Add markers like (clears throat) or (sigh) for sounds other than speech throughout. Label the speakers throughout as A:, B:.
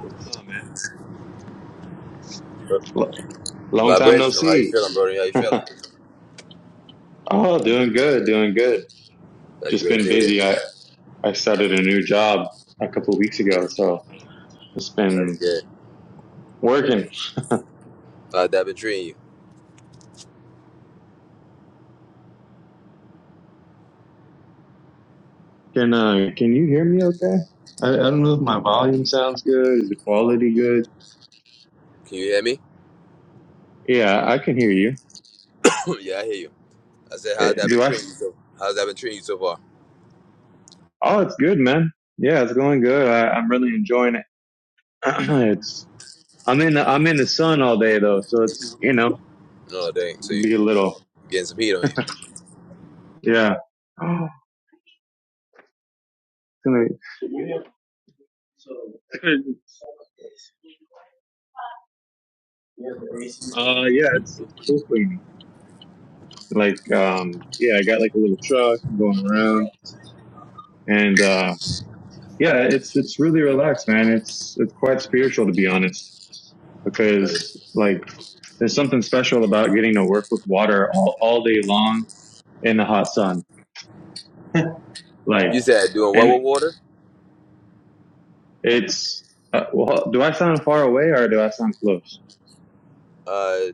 A: What's going on, man? L- long time no
B: Vibrational. How you
A: see.
B: feeling, Brody? How you feeling?
A: (laughs) oh, doing good, doing good.
B: That's
A: Just
B: great to
A: been
B: hear.
A: busy. I, I started a new job a couple weeks ago, so it's
B: That's
A: been
B: good.
A: working.
B: How's that been treating you?
A: Can uh, can you hear me okay? I, I don't know if my volume sounds good. Is the quality good?
B: Can you hear me?
A: Yeah, I can hear you.
B: (clears throat) yeah, I hear you. I said,
A: Eh,
B: how's that been
A: Do I? s-
B: treating you? So, how's that been treating you so far?
A: Oh, it's good, man. Yeah, it's going good. I, I'm really enjoying it. (clears throat) it's I'm in the, I'm in the sun all day though, so it's you know
B: No, dang. So you
A: be a little
B: getting some heat on you?
A: yeah. (gasps) It's gonna So (laughs) Uh, yeah, it's, it's pool cleaning. Like, um, yeah, I got like a little truck I'm going around, and uh, yeah, it's it's really relaxed, man. It's it's quite spiritual to be honest,
B: No, you
A: because like there's something special about getting to work with water all all day long in the hot sun. (laughs) Like,
B: said doing what
A: and
B: with water?
A: it's uh, well, do I sound far away or do I sound close?
B: Uh,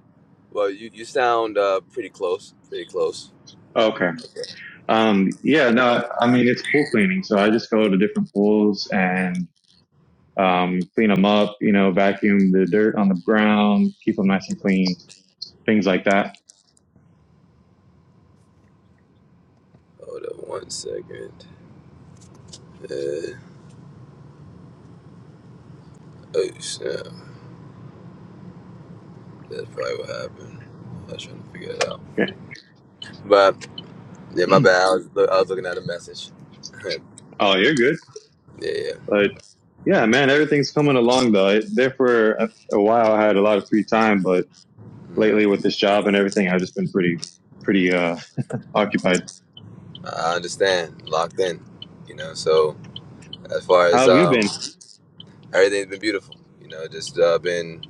B: well, you you sound uh pretty close. Pretty close.
A: Okay.
B: Okay.
A: Um, yeah, no, I mean, it's pool cleaning. So I just go to different pools and, um, clean them up, you know, vacuum the dirt on the ground, keep them nice and clean, things like that.
B: Hold up one second. Uh, oh snap! That's probably what happened. I was trying to figure it out.
A: Okay.
B: But yeah, my bad. I was, I was looking at a message. (laughs)
A: Oh, you're good.
B: yeah, yeah.
A: But yeah, man, everything's coming along though. It, there for a, a while, I had a lot of free time, but
B: Mm.
A: lately with this job and everything, I've just been pretty, pretty, uh, occupied.
B: I understand. Locked in. You know, so as far
A: How
B: as
A: have you
B: um
A: been?
B: everything's been beautiful. You know, just uh been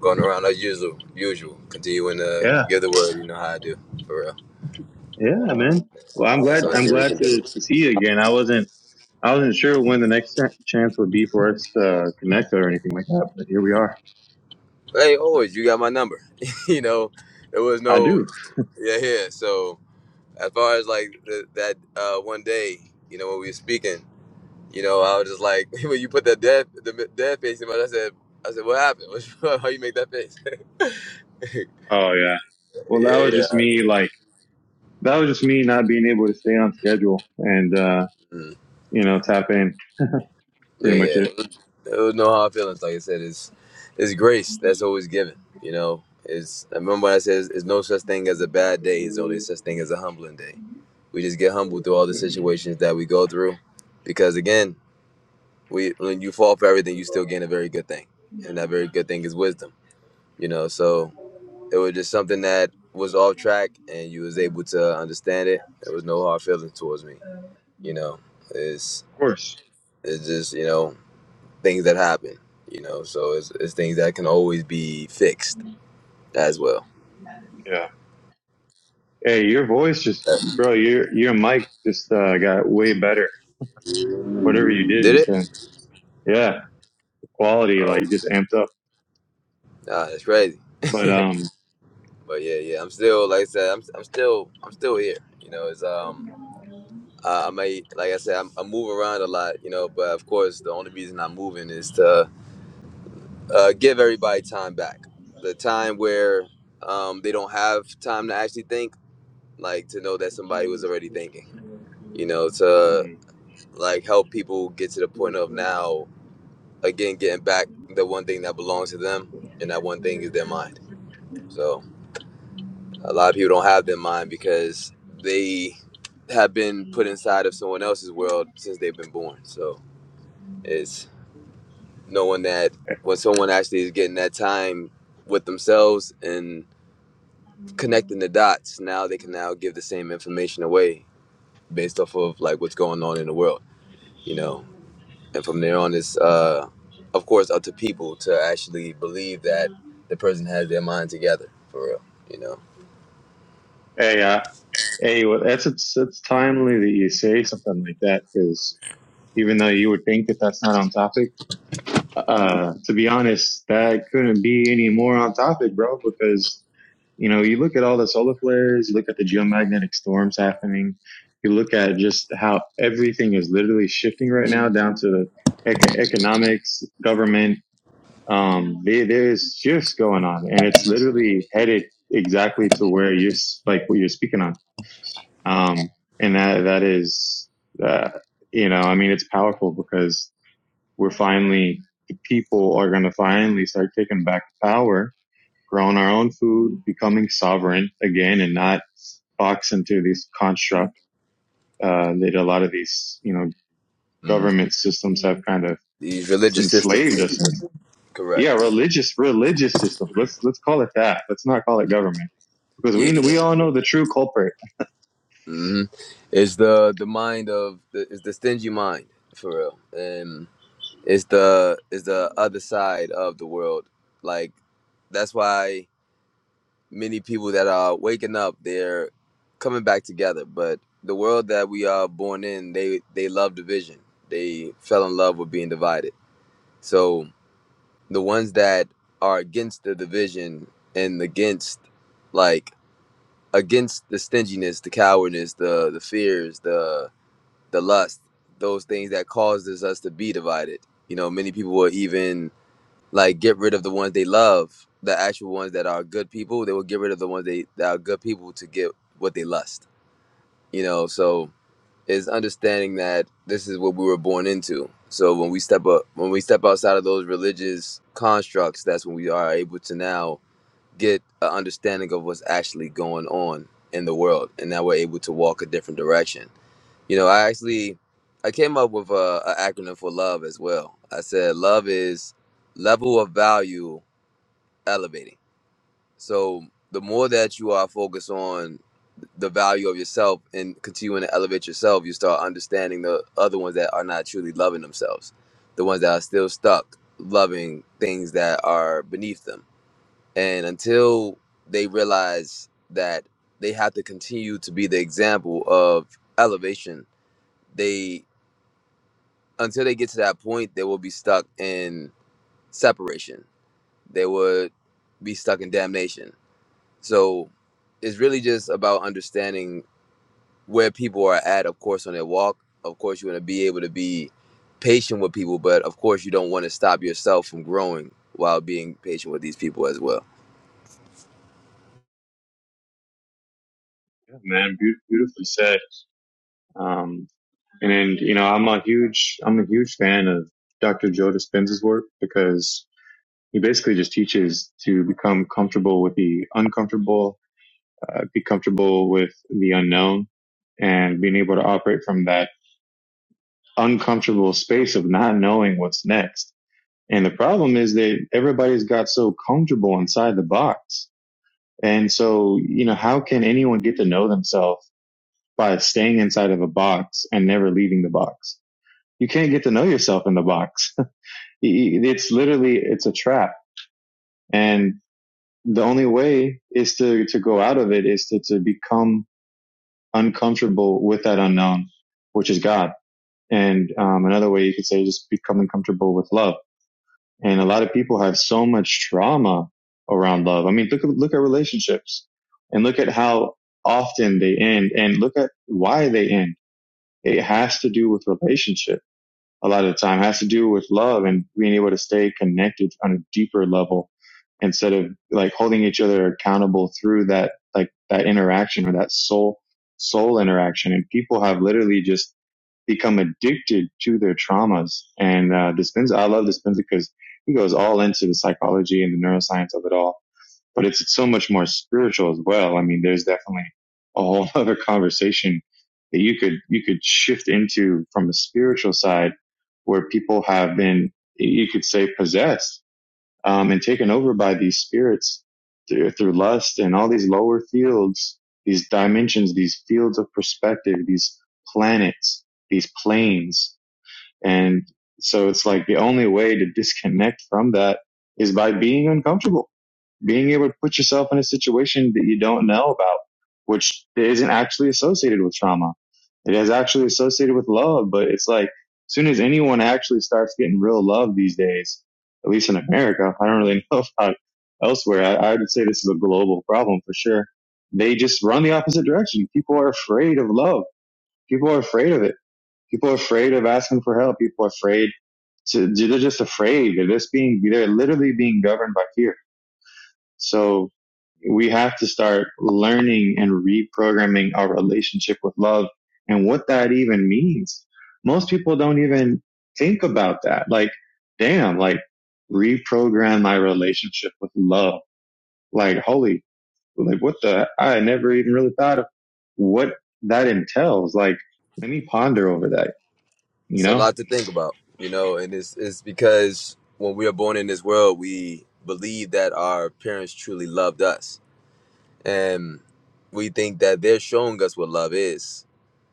B: going around as usual usual. Continuing to
A: Yeah.
B: give the word, you know how I do. For real.
A: Yeah, man. Well, I'm
B: That's
A: glad,
B: the only
A: I'm
B: thing we
A: glad
B: can do.
A: to, to see you again. I wasn't, I wasn't sure when the next cha- chance would be for us to connect or anything like that, but here we are.
B: Hey, always you got my number. (laughs) you know, there was
A: I
B: no
A: do.
B: yeah, yeah. So as far as like the, that uh one day, you know, when we were speaking, you know, I was just like (laughs) when you put that dead the dead face in my I said I said, What happened? (laughs) How you make that face? (laughs) yeah,
A: Oh yeah. Well, that was just
B: yeah.
A: me. Like that was just me not being able to stay on schedule and uh,
B: Mm.
A: you know tap in.
B: Yeah,
A: Pretty much
B: yeah.
A: it.
B: It was no hard feelings. Like I said, it's it's grace that's always given. You know, it's I remember when I said it's no such thing as a bad day. It's only
A: Of
B: such thing as a humbling day. We just get humbled through all the situations that we go through, because again, we when you fall for everything, you still gain a very good thing, and that very good thing is wisdom. You know, so it was just something that was off track, and you was able to understand it. There was no hard feelings towards me. You know, it's
A: course.
B: it's just you know things that happen, you know. So it's, it's things that can always be fixed as well.
A: Yeah. Hey, your voice just,
B: Uh,
A: bro. Your your mic just uh, got way better. Whatever you did
B: Did
A: just
B: it?
A: then. Yeah. the Quality like
B: Oh,
A: just amped up.
B: nah, that's crazy.
A: But um.
B: But yeah, yeah, I'm still like I said, I'm, I'm still I'm still here. You know, it's um I, I may like I said, I'm, I move around a lot, you know. But of course, the only reason I'm moving is to uh, give everybody time back, the time where um they don't have time to actually think, like to know that somebody was already thinking. You know, to
A: mm,
B: like help people get to the point of now again getting back the one thing that belongs to them and that one thing is their mind so a lot of people don't have their mind because they have been put inside of someone else's world since they've been born so it's knowing that when someone actually is getting that time with themselves and connecting the dots now they can now give the same information away based off of like what's going on in the world you know and from there on it's uh of course up to people to actually believe that the person has their mind together for real you know
A: Hey. Uh, hey. Well, that's it's it's timely that you say something like that because. even though you would think that that's not on topic. Uh, to be honest, that couldn't be any more on topic, bro, because, you know, you look at all the solar flares, you look at the geomagnetic storms happening, you look at just how everything is literally shifting right now down to eco- economics, government. Um, there, there's shifts going on and it's literally headed exactly to where you're, like what you're speaking on. Um, and that, that is, uh, you know, I mean, it's powerful because we're finally the people are going to finally start taking back power, growing our own food, becoming sovereign again, and not box into these constructs uh, that a lot of these you know
B: mm.
A: government systems have kind of
B: these religious
A: enslaved us
B: systems
A: in.
B: correct
A: Yeah, religious religious systems. Let's let's call it that. Let's not call it government because
B: yeah
A: we
B: yeah
A: we all know the true culprit.
B: hmm it's the the mind of the, it's the stingy mind for real and it's the it's the other side of the world like that's why many people that are waking up they're coming back together but the world that we are born in they they love division they fell in love with being divided so the ones that are against the division and against like against the stinginess the cowardness the the fears the the lust those things that causes us to be divided you know many people will even like get rid of the ones they love, the actual ones that are good people. They will get rid of the ones they that are good people to get what they lust. You know, so is understanding that this is what we were born into. So when we step up, when we step outside of those religious constructs, that's when we are able to now get an understanding of what's actually going on in the world, and now we're able to walk a different direction. You know, I actually I came up with a, a acronym for love as well. I said love is level of value elevating. So the more that you are focused on the value of yourself and continuing to elevate yourself, you start understanding the other ones that are not truly loving themselves, the ones that are still stuck loving things that are beneath them. And until they realize that they have to continue to be the example of elevation, they until they get to that point, they will be stuck in separation. They would be stuck in damnation So it's really just about understanding where people are at, of course, on their walk. Of course, you want to be able to be patient with people, but of course, you don't want to stop yourself from growing while being patient with these people as well.
A: Yeah, man, beautifully said. Um, and and you know I'm a huge I'm a huge fan of Dr. Joe Dispenza's work because he basically just teaches to become comfortable with the uncomfortable, uh, be comfortable with the unknown, and being able to operate from that uncomfortable space of not knowing what's next. And the problem is that everybody's got so comfortable inside the box. And so, you know, how can anyone get to know themselves by staying inside of a box and never leaving the box? You can't get to know yourself in the box. (laughs) It's literally, it's a trap. And the only way is to, to go out of it is to, to become uncomfortable with that unknown, which is God. And, um, another way you could say just becoming comfortable with love. And a lot of people have so much trauma around love. I mean, look, at- look at relationships and look at how often they end and look at why they end. It has to do with relationship a lot of the time It has to do with love and being able to stay connected on a deeper level instead of like holding each other accountable through that like that interaction or that soul soul interaction and people have literally just become addicted to their traumas and uh Dispenza I love Dispenza because he goes all into the psychology and the neuroscience of it all but it's so much more spiritual as well. I mean, there's definitely a whole (laughs) other conversation that you could you could shift into from a spiritual side, where people have been you could say possessed um, and taken over by these spirits through, through lust and all these lower fields, these dimensions, these fields of perspective, these planets, these planes. And so it's like the only way to disconnect from that is by being uncomfortable, being able to put yourself in a situation that you don't know about, which isn't actually associated with trauma. It is actually associated with love, but it's like as soon as anyone actually starts getting real love these days, at least in America, (laughs) I don't really know about elsewhere. I, I would say this is a global problem for sure. They just run the opposite direction. People are afraid of love. People are afraid of it People are afraid of asking for help. People are afraid to, they're just afraid. They're just being, they're literally being governed by fear. So we have to start learning and reprogramming our relationship with love and what that even means. Most people don't even think about that. Like, damn, like reprogram my relationship with love. Like, holy, like what the, I never even really thought of what that entails. Like, let me ponder over that, you
B: It's a
A: know?
B: lot to think about, you know, and it's, it's because when we are born in this world, we believe that our parents truly loved us. And we think that they're showing us what love is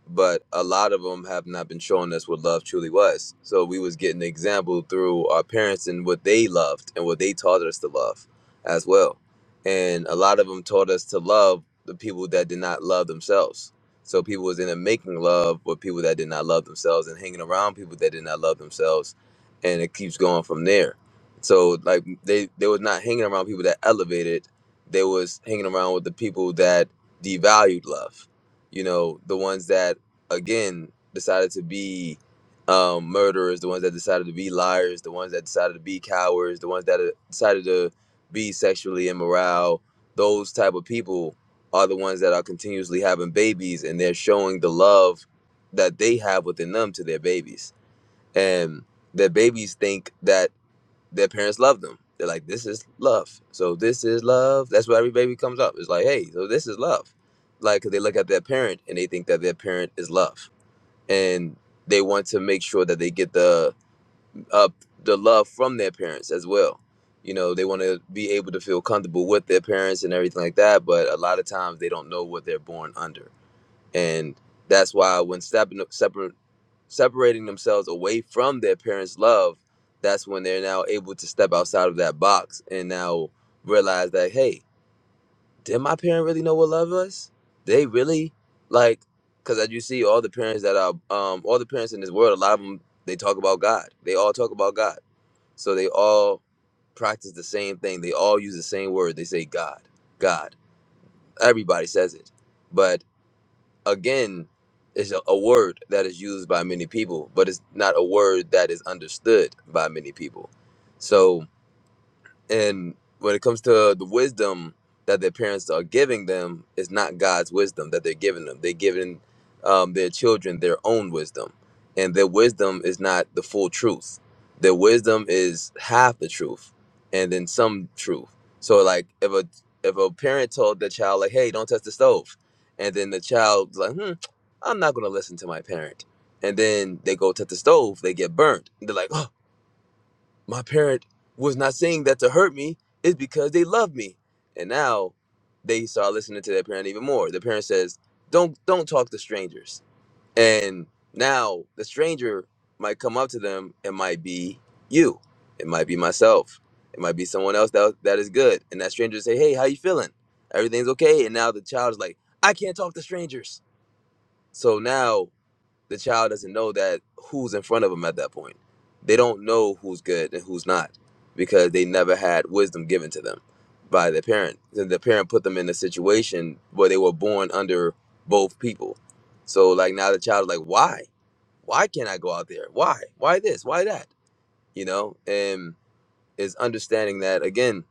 B: but a lot of them have not been showing us what love truly was. So we was getting the example through our parents and what they loved and what they taught us to love as well. And a lot of them taught us to love the people that did not love themselves. So people was in a making love with people that did not love themselves and hanging around people that did not love themselves, and it keeps going from there. So like they they was not hanging around people that elevated. They was hanging around with the people that devalued love you know the ones that again decided to be um, murderers, the ones that decided to be liars, the ones that decided to be cowards, the ones that uh, decided to be sexually immoral. Those type of people are the ones that are continuously having babies, and they're showing the love that they have within them to their babies, and their babies think that their parents love them. They're like, "This is love." So this is love. That's where every baby comes up. It's like, "Hey, so this is love." Like, 'cause they look at their parent and they think that their parent is love and they want to make sure that they get the uh, the love from their parents as well. You know, they want to be able to feel comfortable with their parents and everything like that. But a lot of times they don't know what they're born under, and that's why when stepping separate separating themselves away from their parents' love, that's when they're now able to step outside of that box and now realize that hey, did my parent really know what love was? They really like because as you see, all the parents that are um all the parents in this world, a lot of them they talk about God. They all talk about God. So they all practice the same thing. They all use the same word. They say God, God. Everybody says it, but again, it's a, a word that is used by many people, but it's not a word that is understood by many people. So. And when it comes to the wisdom that their parents are giving them, it's not God's wisdom that they're giving them. They're giving um, their children their own wisdom, and their wisdom is not the full truth. Their wisdom is half the truth, and then some truth. So, like if a if a parent told the child like, "Hey, don't touch the stove," and then the child's like, "Hmm, I'm not gonna listen to my parent," and then they go touch the stove, they get burnt. They're like, "Oh." my parent was not saying that to hurt me It's because they love me and now they start listening to their parent even more the parent says don't don't talk to strangers and now the stranger might come up to them It might be you it might be myself it might be someone else that, that is good and that stranger say hey how you feeling everything's okay and now the child is like i can't talk to strangers so now the child doesn't know that who's in front of them at that point. They don't know who's good and who's not because they never had wisdom given to them by their parent. The the parent put them in a situation where they were born under both people. So like now the child is like, why? Why can't I go out there? Why? Why this? Why that? You know, and is understanding that again,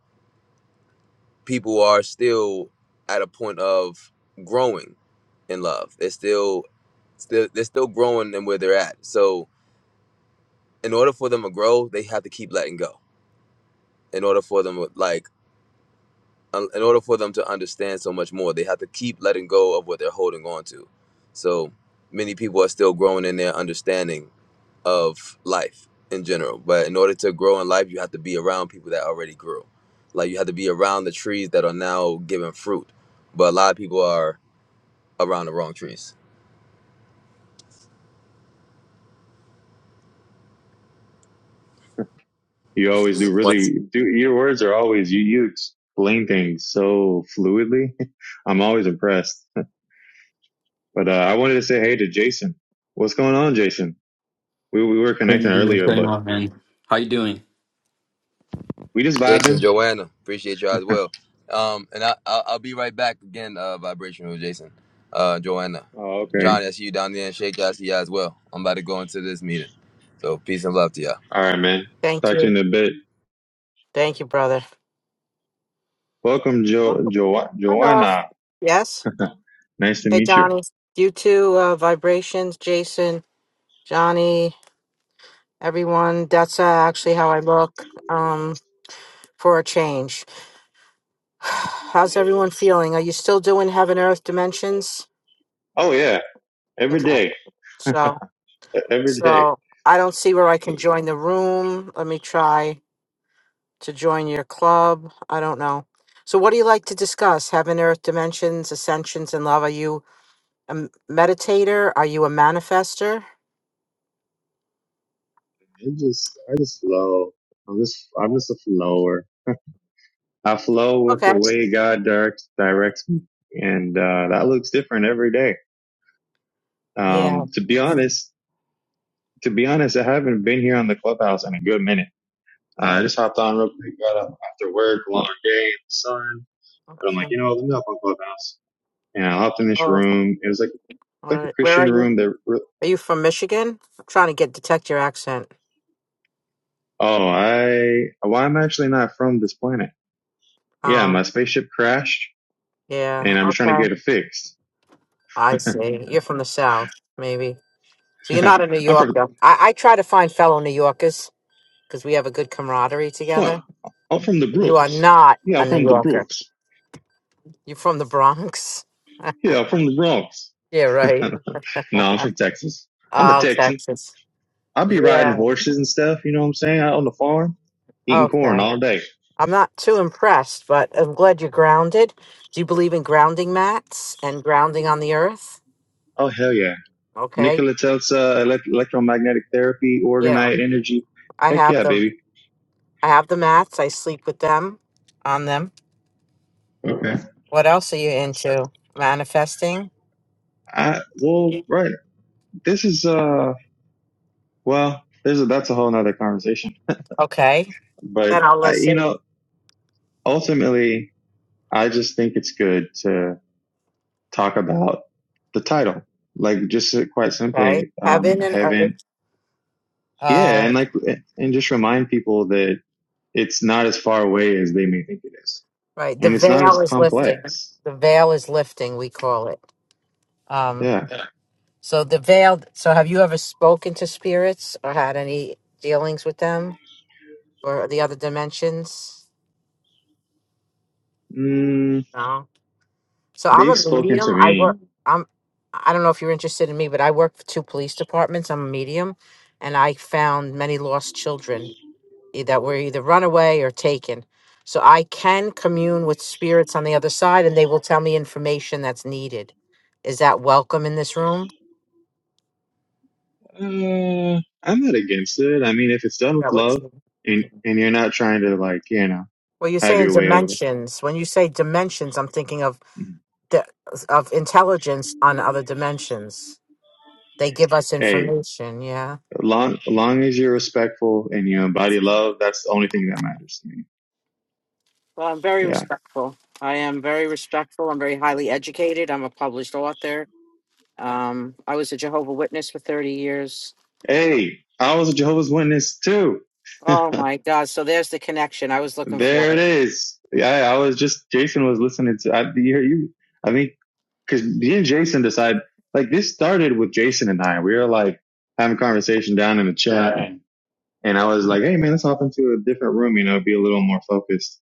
B: people are still at a point of growing in love. They're still still they're still growing in where they're at. So in order for them to grow, they have to keep letting go. In order for them, like, in order for them to understand so much more, they have to keep letting go of what they're holding on to. So many people are still growing in their understanding of life in general. But in order to grow in life, you have to be around people that already grew. Like, you have to be around the trees that are now giving fruit. But a lot of people are around the wrong trees.
A: You always do
B: One
A: really do. Your words are always you. You explain things so fluidly. (laughs) I'm always impressed. But uh, I wanted to say hey to Jason. What's going on, Jason? We we were
C: Hey,
A: connecting
C: what's
A: earlier,
C: going
A: but
C: on, man? How you doing?
A: we just
B: Jason,
A: vibing.
B: Joanna, appreciate y'all as well. Um, and I, I'll, I'll be right back again. Uh, vibrational Jason, uh, Joanna,
A: Oh, okay.
B: John, I see you down there, and Shake, I see you as well. I'm about to go into this meeting, so peace and love to y'all.
A: All right, man.
D: Thank
A: Talk to
D: you.
A: you in a bit.
D: Thank you, brother.
A: Welcome, jo-
D: Cool.
A: jo-
D: Hello.
A: Joanna.
D: Yes.
A: Nice to
D: Hey,
A: meet you.
D: Johnny. You too, uh, Vibrations, Jason, Johnny, everyone. That's uh, actually how I look um, for a change. (sighs) How's everyone feeling? Are you still doing Heaven Earth Dimensions?
A: Oh yeah, every
D: Okay.
A: day,
D: So,
A: E-, every day.
D: so I don't see where I can join the room. Let me try to join your club. I don't know. So, what do you like to discuss? Heaven, Earth, Dimensions, Ascensions, and Love? Are you a m- meditator? Are you a manifester?
A: I just, I just flow. I'm just, I'm just a flower. I flow with the
D: Okay.
A: way God directs directs me, and uh, that looks different every day.
D: Yeah.
A: Um, to be honest, to be honest, I haven't been here on the clubhouse in a good minute. Uh, I just hopped on real quick, got up after work, long day in the sun, but I'm like,
D: Okay.
A: you know, let me hop on clubhouse. And I hopped in this
D: Oh, all
A: room. It was like like a
D: right. Where are
A: Christian
D: you?
A: room that. re-
D: Are you from Michigan? I'm trying to get detect your accent.
A: Oh, I well, I'm actually not from this planet. Yeah, my
D: Um.
A: spaceship crashed, and
D: Yeah.
A: I'm trying to
D: Okay.
A: get it fixed.
D: I see. You're from the South, maybe.
A: (laughs)
D: So you're not a New
A: I'm from
D: Yorker. I, I try to find fellow New Yorkers because we have a good camaraderie together.
A: Well, I'm from the
D: You are
A: Brooks.
D: not
A: Yeah,
D: a
A: I'm
D: New
A: from the
D: Yorker.
A: Brooks.
D: You're from the Bronx. (laughs)
A: Yeah, I'm from the Bronx.
D: Yeah.
A: (laughs)
D: Right.
A: no, I'm from Texas. I'm a
D: Oh,
A: Texan.
D: Texas.
A: I'll be riding
D: Yeah.
A: horses and stuff, you know what I'm saying, out on the farm, eating corn
D: Okay.
A: all day.
D: I'm not too impressed, but I'm glad you're grounded. Do you believe in grounding mats and grounding on the earth?
A: Oh, hell yeah.
D: Okay.
A: Nikola Tesla, elect- electromagnetic therapy,
D: Yeah.
A: organite energy.
D: I
A: Heck
D: have
A: yeah,
D: them.
A: baby.
D: I have the mats. I sleep with them on them.
A: Okay.
D: What else are you
A: That's,
D: into? Manifesting?
A: I, well, right. This is, uh, well, there's a, that's a whole nother conversation,
D: Okay.
A: but
D: Then I'll
A: I, you
D: listen.
A: know, ultimately, I just think it's good to. talk about the title. Like just uh, quite
D: Okay.
A: simply, um,
D: Heaven and earth.
A: heaven. Yeah.
D: Uh
A: And like, and just remind people that it's not as far away as they may think it is.
D: right. The
A: And it's not as
D: veil is lifting.
A: complex.
D: The veil is lifting, we call it. Um
A: Yeah.
D: so the veil so have you ever spoken to spirits or had any dealings with them? for the other dimensions.
A: Mm,
D: No. So I'm a
A: they've spoken to
D: medium. I
A: me.
D: work. I'm. I don't know if you're interested in me, but I work for two police departments. I'm a medium, and I found many lost children e- that were either runaway or taken. So I can commune with spirits on the other side, and they will tell me information that's needed. Is that welcome in this room?
A: Uh, I'm not against it. I mean, if it's done with
D: That what
A: love
D: you.
A: and, and you're not trying to like, you know,
D: Well, you're
A: have
D: saying
A: your way over.
D: dimensions. When you say dimensions, I'm thinking of the of intelligence on other dimensions. They give us
A: Hey,
D: information. Yeah.
A: long, long as you're respectful and you embody love, that's the only thing that matters to me.
D: Well, I'm very
A: Yeah.
D: respectful. I am very respectful. I'm very highly educated. I'm a published author. Um, I was a Jehovah Witness for 30 years.
A: Hey, I was a Jehovah's Witness too.
D: Oh my God! So there's the connection I was looking
A: There
D: for.
A: it
D: It.
A: is. Yeah, I was just Jason was listening to. I you, hear you I think because me and Jason decide like this started with Jason and I. We were like having a conversation down in the chat, and I was like, "Hey man, let's hop into a different room. You know, be a little more focused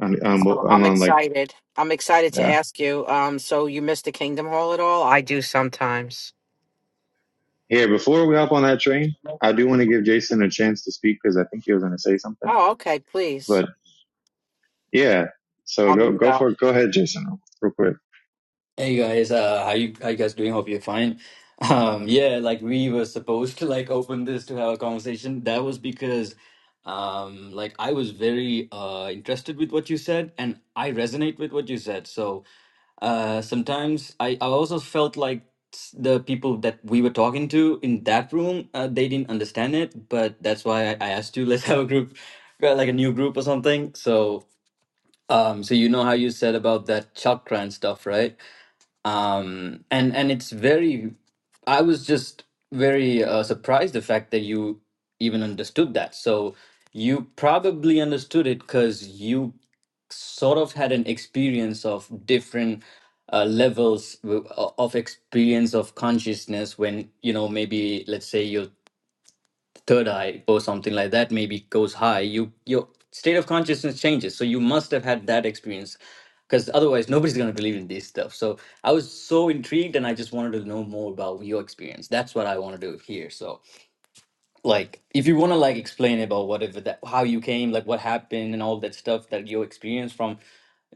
A: on on
D: So
A: on,
D: I'm
A: on like
D: excited. I'm excited to
A: yeah."
D: ask you. Um, so you missed the Kingdom Hall at all? I do sometimes.
A: Here, before we hop on that train, I do want to give Jason a chance to speak because I think he was going to say something.
D: Oh, okay. Please,
A: But yeah, so
D: I'll
A: go
D: mute
A: go
D: out.
A: for it. Go ahead, Jason, real quick.
C: Hey guys, uh, how you how you guys doing? Hope you're fine. (laughs) Um, yeah, like we were supposed to like open this to have a conversation. That was because, um, like I was very uh interested with what you said, and I resonate with what you said. So, uh, sometimes I I also felt like s- the people that we were talking to in that room, uh, they didn't understand it, but that's why I, I asked you, (laughs) let's have a group, uh, like a new group or something. So. Um, so you know how you said about that chakra and stuff, right? Um, and and it's very, I was just very uh, surprised the fact that you even understood that. So you probably understood it because you sort of had an experience of different uh, levels w- o- of experience of consciousness when you know maybe let's say you're third eye or something like that maybe goes high you your state of consciousness changes so you must have had that experience because otherwise nobody's going to believe in this stuff so i was so intrigued and i just wanted to know more about your experience that's what i want to do here so like if you want to like explain about whatever that how you came like what happened and all that stuff that you experienced from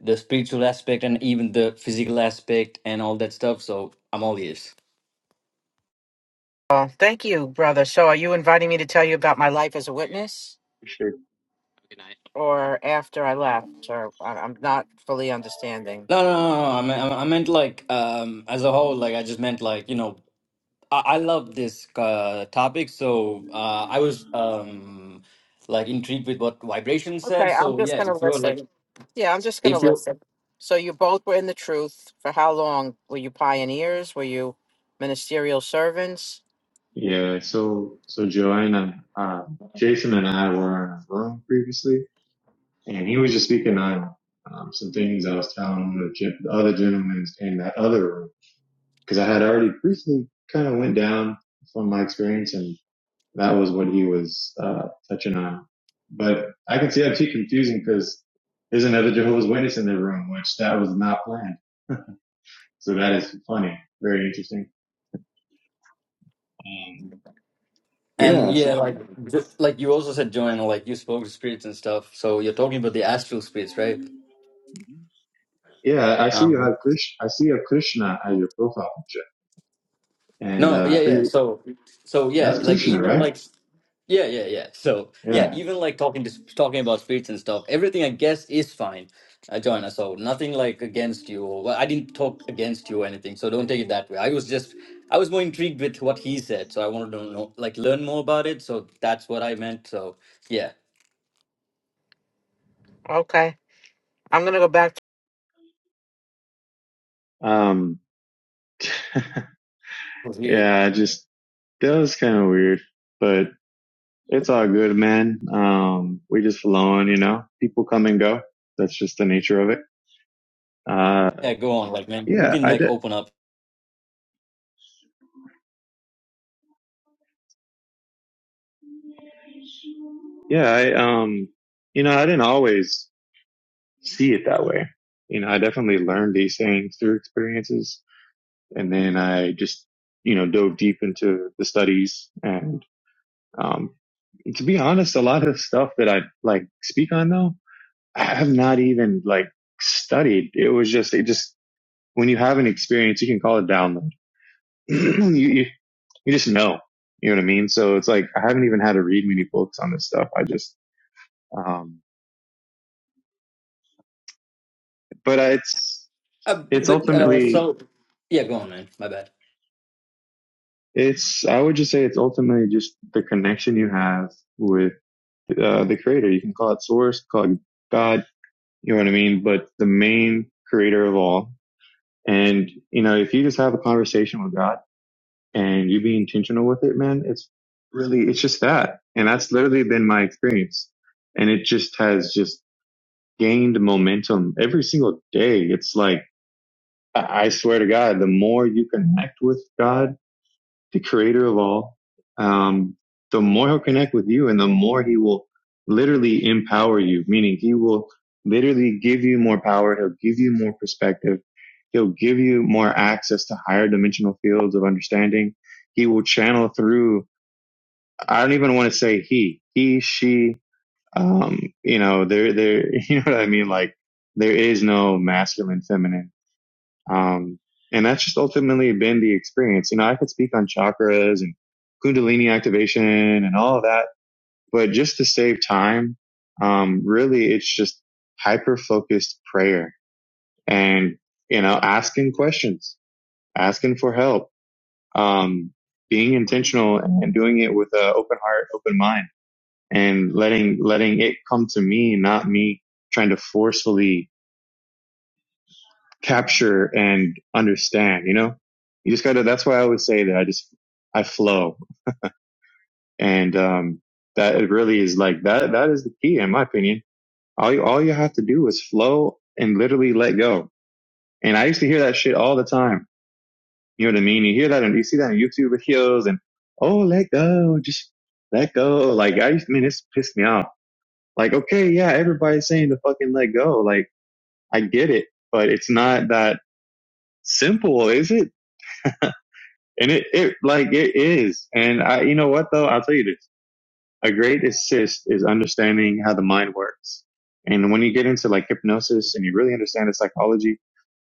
C: the spiritual aspect and even the physical aspect and all that stuff so i'm all ears
D: Oh, thank you, brother. So are you inviting me to tell you about my life as a witness? or after I left, or I- I'm not fully understanding.
C: no, no, no, no. no, I mean, I I meant like um as a whole. Like I just meant like you know I I love this uh, topic. So uh, I was um, like intrigued with what vibration said.
D: Okay, I'm
C: So
D: just
C: yeah,
D: gonna
C: if you're like
D: listen. Yeah, I'm just gonna
C: if you
D: listen. So you both were in the truth for how long? Were you pioneers? Were you ministerial servants?
A: Yeah, so so Joanna, uh, Jason and I were in a room previously, and he was just speaking on um, some things I was telling him the, gen- the other gentlemen in that other room because I had already briefly kind of went down from my experience, and that was what he was uh, touching on. But I can see that too confusing because there's another Jehovah's Witness in the room, which that was not planned. So that is funny, very interesting. Um,
C: and
A: yeah,
C: yeah,
A: so
C: like just, like you also said, Joanna, like you spoke to spirits and stuff. So you're talking about the astral spirits, right?
A: Yeah, I see you
C: Um,
A: have Krish. I see a Krishna as your profile picture, and
C: no, yeah,
A: uh,
C: yeah.
A: pretty,
C: So so yeah,
A: that's
C: like
A: Krishna,
C: even
A: right?
C: like Yeah, yeah, yeah. So, yeah,
A: Yeah.
C: even like talking to talking about speech and stuff, everything I guess is fine, uh, Joanna. So nothing like against you. Or, well, I didn't talk against you or anything. So don't take it that way. I was just I was more intrigued with what he said, so I wanted to know like learn more about it. So that's what I meant. So yeah, it
D: Okay, I'm gonna go back
A: Um, (laughs)
C: was weird.
A: yeah, I just that was kind of weird, but it's all good, man. Um, we just flowing, you know. People come and go. That's just the nature of it. Uh,
C: Yeah, go on, like man, you
A: yeah,
C: can
A: I
C: like
A: did.
C: open up.
A: Yeah, I um, you know, I didn't always see it that way. You know, I definitely learned these things through experiences, and then I just you know dove deep into the studies and Um, to be honest, a lot of the stuff that I like speak on though, I have not even like studied. It was just, it just, when you have an experience, you can call it download. (clears throat) you, you, you just know, you know what I mean? So it's like, I haven't even had to read many books on this stuff. I just, um, but I- it's,
C: Uh,
A: it's
C: but uh,
A: ultimately,
C: so yeah, go on, man. My bad.
A: it's, I would just say it's ultimately just the connection you have with, uh, the creator. You can call it source, call it God, you know what I mean? But the main creator of all And, you know, if you just have a conversation with God and you be intentional with it, man, it's really, it's just that. And that's literally been my experience. And it just has just gained momentum every single day. It's like, I I swear to God, the more you connect with God, the creator of all, um, the more he'll connect with you and the more he will literally empower you, meaning he will literally give you more power. He'll give you more perspective. He'll give you more access to higher dimensional fields of understanding. He will channel through. I don't even want to say he, he, she, um, you know, there, there, (laughs) you know what I mean? Like there is no masculine, feminine um, and that's just ultimately been the experience. You know, I could speak on chakras and Kundalini activation and all of that, but just to save time, um, really it's just hyper focused prayer and, you know, asking questions, asking for help, um, being intentional and doing it with an open heart, open mind and letting, letting it come to me, not me trying to forcefully capture and understand, you know? You just gotta, that's why I always say that I just, I flow. And, um, that it really is like that, that is the key in my opinion. All you, all you have to do is flow and literally let go. And I used to hear that shit all the time. You know what I mean? You hear that and you see that in YouTube videos and, oh, let go, just let go. Like I used, to, I mean, this pissed me off. Like, okay, yeah, everybody's saying to fucking let go. Like I get it, but it's not that simple, is it? And it, it like it is. And I you know what though? I'll tell you this. A great assist is understanding how the mind works. And when you get into like hypnosis and you really understand the psychology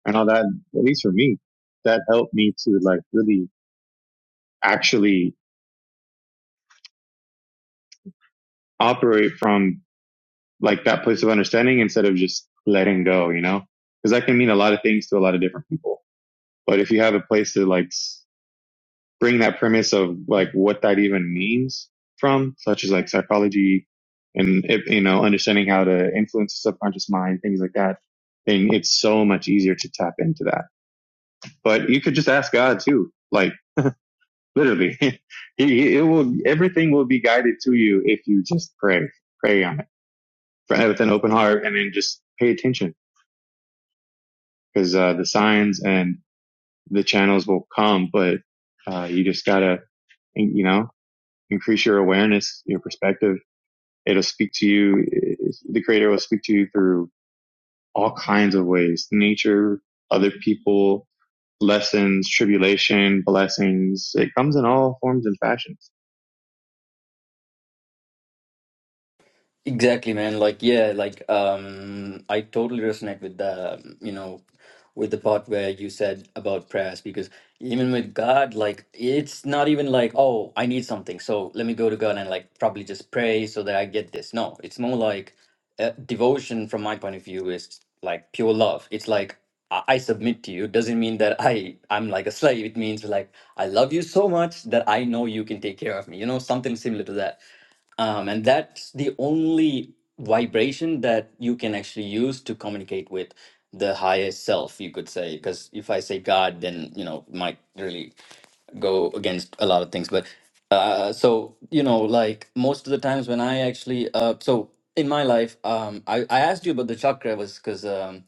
A: and all that, at least for me, that helped me to like really actually operate from like that place of understanding instead of just letting go, you know? Because that can mean a lot of things to a lot of different people. But if you have a place to like bring that premise of like what that even means from, such as like psychology and you know understanding how to influence the subconscious mind, things like that. Then it's so much easier to tap into that. But you could just ask God too, like literally, (laughs) he, it will everything will be guided to you if you just pray, pray on it pray with an open heart, and then just pay attention because uh, the signs and the channels will come. But uh, you just gotta, you know, increase your awareness, your perspective It'll speak to you. The creator will speak to you through all kinds of ways, nature, other people, lessons, tribulation, blessings. It comes in all forms and fashions.
C: Exactly, man. Like, yeah, like um I totally resonate with the, you know, with the part where you said about prayers because even with God, like it's not even like, oh, I need something, so let me go to God and like probably just pray so that I get this. No, it's more like uh, devotion from my point of view is like pure love. It's like I, I submit to you. It doesn't mean that I I'm like a slave. It means like I love you so much that I know you can take care of me. You know, something similar to that um, and that's the only vibration that you can actually use to communicate with the higher self you could say because if i say god then you know it might really go against a lot of things but uh so you know like most of the times when i actually uh so in my life um i, I asked you about the chakra was because um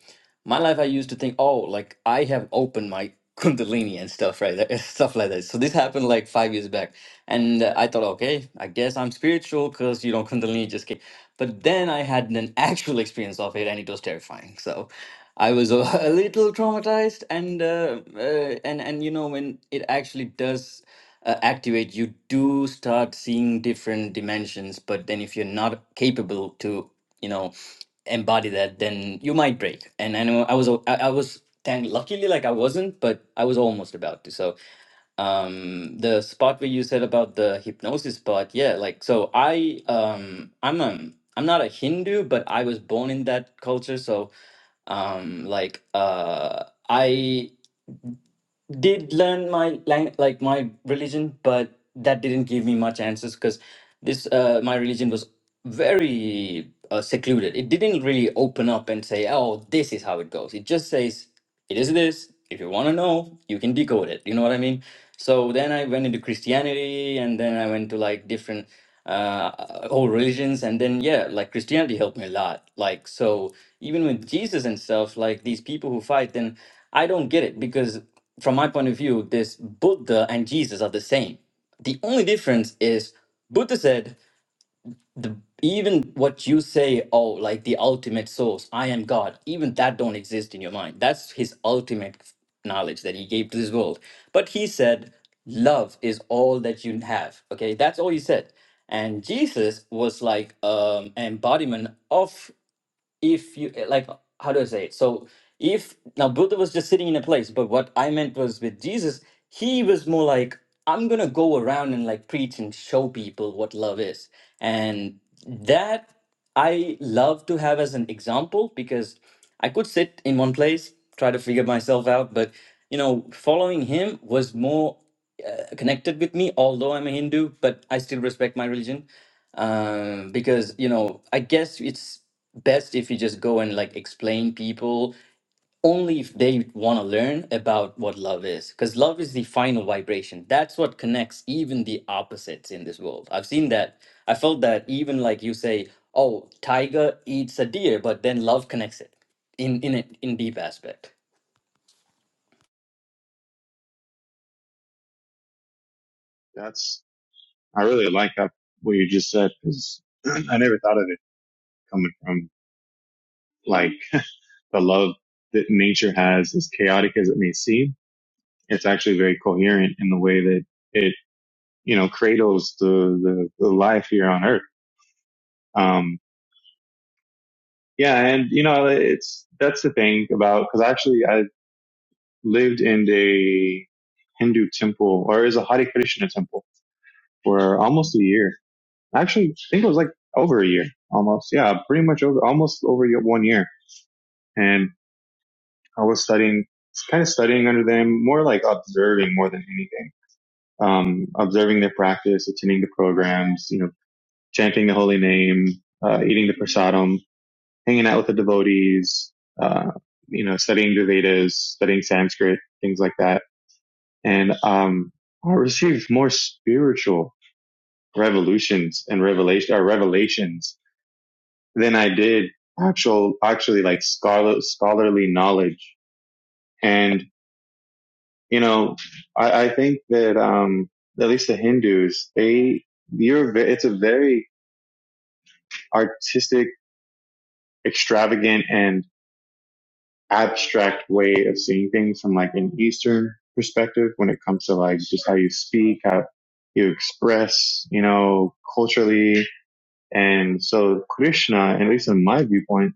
C: my life i used to think oh like i have opened my (laughs) kundalini and stuff right (laughs) stuff like that so this happened like five years back and uh, i thought okay i guess i'm spiritual because you know kundalini just came but then i had an (laughs) actual experience of it and it was terrifying so I was a, (laughs) a little traumatized, and uh, uh, and and you know when it actually does uh, activate, you do start seeing different dimensions. But then, if you're not capable to, you know, embody that, then you might break. And I know I was o- I, I was thank luckily like I wasn't, but I was almost about to. So um the spot where you said about the hypnosis part yeah like so i um i'm um i'm not a hindu but i was born in that culture so um like uh i did learn my lang- like my religion, but that didn't give me much answers because this uh, my religion was very uh, secluded. It didn't really open up and say, "Oh, this is how it goes." It just says, "It is this." If you want to know, you can decode it. You know what I mean? So then I went into Christianity, and then I went to like different uh, all religions, and then yeah, like Christianity helped me a lot. Like so, even with Jesus and stuff, like these people who fight, then I don't get it because from my point of view, this Buddha and Jesus are the same. The only difference is Buddha said the even what you say oh like the ultimate source i am god even that don't exist in your mind that's his ultimate knowledge that he gave to this world but he said love is all that you have okay that's all he said and jesus was like um an embodiment of if you eh, like how do i say it so if now buddha was just sitting in a place but what i meant was with jesus he was more like i'm gonna go around and like preach and show people what love is and that i love to have as an example because i could sit in one place try to figure myself out but you know following him was more uh, connected with me although i'm a hindu but i still respect my religion um, because you know i guess it's best if you just go and like explain people only if they want to learn about what love is because love is the final vibration that's what connects even the opposites in this world i've seen that i felt that even like you say oh tiger eats a deer but then love connects it in in a, in deep aspect
A: That's, I really like that, what you just said, because (clears throat) I never thought of it coming from like the love that nature has, as chaotic as it may seem. It's actually very coherent in the way that it, you know, cradles the, the, the life here on earth. Um, yeah, and you know, it's that's the thing about because actually I lived in a Hindu temple or is a Hare Krishna temple for almost a year. Actually, I think it was like over a year, almost. Yeah, pretty much over, almost over one year. And I was studying, kind of studying under them, more like observing more than anything. Um, observing their practice, attending the programs, you know, chanting the holy name, uh, eating the prasadam, hanging out with the devotees, uh, you know, studying the Vedas, studying Sanskrit, things like that. And um, I received more spiritual revolutions and revelation or revelations than I did actual, actually like scholar, scholarly knowledge. And you know, I, I think that um, at least the Hindus, they you're it's a very artistic, extravagant, and abstract way of seeing things from like an Eastern perspective when it comes to like just how you speak, how you express, you know, culturally. And so Krishna, at least in my viewpoint,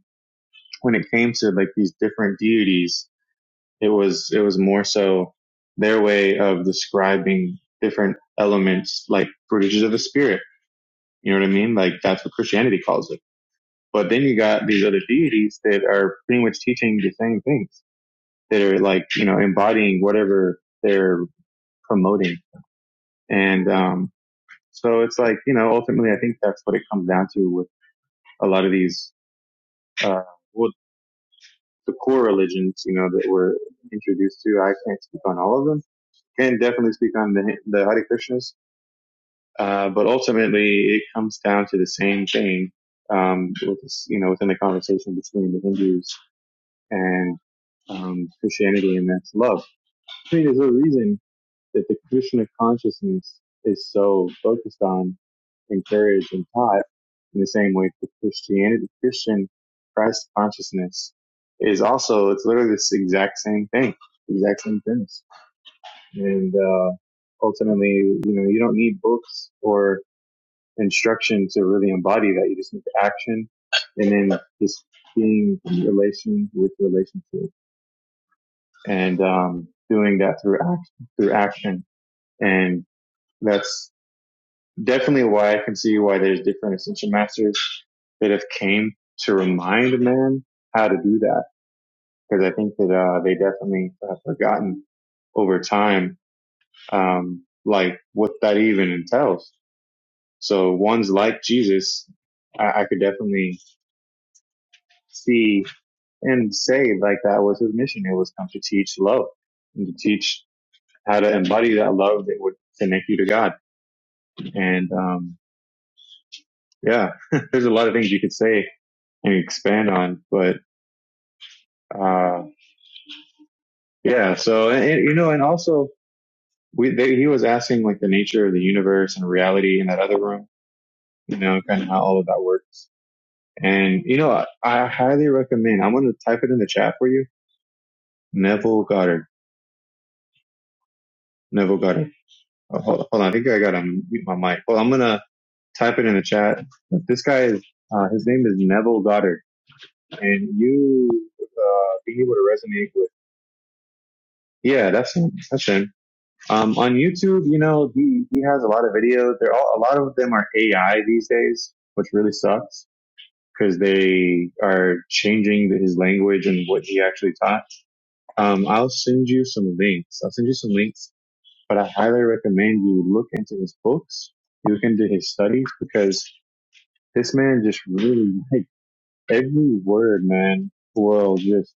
A: when it came to like these different deities, it was, it was more so their way of describing different elements like fruitages of the spirit. You know what I mean? Like that's what Christianity calls it. But then you got these other deities that are pretty much teaching the same things that are like, you know, embodying whatever they're promoting. And, um, so it's like, you know, ultimately, I think that's what it comes down to with a lot of these, uh, well, the core religions, you know, that we're introduced to. I can't speak on all of them. Can definitely speak on the, the Hare Krishnas. Uh, but ultimately, it comes down to the same thing, um, with this, you know, within the conversation between the Hindus and, um, Christianity, and that's love. I mean, there's a reason that the Krishna consciousness is so focused on, encouraged, and taught in the same way the Christianity, Christian Christ consciousness is also, it's literally this exact same thing, exact same premise. And, uh, ultimately, you know, you don't need books or instruction to really embody that. You just need action and then just being in relation with relationship and, um, doing that through action, through action. And that's definitely why I can see why there's different ascension masters that have came to remind men how to do that. Because I think that uh, they definitely have forgotten over time, um, like what that even entails. So ones like Jesus, I, I could definitely see and say like that was his mission. It was come to teach love and to teach how to embody that love that would connect you to God. And um, yeah, (laughs) there's a lot of things you could say and expand on, but uh, yeah. So, and, and, you know, and also we, they, he was asking like the nature of the universe and reality in that other room, you know, kind of how all of that works. And, you know, I, I highly recommend, I'm going to type it in the chat for you. Neville Goddard, Neville Goddard. Oh, hold, hold on. I think I got to mute my mic. Well, I'm going to type it in the chat. This guy is, uh, his name is Neville Goddard and you, uh, being able to resonate with, yeah, that's him. That's him Um, on YouTube, you know, he, he has a lot of videos. They're all, a lot of them are AI these days, which really sucks because they are changing his language and what he actually taught. Um, I'll send you some links. I'll send you some links, but I highly recommend you look into his books, look into his studies because this man just really like every word, man, will just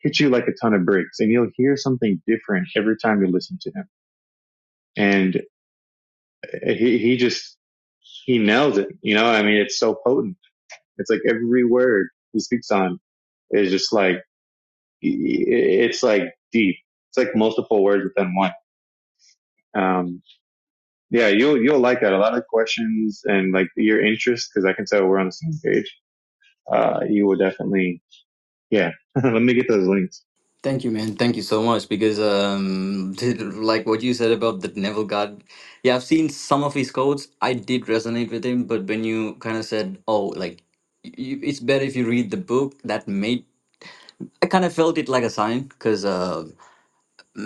A: hit you like a ton of bricks and you'll hear something different every time you listen to him. And he he just he nails it. You know, I mean, it's so potent. It's like every word he speaks on is just like it's like deep. It's like multiple words within one. Um, yeah, you'll you'll like that. A lot of questions and like your interest, because I can tell we're on the same page. Uh, you will definitely, yeah. (laughs) Let me get those links.
C: Thank you, man. Thank you so much because, um, (laughs) like what you said about the Neville God, yeah, I've seen some of his quotes. I did resonate with him, but when you kind of said, "Oh, like you, it's better if you read the book," that made I kind of felt it like a sign because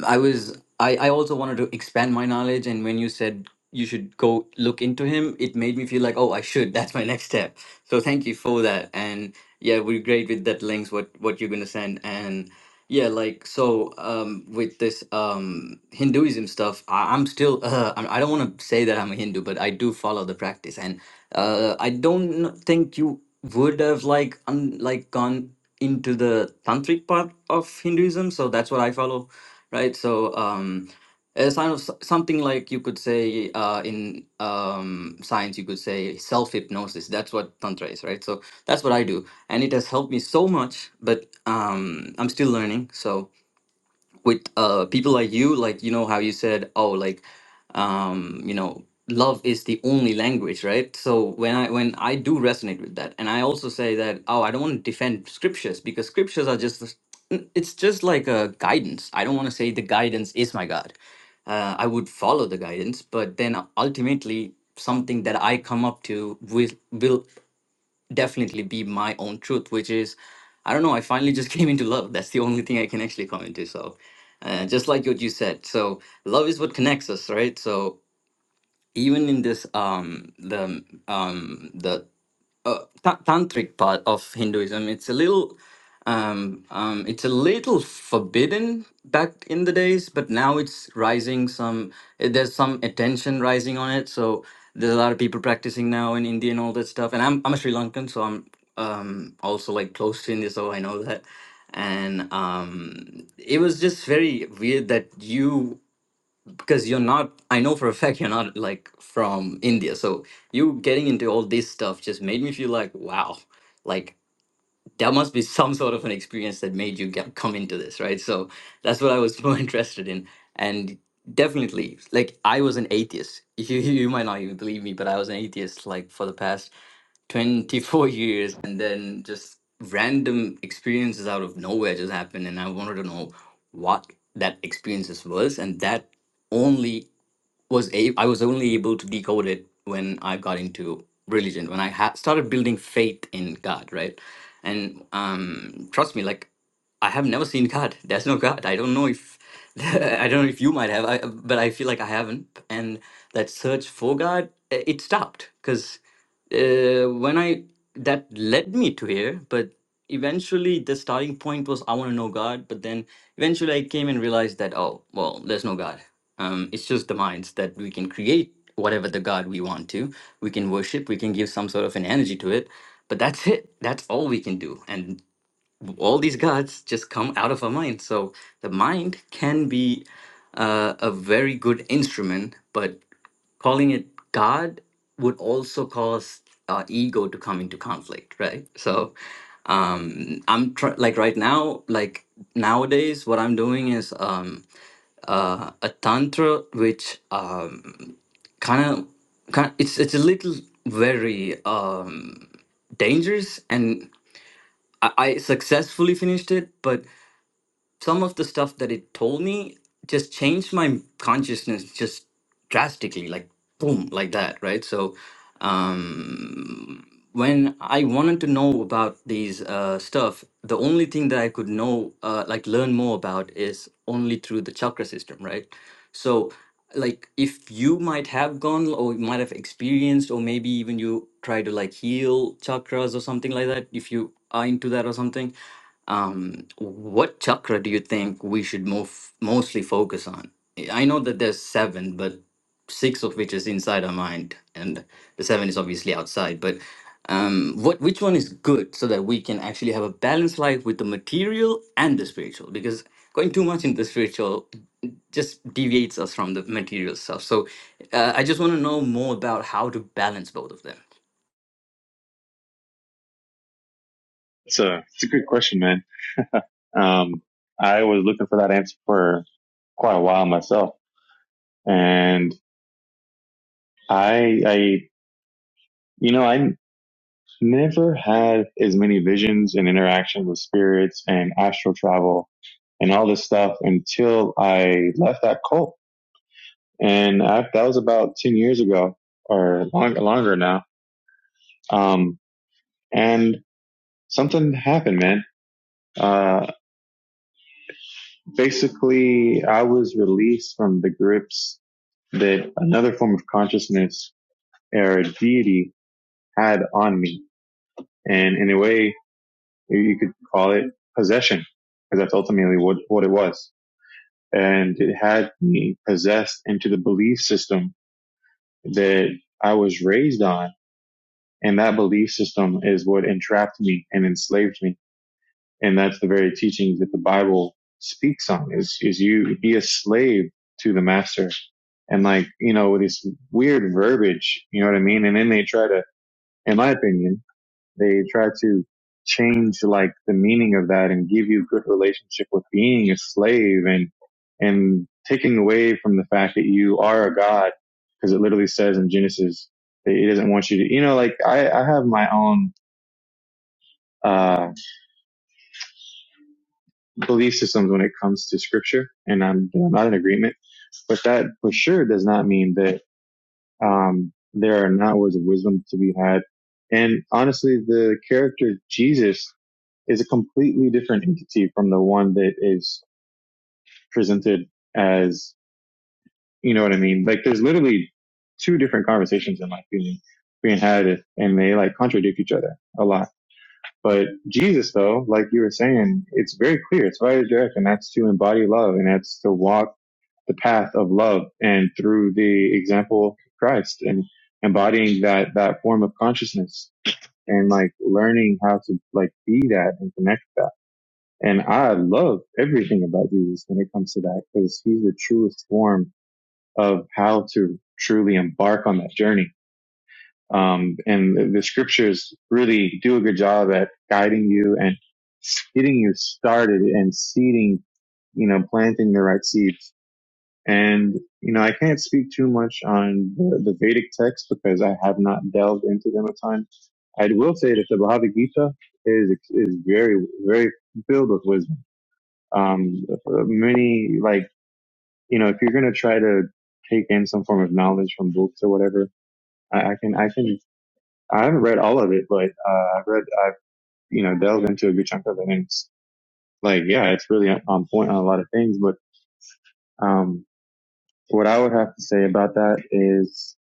C: I was I, I also wanted to expand my knowledge and when you said you should go look into him, it made me feel like, oh I should. (laughs) That's my next step. So thank you for that. And yeah, we're great with that links what what you're gonna send and yeah, like so um with this um Hinduism stuff, I, I'm still (laughs) uh, I I don't want to say that I'm a Hindu, but I do follow the practice and uh I don't kn- think you would have like un, like gone into the tantric part of Hinduism, so that's what I follow, right? So um, as kind of s- something like you could say uh, in um, science, you could say self hypnosis. That's what tantra is, right? So that's what I do, and it has helped me so much. But um, I'm still learning, so with uh people like you like you know how you said oh like um you know love is the only language right so when i when i do resonate with that and i also say that oh i don't want to defend scriptures because scriptures are just this- n- it's just like a guidance i don't want to say the guidance is my god uh, i would follow the guidance but then ultimately something that i come up to with will definitely be my own truth, which is, I don't know, I finally just (laughs) came into love. That's the only thing I can actually come into. So, uh, just like what you said, so love is what connects us, right? So even in this, um, the um, the uh, ta- tantric part of Hinduism. It's a little, um, um, it's a little forbidden back in the days, but now it's rising. Some eh, there's some attention rising on it, so there's a lot of people practicing now in India and all that stuff. And I'm I'm a Sri Lankan, so I'm um, also like close to India, so I know that. And um, it was just very weird that you because you're not i know for a fact you're not like from india so you getting into all this stuff just made me feel like wow like there must be some sort of an experience that made you get, come into this right so that's what i was (laughs) more interested in and definitely like i was an atheist (laughs) you, you might not even believe me but i was an atheist like for the past 24 (laughs) years and then just random experiences out of nowhere just happened and i wanted to know what that experiences was and that only was a- I was only able to decode it when I got into religion, when I ha- started building faith in God, right? And um, trust me, like I have never seen God. (laughs) There's no God. I don't know if (laughs) I don't know if you might have, I, but I feel like I haven't. And that search for God, uh, it stopped because uh, when I that led me to here, but eventually the starting point was I want to know God, but then eventually I came and realized that oh well, there's no God um, it's just the minds that we can create whatever the God we want to. We can worship, we can give some sort of an energy to it, but that's it. That's all we can do. And all these gods just come out of our mind. So the mind can be uh, a very good instrument, but calling it God would also cause our ego to come into conflict, right? So um, I'm tr- like right now, like nowadays, what I'm doing is. Um, uh, a tantra which um, kind of it's it's a little very um, dangerous and I, I successfully finished it but some of the stuff that it told me just changed my consciousness just drastically like boom like that right so um when i wanted to know about these uh stuff the only thing that i could know uh like learn more about is only through the chakra system right so like if you might have gone or you might have experienced or maybe even you try to like heal chakras or something like that if you are into that or something um, what chakra do you think we should move mostly focus on? I know that there's seven, but six of which is inside our mind, and the seven is obviously outside. But um, what which one is good so that we can actually have a balanced life with the material and the spiritual? Because going too much into the spiritual just deviates us from the material stuff. So uh, I just want to know more about how to balance both of them.
A: It's a it's a good question, man. Um, I was looking for that answer for quite a while myself, and I I you know I never had as many visions and interactions with spirits and astral travel and all this stuff until I left that cult. And I, that was about 10 years ago or long, longer now. Um, and something happened, man. Uh, basically I was released from the grips that another form of consciousness or deity had on me. And in a way, you could call it possession because that's ultimately what, what it was and it had me possessed into the belief system that I was raised on. And that belief system is what entrapped me and enslaved me. And that's the very teachings that the Bible speaks on is, is you be a slave to the master and like, you know, with this weird verbiage, you know what I mean? And then they try to, in my opinion, they try to change like the meaning of that and give you a good relationship with being a slave and and taking away from the fact that you are a god because it literally says in Genesis that it doesn't want you to you know like I, I have my own uh belief systems when it comes to scripture and I'm, I'm not in agreement but that for sure does not mean that um there are not words of wisdom to be had and honestly, the character Jesus is a completely different entity from the one that is presented as, you know what I mean? Like there's literally two different conversations in my opinion being had and they like contradict each other a lot. But Jesus though, like you were saying, it's very clear. It's very direct and that's to embody love and that's to walk the path of love and through the example of Christ and embodying that, that form of consciousness and like learning how to like be that and connect that And I love everything about Jesus when it comes to that because he's the truest form of how to truly embark on that journey. Um, and the scriptures really do a good job at guiding you and getting you started and seeding, you know, planting the right seeds. And, you know, I can't speak too much on the, the Vedic texts because I have not delved into them a ton. I will say that the Bhagavad Gita is, is very, very filled with wisdom um, many like you know if you're gonna try to take in some form of knowledge from books or whatever, I, I can I can I haven't read all of it, but uh, I've read I've you know delved into a good chunk of it, and it's like yeah, it's really on point on a lot of things. But um, what I would have to say about that is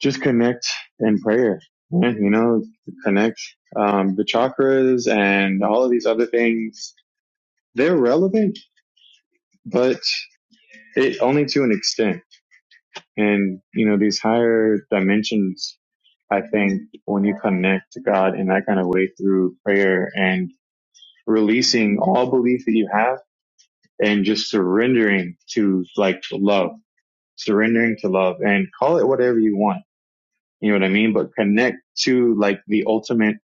A: just connect in prayer. Mhm. You know, connect um, the chakras and all of these other things. They're relevant, but it only to an extent And, you know, these higher dimensions, I think when you connect to God in that kind of way through prayer and releasing all belief that you have and just surrendering to like love, surrendering to love and call it whatever you want. You know what I mean? But connect to like the ultimate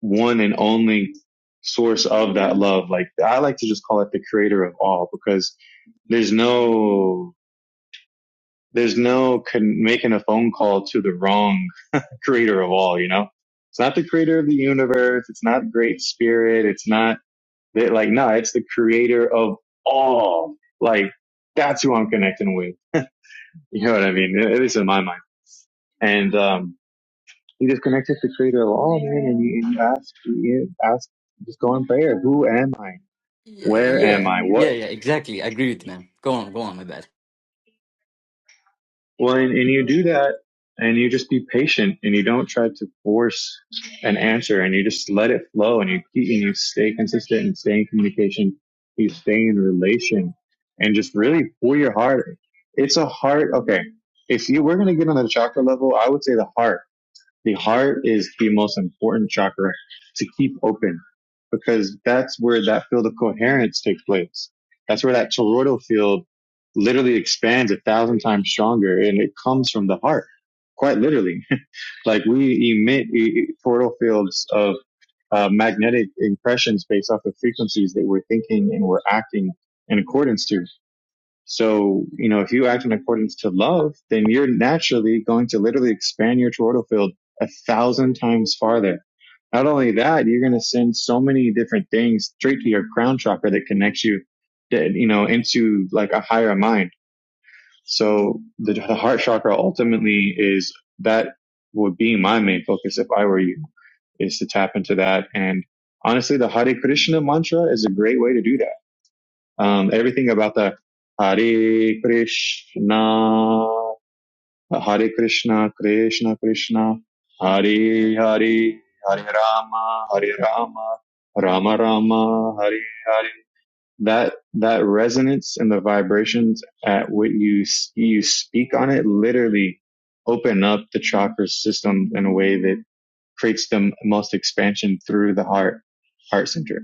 A: one and only source of that love. Like I like to just call it the creator of all because there's no, there's no con- making a phone call to the wrong creator of all, you know? It's not the creator of the universe. It's not great spirit. It's not that, like, no, it's the creator of all. Like, that's who I'm connecting with. You know what I mean? At least in my mind. And, um, you just connect with the creator of all, man, and you, and you ask, you ask, just go in prayer. Who am I?
C: Yeah,
A: Where am
C: yeah,
A: I?
C: yeah,
A: What
C: yeah. Exactly. I agree with you, man. Go on, go on. My bad.
A: Well, and, and you do that and you just be patient and you don't try to force an answer and you just let it flow and you keep and you stay consistent and stay in communication. You stay in relation and just really pull your heart. It's a heart. Okay. If you, we're going to get on the chakra level, I would say the heart the heart is the most important chakra to keep open because that's where that field of coherence takes place. That's where that toroidal field literally expands a thousand times stronger and it comes from the heart, quite literally. (laughs) like we emit e- e- toroidal fields of uh, magnetic impressions based off of frequencies that we're thinking and we're acting in accordance to. So, you know, if you act in accordance to love, then you're naturally going to literally expand your choroidal field a thousand times farther. Not only that, you're going to send so many different things straight to your crown chakra that connects you, that, you know, into like a higher mind. So the, the heart chakra ultimately is that would be my main focus if I were you, is to tap into that. And honestly, the Hare Krishna mantra is a great way to do that um, everything about that. Hare Krishna, Hare Krishna, Krishna Krishna, Hare Hare, Hare Rama, Hare Rama, Rama Rama, Hare Hare. That that resonance and the vibrations at what you you speak on it literally open up the chakra system in a way that creates the most expansion through the heart heart center.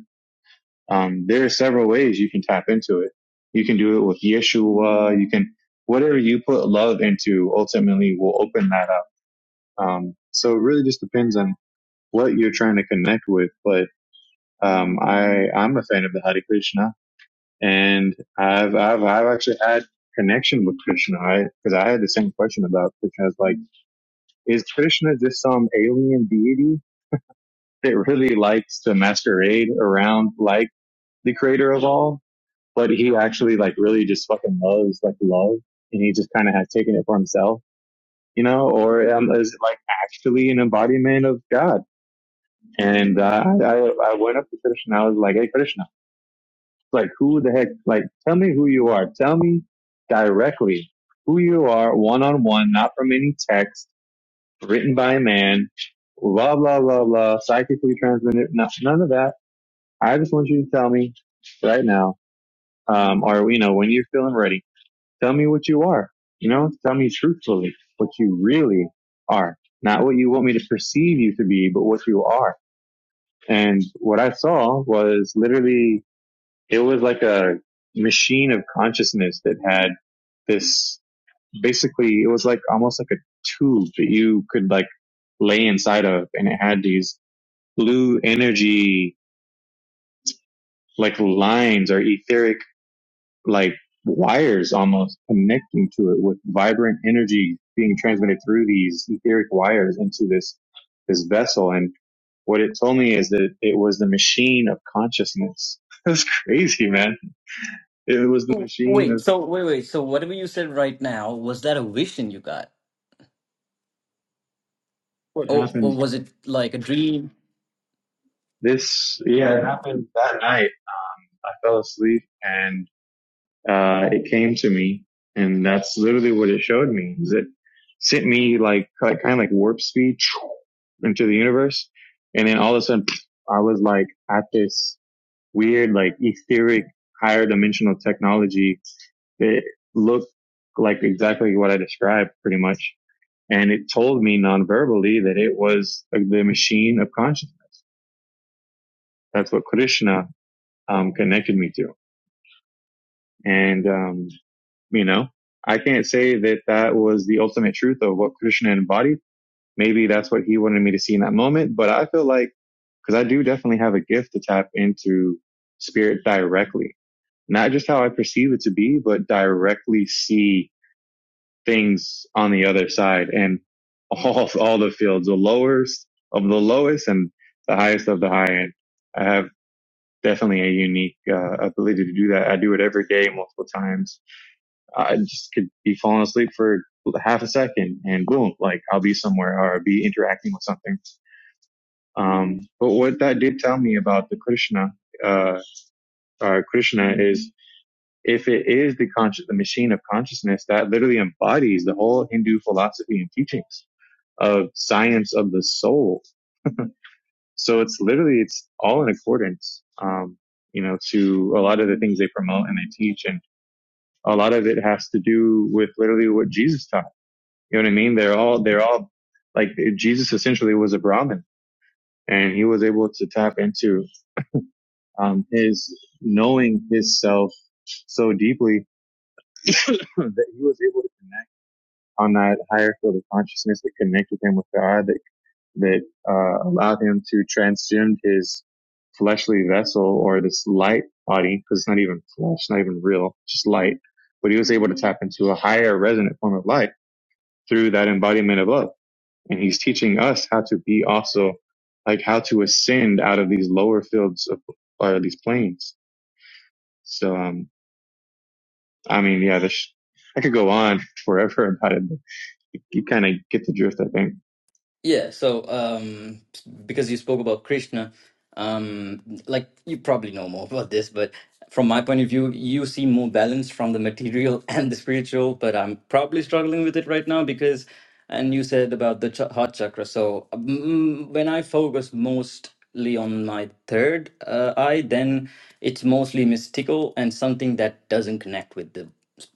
A: Um, there are several ways you can tap into it. You can do it with Yeshua. You can, whatever you put love into ultimately will open that up. Um, so it really just depends on what you're trying to connect with. But, um, I, I'm a fan of the Hare Krishna and I've, I've, I've actually had connection with Krishna, right? Cause I had the same question about Krishna. I was like, is Krishna just some alien deity that really likes to masquerade around like the creator of all? but he actually like really just fucking loves like love and he just kind of has taken it for himself, you know, or um, is it like actually an embodiment of God? And uh, I, I went up to Krishna. I was like, hey, Krishna, like who the heck, like tell me who you are. Tell me directly who you are one on one, not from any text written by a man, blah, blah, blah, blah, psychically transmitted, no, none of that. I just want you to tell me right now, um, or, you know, when you're feeling ready Tell me what you are. You know, tell me truthfully what you really are, not what you want me to perceive you to be, but what you are. And what I saw was literally, it was like a machine of consciousness that had this basically, it was like almost like a tube that you could like lay inside of. And it had these blue energy, like lines or etheric like wires almost connecting to it with vibrant energy being transmitted through these etheric wires into this this vessel and what it told me is that it was the machine of consciousness (laughs) that's crazy man it was the
C: So,
A: machine
C: Wait,
A: of
C: so wait, wait. So whatever you said right now, was that a vision you got?
A: what
C: Or, or
A: happened
C: was it like a dream?
A: this yeah it happened that night i fell asleep and uh, it came to me and that's literally what it showed me is it sent me like kind of like warp speed (sniffs) into the universe. And then all of a sudden (sniffs) I was like at this weird, like etheric higher dimensional technology that looked like exactly what I described pretty much. And it told me non-verbally that it was the machine of consciousness. That's what Krishna um, connected me to. And um, You know, I can't say that that was the ultimate truth of what Krishna embodied. Maybe that's what he wanted me to see in that moment, but I feel like, cause I do definitely have a gift to tap into spirit directly, not just how I perceive it to be, but directly see things on the other side and (laughs) all, all the fields, the lowest of the lowest and the highest of the high end. I have definitely a unique uh, ability to do that. I do it every day, multiple times I just could be falling asleep for half a second and boom, like I'll be somewhere or I'll be interacting with something. Um, but what that did tell me about the Krishna, uh, uh, Krishna is if it is the conscious, the machine of consciousness that literally embodies the whole Hindu philosophy and teachings of science of the soul. So it's literally, it's all in accordance, um, you know, to a lot of the things they promote and they teach and a lot of it has to do with literally what Jesus taught You know what I mean? They're all they're all like Jesus essentially was a Brahmin, and he was able to tap into um, his knowing his self so deeply (clears throat) that he was able to connect on that higher field of consciousness that connected him with God, that that uh, allowed him to transcend his fleshly vessel or this light body, because it's not even flesh, not even real, just light. But he was able to tap into a higher resonant form of light through that embodiment of love. and he's teaching us how to be also like how to ascend out of these lower fields of or these planes so um i mean yeah this i could go on (laughs) forever about it but you, you kind of get the drift i think
C: Yeah, so um, because you spoke about Krishna, um, like you probably know more about this, but from my point of view, you see more balance from the material (laughs) and the spiritual, but I'm probably struggling with it right now because, and you said about the ch heart chakra. So mm, when I focus mostly on my third uh, eye, then it's mostly mystical and something that doesn't connect with the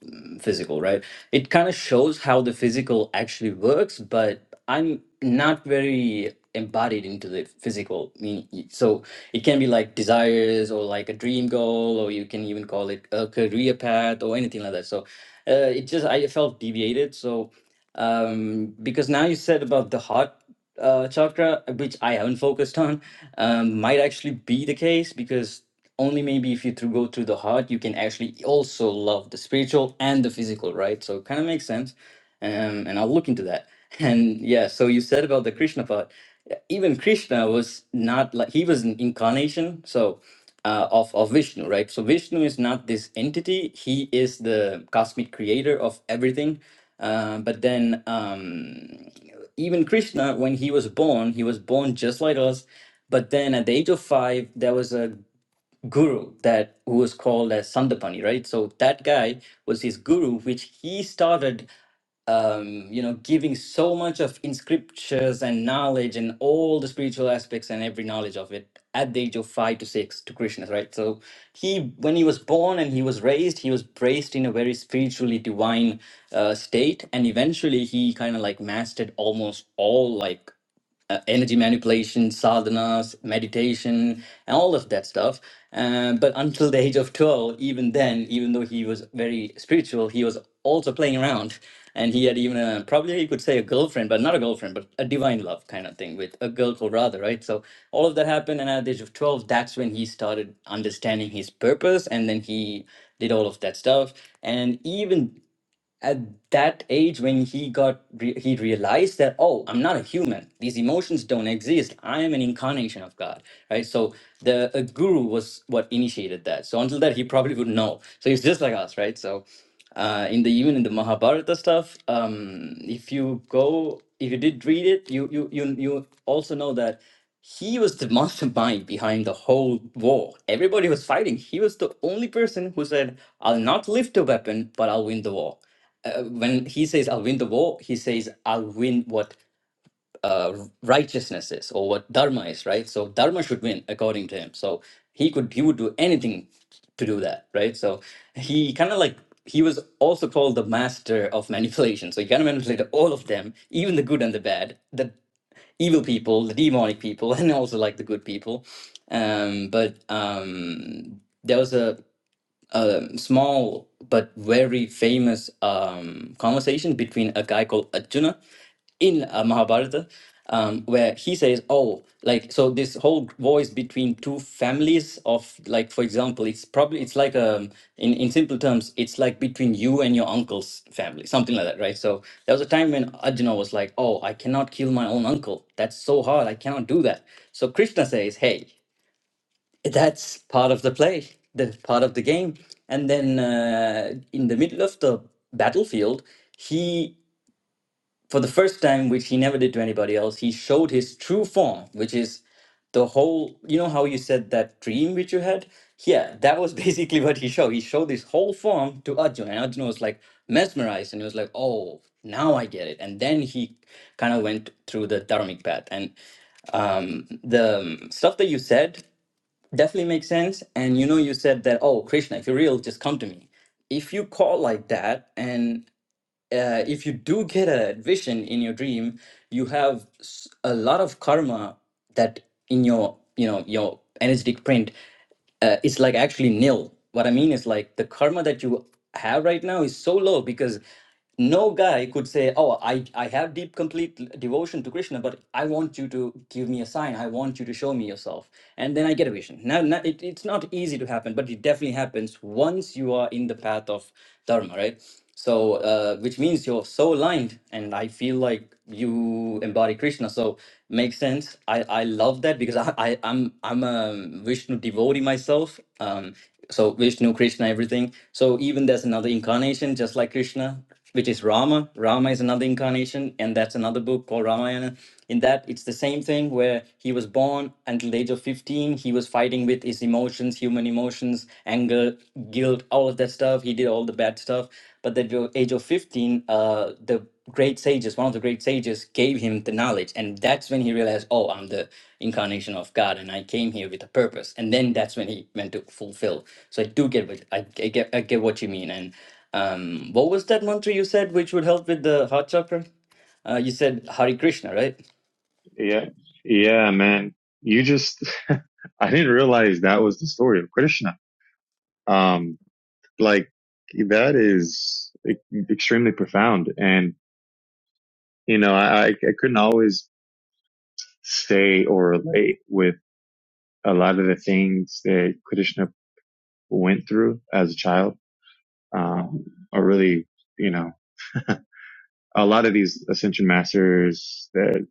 C: towards mm, physical, right? It kind of shows how the physical actually works, but I'm not very embodied into the physical. I mean, y- so it can be like desires or like a dream goal, or you can even call it a career path or anything like that. So uh, it just I felt deviated. So um, because now you said about the heart uh, chakra, which I haven't focused on, um, might actually be the case because only maybe if you through go through the heart, you can actually also love the spiritual and the physical, right? So it kind of makes sense, um, and I'll look into that. (laughs) And yeah, so you said about the Krishna part. Yeah, Even Krishna was not like he was an incarnation, so uh, of of Vishnu, right? So Vishnu is not this entity; he is the cosmic creator of everything uh, but then, um, even Krishna, when he was born, he was born just like us. But then at the age of five, there was a guru that who was called as Sandapani, right? So that guy was his guru, which he started, um, you know, giving so much of in scriptures and knowledge and all the spiritual aspects and every knowledge of it at the age of five to six to Krishna, right? So he, when he was born and he was raised, he was raised in a very spiritually divine uh, state, and eventually he kind of like mastered almost all like uh, energy manipulation, sadhanas, meditation, and all of that stuff. Um, but until the age of 12, even then, even though he was very spiritual, he was also playing around. And he had even a, probably you could say a girlfriend, but not a girlfriend, but a divine love kind of thing with a girl called Radha, right? So all of that happened. And at the age of 12, that's when he started understanding his purpose. And then he did all of that stuff. And even at that age when he got re- he realized that oh i'm not a human these emotions don't exist i am an incarnation of god right so the a guru was what initiated that so until that he probably would know so he's just like us right so uh in the even in the mahabharata stuff um if you go if you did read it you you you, you also know that he was the (laughs) mastermind behind the whole war. Everybody was fighting. He was the only person who said, I'll not lift a weapon, but I'll win the war uh, when he says I'll win the war, he says I'll win what uh, righteousness is or what dharma is, right? So dharma should win according to him. So he could he would do anything to do that, right? So he kind of like he was also called the master of manipulation. So he kind of manipulated all of them, even the good and the bad, the evil people, the demonic people, (laughs) and also like the good people. Um, but um, there was a a small but very famous um, conversation between a guy called Arjuna in uh, Mahabharata, um, where he says, "Oh, like so this whole voice between two families of like, for example, it's probably it's like um in in simple terms, it's like between you and your uncle's family, something like that, right? So there was a time when Arjuna was like, "Oh, I cannot kill my own uncle. That's so hard. I cannot do that." So Krishna says, "Hey." That's part of the play, the part of the game. And then uh, in the middle of the battlefield, he, for the first time, which he never did to anybody else, he showed his true form, which is the whole. You know how you said that dream which you had? Yeah, that was (laughs) basically what he showed. He showed this whole form to Arjuna, and Arjuna was like mesmerized, and he was like, "Oh, now I get it." And then he kind of went through the dharmic path. And um, the um, stuff that you said Definitely makes sense. And you know, you said that, oh, Krishna, if you're real, just come to me. If you call like that, and uh, if you do get a vision in your dream, you have s- a lot of karma that in your, you know, your energetic print uh, it's like actually nil. What I mean is like the karma that you have right now is so low because no guy could say, "Oh, I I have deep complete devotion to Krishna, but I want you to give me a sign. I want you to show me yourself, and then I get a vision." Now, now it, it's not easy to happen, but it definitely happens once you are in the path of dharma, right? So, uh, which means you're so aligned, and I feel like you embody Krishna. So Makes sense. I, I love that because I, I I'm I'm a Vishnu devotee myself. Um, so Vishnu, Krishna, everything. So even there's another incarnation, just like Krishna, which is Rama. Rama is another incarnation, and that's another book called Ramayana. In that, it's the same thing where he was born until the age of 15. He was fighting with his emotions, human emotions, anger, guilt, all of that stuff. He did all the bad stuff. But at the age of 15, uh, the great sages, one of the great sages, gave him the knowledge. And that's when he realized, oh, I'm the incarnation of God and I came here with a purpose. And then that's when he meant to fulfill. So I do get what I, I get I get what you mean. And um what was that mantra you said which would help with the heart chakra? Uh, you said Hare Krishna, right?
A: yeah yeah man you just (laughs) i didn't realize that was the story of krishna um like that is e- extremely profound and you know i i I couldn't always stay or relate with a lot of the things that Krishna went through as a child, um, or really, you know, a lot of these ascension masters that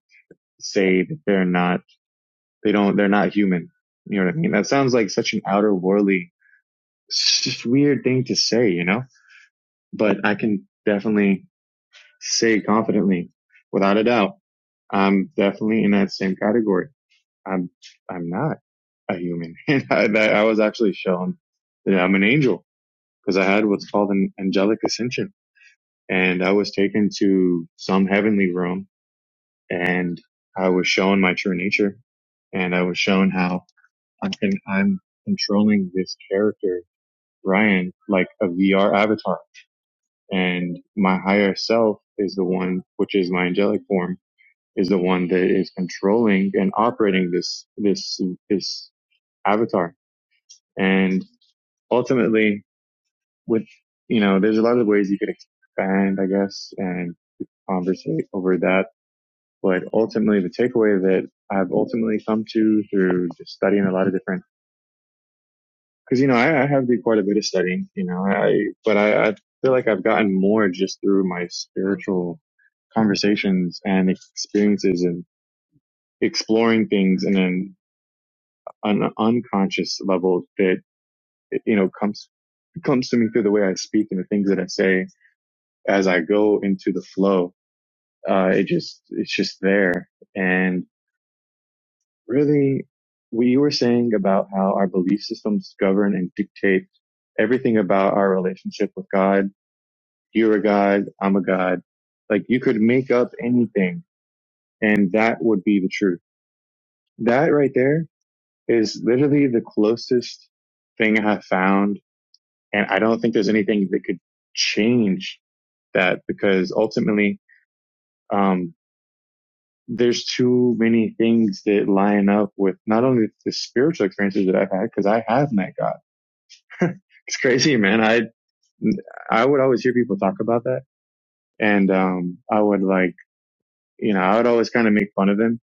A: say that they're not, they don't, they're not human. You know what I mean? That sounds like such an outer worldly, just weird thing to say, you know, but I can definitely say confidently without a doubt. I'm definitely in that same category. I'm, I'm not a human. (laughs) And I, I was actually shown that I'm an angel because I had what's called an angelic ascension and I was taken to some heavenly room and I was shown my true nature and I was shown how I'm, con- I'm controlling this character, Ryan, like a VR avatar and my higher self is the one, which is my angelic form, is the one that is controlling and operating this, this, this avatar. And ultimately with, you know, there's a lot of ways you could expand, I guess, and conversate over that But ultimately, the takeaway that I've ultimately come to through just studying a lot of different, because you know I, I have done quite a bit of studying, you know, I but I, I feel like I've gotten more just through my spiritual conversations and experiences and exploring things in an, an unconscious level that you know comes comes to me through the way I speak and the things that I say as I go into the flow. Uh, it just it's just there, and. really we were saying about how our belief systems govern and dictate everything about our relationship with God. You're a God. I'm a God. Like you could make up anything and that would be the truth. That right there is literally the closest thing I have found. And I don't think there's anything that could change that because ultimately, um, there's too many things that line up with not only the spiritual experiences that I've had, because I have met God It's crazy, man. I I would always hear people talk about that, and um, I would like, you know, I would always kind of make fun of them.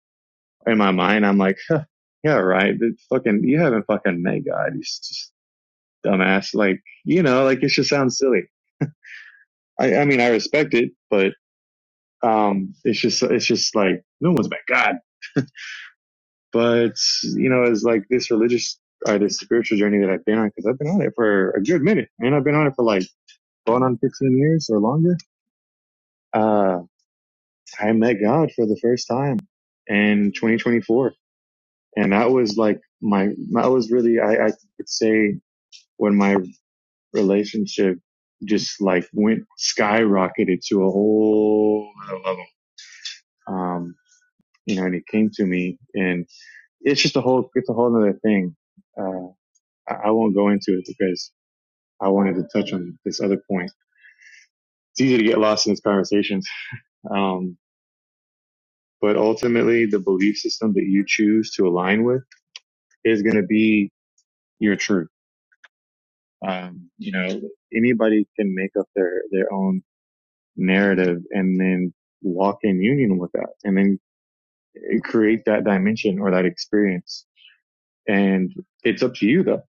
A: In my mind, I'm like, huh, yeah, right. That fucking, you haven't fucking met God. He's just dumbass. Like, you know, like it just sounds silly. I, I mean, I respect it, but um, it's just, it's just like no one's met God. But you know, it's like this religious or this spiritual journey that I've been on because I've been on it for a good minute, and I've been on it for like going on 15 years or longer. Uh, I met God for the first time in 2024. And that was like my, that was really, I, I could say when my relationship just like went skyrocketed to a whole other level. Um, you know, and he came to me and it's just a whole, it's a whole other thing. Uh, I, I won't go into it because I wanted to touch on this other point. It's easy to get lost in these conversations. Um, but ultimately the belief system that you choose to align with is going to be you're true. Um, you know, anybody can make up their, their own narrative and then walk in union with that and then create that dimension or that experience. And it's up to you though.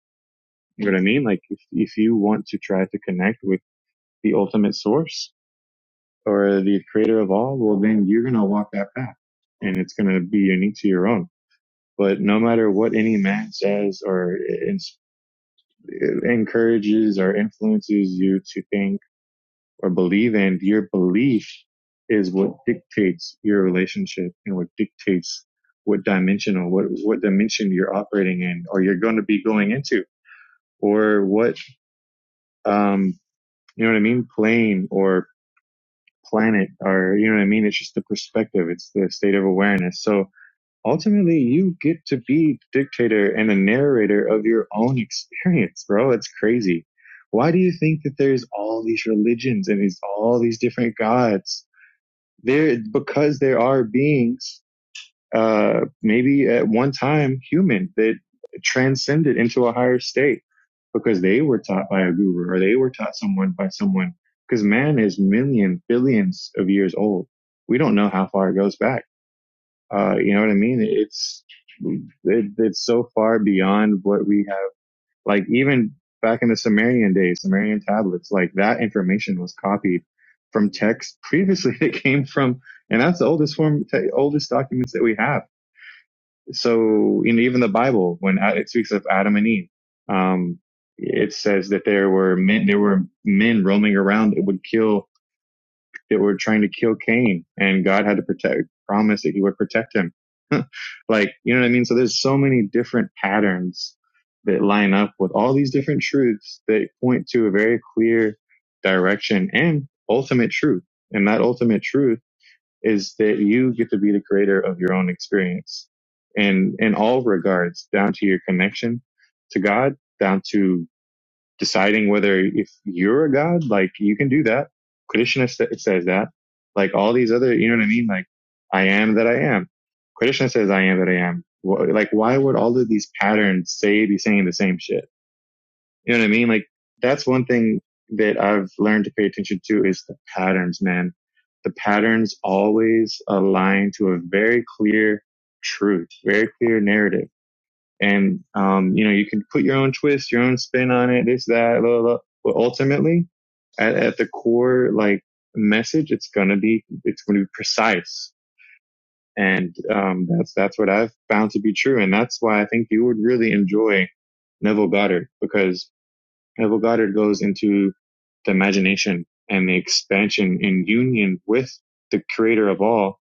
A: You know what I mean? Like if, if you want to try to connect with the ultimate source or the creator of all, well, then you're going to walk that path and it's going to be unique to your own. But no matter what any man says or encourages or influences you to think or believe in, your belief is what dictates your relationship and what dictates what dimensional, what, what dimension you're operating in or you're going to be going into or what, um, you know what I mean? Plane or planet or, you know what I mean? It's just the perspective. It's the state of awareness. So ultimately you get to be the dictator and the narrator of your own experience, bro. It's crazy. Why do you think that there's all these religions and these all these different gods? there because there are beings uh maybe at one time human that transcended into a higher state because they were taught by a guru or they were taught someone by someone because man is million billions of years old we don't know how far it goes back uh you know what i mean it's it, it's so far beyond what we have like even back in the Sumerian days, Sumerian tablets, like that information was copied from texts previously (laughs) that came from, and that's the oldest form, te- oldest documents that we have. So in even the Bible, when it speaks of Adam and Eve, um, it says that there were men, there were men roaming around that would kill that were trying to kill Cain and God had to protect, promise that he would protect him. (laughs) like, you know what I mean? So there's so many different patterns that line up with all these different truths that point to a very clear direction and ultimate truth. And that ultimate truth is that you get to be the creator of your own experience and in all regards, down to your connection to God, down to deciding whether if you're a god, like you can do that. Krishna says that. Like all these other, you know what I mean? Like I am that I am. Krishna says I am that I am. Like why would all of these patterns say be saying the same shit? You know what I mean? Like that's one thing that I've learned to pay attention to is the patterns, man. The patterns always align to a very clear truth, very clear narrative and um, you know you can put your own twist, your own spin on it, this that, blah, blah, but ultimately, at, at the core, like message, it's gonna be it's gonna be precise, and um, that's that's what I've found to be true, and that's why I think you would really enjoy Neville Goddard because Neville Goddard goes into the imagination and the expansion in union with the creator of all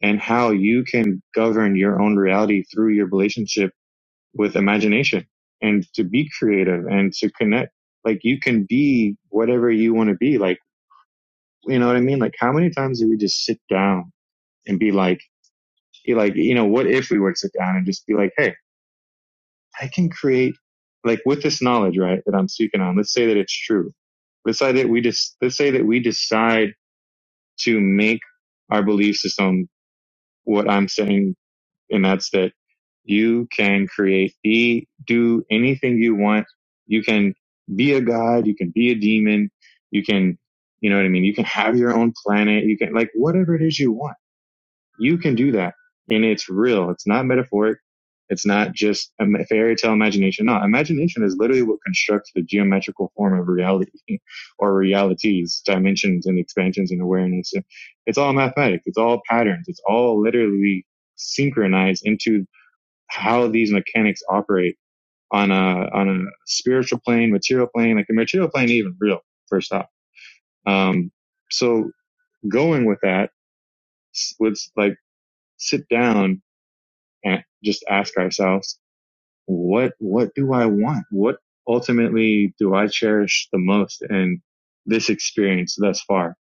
A: and how you can govern your own reality through your relationship with imagination and to be creative and to connect. Like you can be whatever you want to be. Like, you know what I mean? Like how many times do we just sit down and be like, be like, you know, what if we were to sit down and just be like, Hey, I can create like with this knowledge, right? That I'm speaking on. Let's say that it's true. Let's say that we just, let's say that we decide to make our belief system what I'm saying and that's that you can create be do anything you want you can be a god you can be a demon you can you know what i mean you can have your own planet you can like whatever it is you want you can do that. And it's real. It's not metaphoric. It's not just a fairy tale imagination. No, imagination is literally what constructs the geometrical form of reality (laughs) or realities, dimensions and expansions and awareness. It's all mathematics. It's all patterns. It's all literally synchronized into how these mechanics operate on a, on a spiritual plane, material plane, like the material plane, even real, first off. Um, so going with that, s- let's like sit down and just ask ourselves, what, what do I want? What ultimately do I cherish the most in this experience thus far?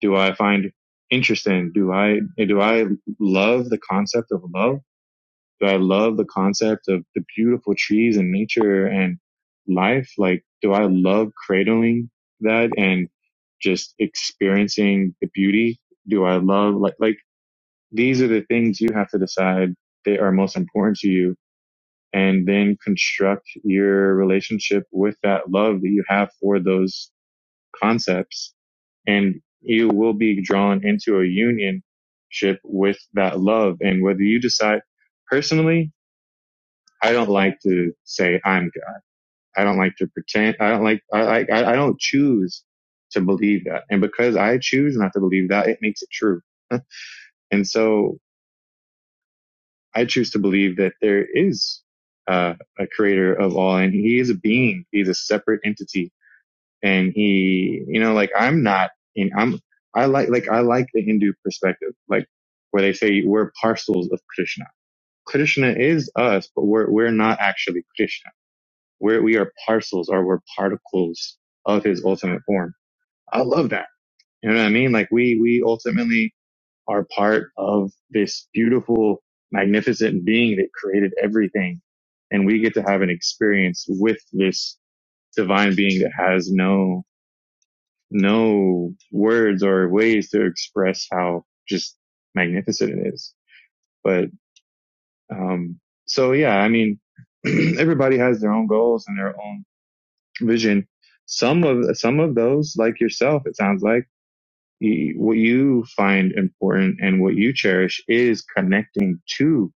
A: Do I find interesting? Do I, do I love the concept of love? Do I love the concept of the beautiful trees and nature and life? Like, do I love cradling that and just experiencing the beauty? Do I love like, like these are the things you have to decide that are most important to you and then construct your relationship with that love that you have for those concepts. And you will be drawn into a unionship with that love. And whether you decide personally, I don't like to say I'm God. I don't like to pretend. I don't like, I, I, I don't choose to believe that. And because I choose not to believe that, it makes it true. (laughs) And so I choose to believe that there is uh, a creator of all, and he is a being. He's a separate entity, and he, you know, like I'm not, and I'm, I like, like I like the Hindu perspective, like where they say we're parcels of Krishna. Krishna is us, but we're we're not actually Krishna. We're we are parcels, or we're particles of his ultimate form. I love that. You know what I mean? Like we we ultimately are part of this beautiful, magnificent being that created everything. And we get to have an experience with this divine being that has no, no words or ways to express how just magnificent it is. But, um, so yeah, I mean, (clears throat) everybody has their own goals and their own vision. Some of, some of those, like yourself, it sounds like, you- what you find important and what you cherish is connecting to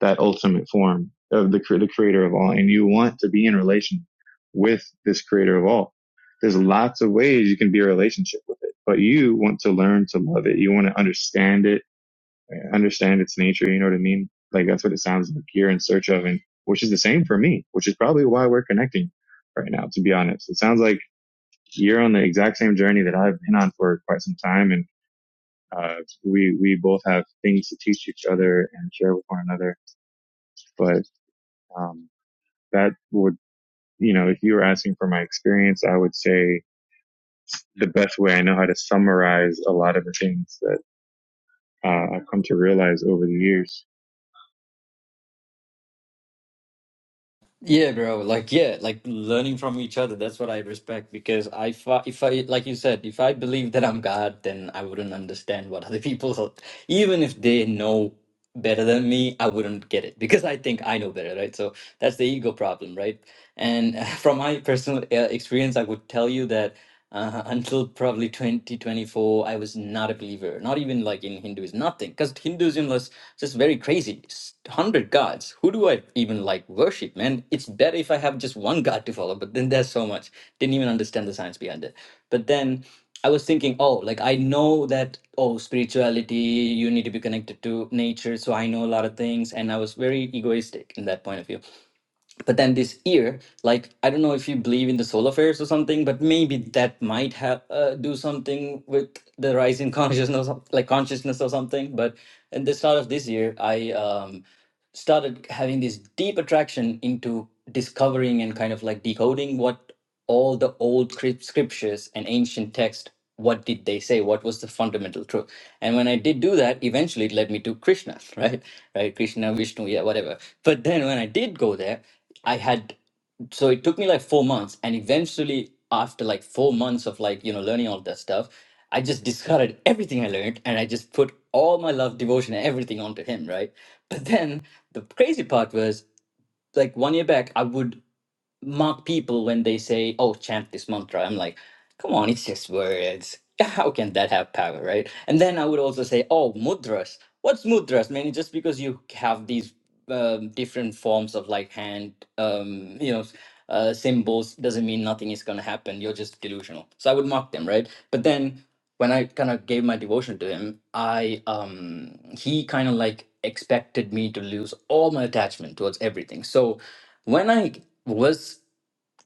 A: that ultimate form of the, the creator of all. And you want to be in relation with this creator of all. There's lots of ways you can be in a relationship with it, but you want to learn to love it. You want to understand it, understand its nature. You know what I mean? Like that's what it sounds like you're in search of and which is the same for me, which is probably why we're connecting right now, to be honest. It sounds like you're on the exact same journey that I've been on for quite some time. And, uh, we, we both have things to teach each other and share with one another, but, um, that would, you know, if you were asking for my experience, I would say the best way I know how to summarize a lot of the things that uh, I've come to realize over the years.
C: Yeah, bro. Like, yeah, like learning from each other. That's what I respect because I, fi- if I, like you said, if I believe that I'm God, then I wouldn't understand what other people, even if they know. better than me, I wouldn't get it because I think I know better, right? So that's the ego problem, right? And (laughs) from my personal uh, experience, I would tell you that uh, until probably 2024, I was not a believer, not even like in Hinduism, nothing, because Hinduism was just very crazy. S- 100 gods. Who do I even like worship, man? It's better if I have just one god to follow, but then there's so much. Didn't even understand the science behind it. But then I was thinking, oh, like I know that, oh, spirituality, you need to be connected to nature. So I know a lot of things. And I was very egoistic in that point of view but then this year like i don't know if you believe in the solar flares or something but maybe that might have uh, do something with the rise in (laughs) consciousness like consciousness or something but at the start of this year i um, started having this deep attraction into discovering and kind of like decoding what all the old scrip- scriptures and ancient texts what did they say what was the fundamental truth and when i did do that eventually it led me to krishna (laughs) right right krishna vishnu yeah whatever but then when i did go there I had so it took me like four months, and eventually, after like four months of like you know learning all that stuff, I just discarded everything I learned, and I just put all my love, devotion, and everything onto him, right? But then the crazy part was like one year back, I would mark people when they say, "Oh, chant this mantra." I'm like. Come on, it's just words. (laughs) How can that have power, right? And then I would also say, oh, mudras. What's mudras? Meaning just because you have these um, different forms of like hand, um, you know, uh, symbols doesn't mean nothing is going to happen. You're just delusional. So I would mock them, right? But then when I kind of gave my devotion to him, I um, he kind of like expected me to lose all my attachment towards everything. So when I was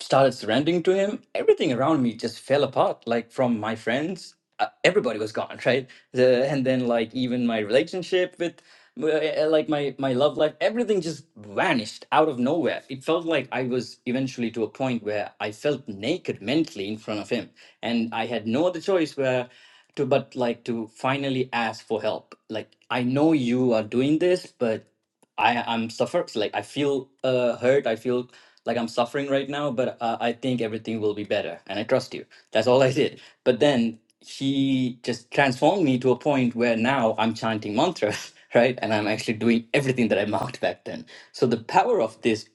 C: started surrendering to him, everything around me just fell apart. Like from my friends, uh, everybody was gone, (laughs) right? The, and then like even my relationship with uh, uh, like my my love life, everything just vanished out of nowhere. It felt like I was eventually to a point where I felt naked mentally in front of him, and I had no other choice where to but like to finally ask for help. Like I know you are doing this, but I I'm suffer like I feel uh, hurt. I feel like I'm suffering right now, but uh, I think everything will be better, and I trust you. That's all I did. But then he just transformed me to a point where now I'm chanting mantras, (laughs) right? And I'm actually doing everything that I mocked back then. So the power of this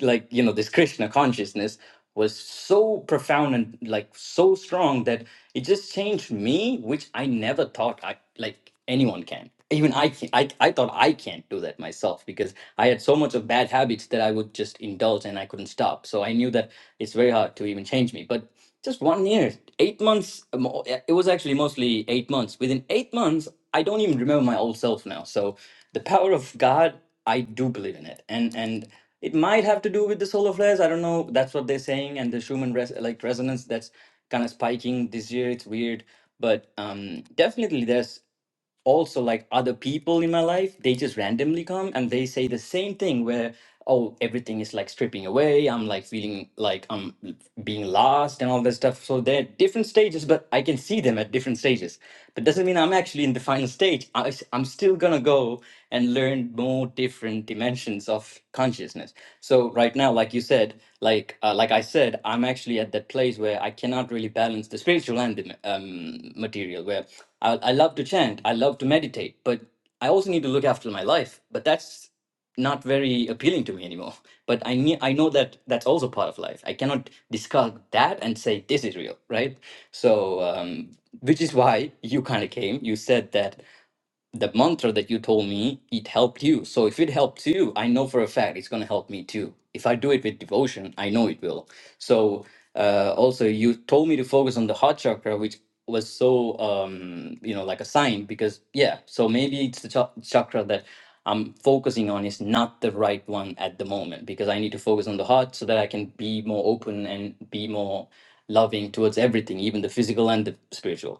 C: like you know this krishna consciousness was so profound and like so strong that it just changed me which i never thought i like anyone can even i can i, I thought i can't do that myself because i had so much of bad habits that i would just indulge and i couldn't stop so i knew that it's very hard to even change me but just one year eight months um, yeah, it was actually mostly eight months within eight months i don't even remember my old self now so the power of god i do believe in it and and it might have to do with the solar flares i don't know that's what they're saying and the schumann res- like resonance that's kind of spiking this year it's weird but um definitely there's also like other people in my life they just randomly come and they say the same thing where oh everything is like stripping away i'm like feeling like i'm being lost and all that stuff so they're at different stages but i can see them at different stages but doesn't mean i'm actually in the final stage I, am still gonna go and learn more different dimensions of consciousness so right now like you said like uh, like i said i'm actually at that place where i cannot really balance the spiritual and the um, material where I, I love to chant, I love to meditate, but I also need to look after my life. But that's not very appealing to me anymore. (laughs) But I ne- I know that that's also part of life. I cannot discard that and say this is real, right? So, um, which is why you kind of came. You said that the mantra that you told me it helped you so if it helped you i know for a fact it's going to help me too if i do it with devotion i know it will so uh, also you told me to focus on the heart chakra which was so um you know like a sign because yeah so maybe it's the cha- chakra that i'm focusing on is not the right one at the moment because i need to focus on the heart so that i can be more open and be more loving towards everything even the physical and the spiritual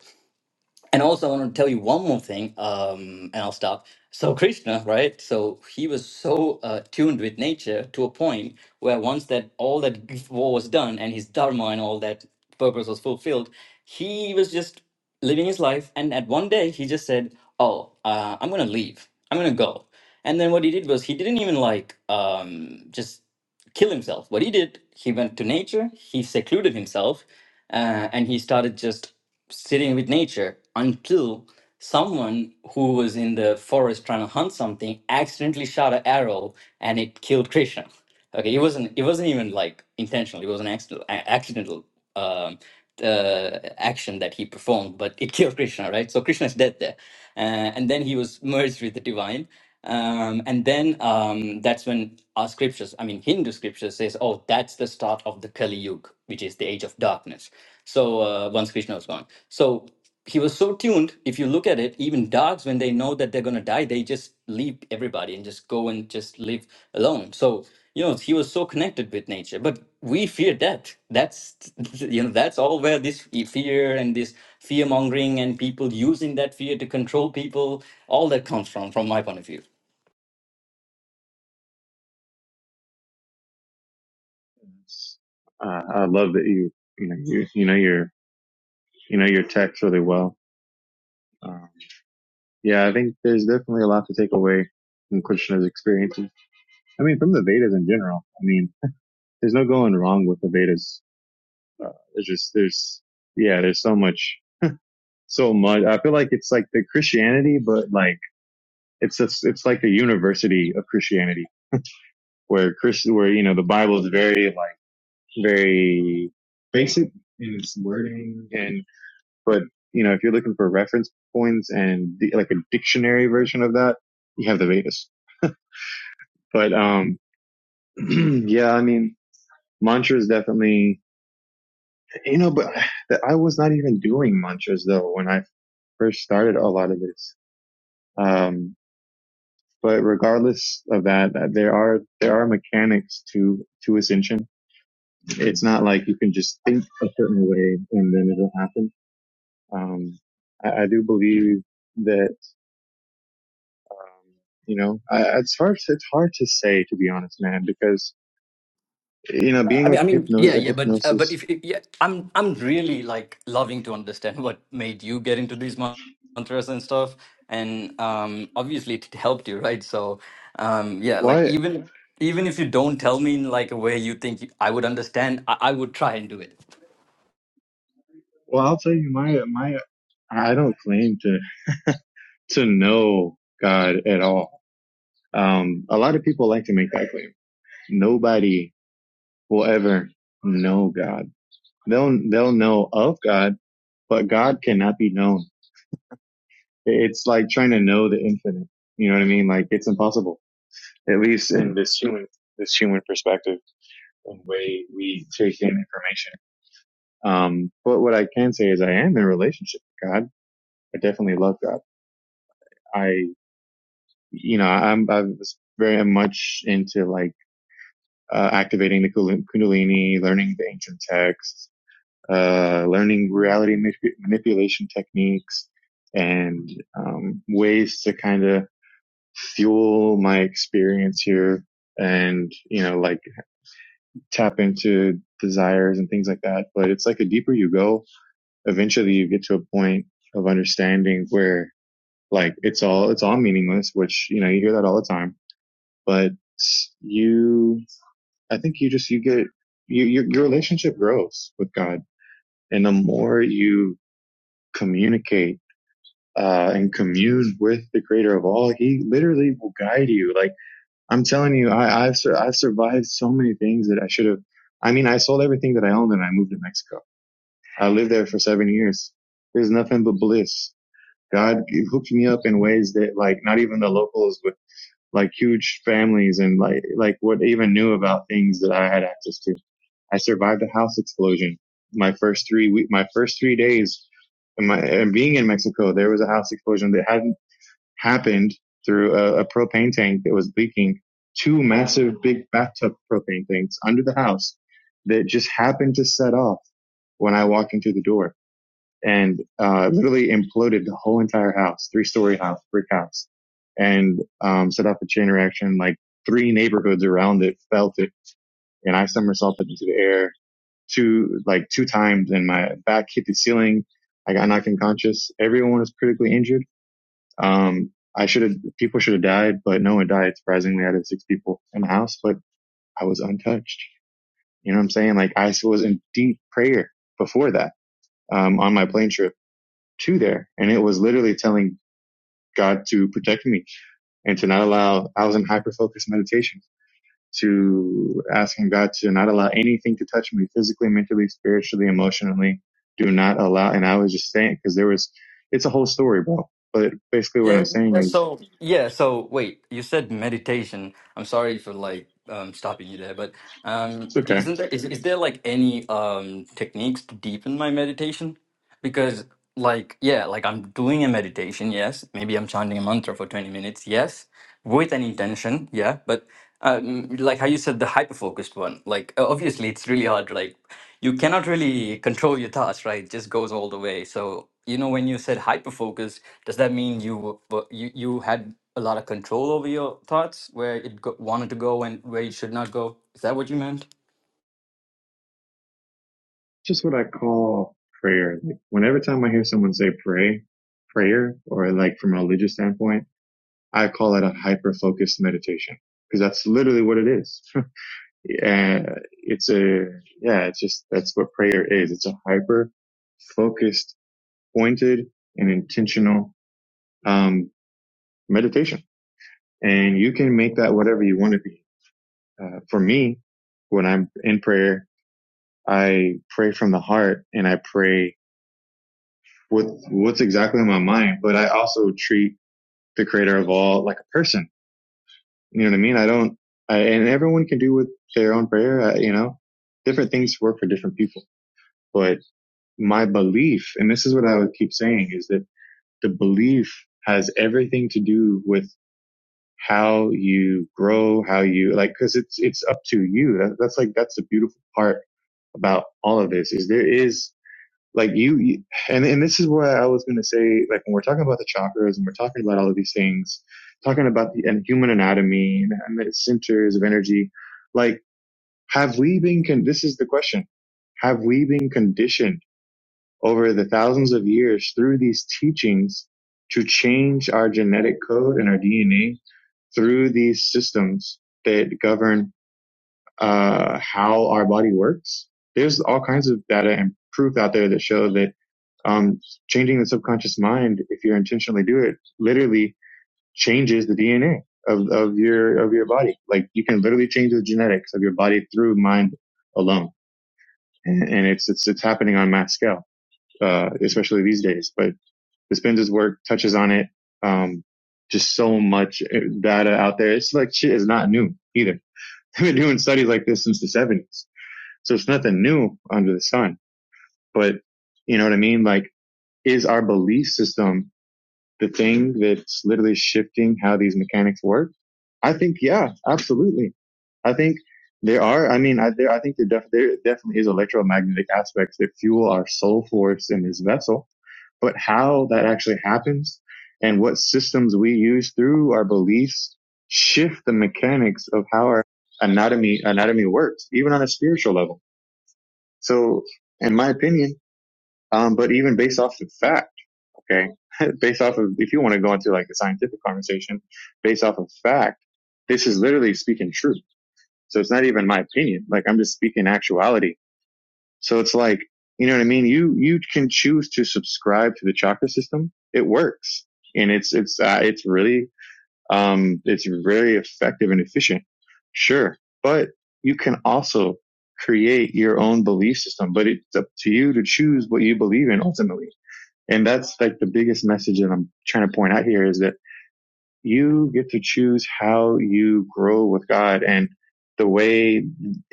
C: and also, I want to tell you one more thing, um, and I'll stop. So Krishna, right? So he was so uh, tuned with nature to a point where once that all that war was done and his dharma and all that purpose was fulfilled, he was just living his life. And at one day, he just said, "Oh, uh, I'm gonna leave. I'm gonna go." And then what he did was he didn't even like um, just kill himself. What he did, he went to nature. He secluded himself, uh, and he started just sitting with nature until someone who was in the forest trying to hunt something accidentally shot an arrow and it killed Krishna. Okay, it wasn't it wasn't even like intentional. It was an accidental accidental um, uh, action that he performed, but it killed Krishna, right? So Krishna is dead there, uh, and then he was (laughs) merged with the divine. Um, and then um, that's when our scriptures, I mean Hindu scripture, says, "Oh, that's the start of the Kali Yuga, which is the age of darkness." So uh, once Krishna was gone, so he was so tuned. If you look at it, even dogs, when they know that they're gonna die, they just leave everybody and just go and just live alone. So you know, he was so connected with nature. But we fear death. That's (laughs) you know, that's all where this e- fear and this fear mongering and people using that fear to control people, all that comes from, from my point of view.
A: Uh, I love that you, you know, you, you know your, you know your text really well. Um, yeah, I think there's definitely a lot to take away from Krishna's experiences. I mean, from the Vedas in general. I mean, there's no going wrong with the Vedas. Uh, there's just, there's, yeah, there's so much, so much. I feel like it's like the Christianity, but like It's just, it's like a university of Christianity where Christian, where, you know, the Bible is very like, very basic in its wording. And, but, you know, if you're looking for reference points and di- like a dictionary version of that, you have the Vedas. But, um, (clears throat) yeah, I mean, mantras definitely, you know, but that I was not even doing mantras though when I first started a lot of this. Um, but regardless of that, uh, there are there are mechanics to to ascension It's not like you can just think a certain way and then it'll happen. Um, I, I do believe that, um, you know, I, it's hard, it's hard to say, to be honest, man, because, you know, being
C: I mean, I
A: like
C: mean,
A: hypno,
C: yeah, yeah, but uh, but
A: hypnosis,
C: if if- yeah, I'm I'm really like loving to understand what made you get into these man- mantras and stuff, and um, obviously it helped you, right? So, um, yeah, like
A: why,
C: even even if you don't tell me in like a way you think you- I would understand, I, I would try and do it.
A: well, I'll tell you my, my, I don't claim to, to know God at all. Um, a lot of people like to make that claim. Nobody will ever know God. They'll, they'll know of God, but God cannot be known It's like trying to know the infinite. You know what I mean? Like it's impossible. At least in this human this human perspective and way we take in information. Um, but what I can say is I am in a relationship with God. I definitely love God. I you know I'm I was very much into like uh, activating the Kundalini, learning the ancient texts, uh, learning reality manip- manipulation techniques and um, ways to kind of fuel my experience here and, you know, like tap into desires and things like that. But it's like the deeper you go, eventually you get to a point of understanding where like it's all, it's all meaningless, which, you know, you hear that all the time, but you, I think you just, you get, you, your, your relationship grows with God. And the more you communicate, uh, and commune with the creator of all, he literally will guide you. Like, I'm telling you, I, I've sur- I've survived so many things that I should have. I mean, I sold everything that I owned and I moved to Mexico. I lived there for seven years. There's nothing but bliss. God hooked me up in ways that like not even the locals with like huge families and like like what even knew about things that I had access to. I survived a house explosion. My first three week, my first three days, and my and being in Mexico, there was a house explosion that hadn't happened through a, a propane tank that was leaking. Two massive big bathtub propane tanks under the house that just happened to set off when I walked into the door and uh, literally imploded the whole entire house, three story house, brick house, and um, set off a chain reaction. Like three neighborhoods around it felt it, and I somersaulted into the air two like two times, and my back hit the ceiling. I got knocked unconscious. Everyone was critically injured um, I should have, people should have died, but no one died. Surprisingly, I had six people in the house, but I was untouched. You know what I'm saying? Like I was in deep prayer before that, um, on my plane trip to there. And it was literally telling God to protect me and to not allow, I was in hyper focused meditation to asking God to not allow anything to touch me physically, mentally, spiritually, emotionally. Do not allow. And I was just saying, cause there was, it's a whole story, bro. But basically what I'm
C: Yeah.
A: saying
C: uh,
A: is,
C: So yeah. So wait, you said meditation. I'm sorry for like um stopping you there, but um,
A: it's
C: d-
A: okay.
C: isn't there is is there like any um techniques to deepen my meditation? because like yeah like i'm doing a meditation yes maybe i'm chanting a mantra for 20 minutes yes with an intention yeah but um, like how you said the hyper focused one like uh, obviously it's really hard like you cannot really control your thoughts right it just goes all the way so you know when you said hyper focused does that mean you were were- you you had a lot of control over your thoughts where it go- wanted to go and where it should not go is that what you meant
A: just what I call prayer. Like whenever time I hear someone say pray, prayer, or like from a religious standpoint, I call it a hyper focused meditation because that's literally what it is. (laughs) And it's a yeah, it's just that's what prayer is. It's a hyper focused, pointed, and intentional um, meditation, and you can make that whatever you want to be. Uh, for me, when I'm in prayer, I pray from the heart, and I pray. with what's exactly in my mind, but I also treat the creator of all like a person. You know what I mean? I don't, I, and everyone can do with their own prayer. I, you know, different things work for different people, but my belief, and this is what I would keep saying is that the belief has everything to do with how you grow, how you like, cause it's, it's up to you. That, that's like, that's the beautiful part about all of this is there is like you, you and and this is what I was going to say like when we're talking about the chakras and we're talking about all of these things talking about the and human anatomy and, the centers of energy like have we been con- this is the question have we been conditioned over the thousands of years through these teachings to change our genetic code and our DNA through these systems that govern uh, how our body works there's all kinds of data and proof out there that show that um, changing the subconscious mind, if you intentionally do it, literally changes the DNA of, of your, of your body. Like you can literally change the genetics of your body through mind alone. And, and it's, it's, it's happening on mass scale, uh, especially these days, but Dispenza's work touches on it. Um, just so much uh, data out there. It's like shit is not new either. (laughs) They've been doing studies like this since the seventies. So it's nothing new under the sun. But you know what I mean? Like, is our belief system the thing that's literally shifting how these mechanics work? I think, yeah, absolutely. I think there are, I mean, I, there, I think there, def- there definitely is electromagnetic aspects that fuel our soul force in this vessel, but how that actually happens and what systems we use through our beliefs shift the mechanics of how our anatomy, anatomy works, even on a spiritual level. So in my opinion, um, but even based off the fact. Okay. (laughs) based off of, if you want to go into like a scientific conversation, based off of fact, this is literally speaking truth. So it's not even my opinion. Like I'm just speaking actuality. So it's like, you know what I mean? You, you can choose to subscribe to the chakra system. It works and it's, it's, uh, it's really, um, it's very effective and efficient. Sure. But you can also create your own belief system, but it's up to you to choose what you believe in ultimately and that's like the biggest message that I'm trying to point out here is that you get to choose how you grow with God and the way that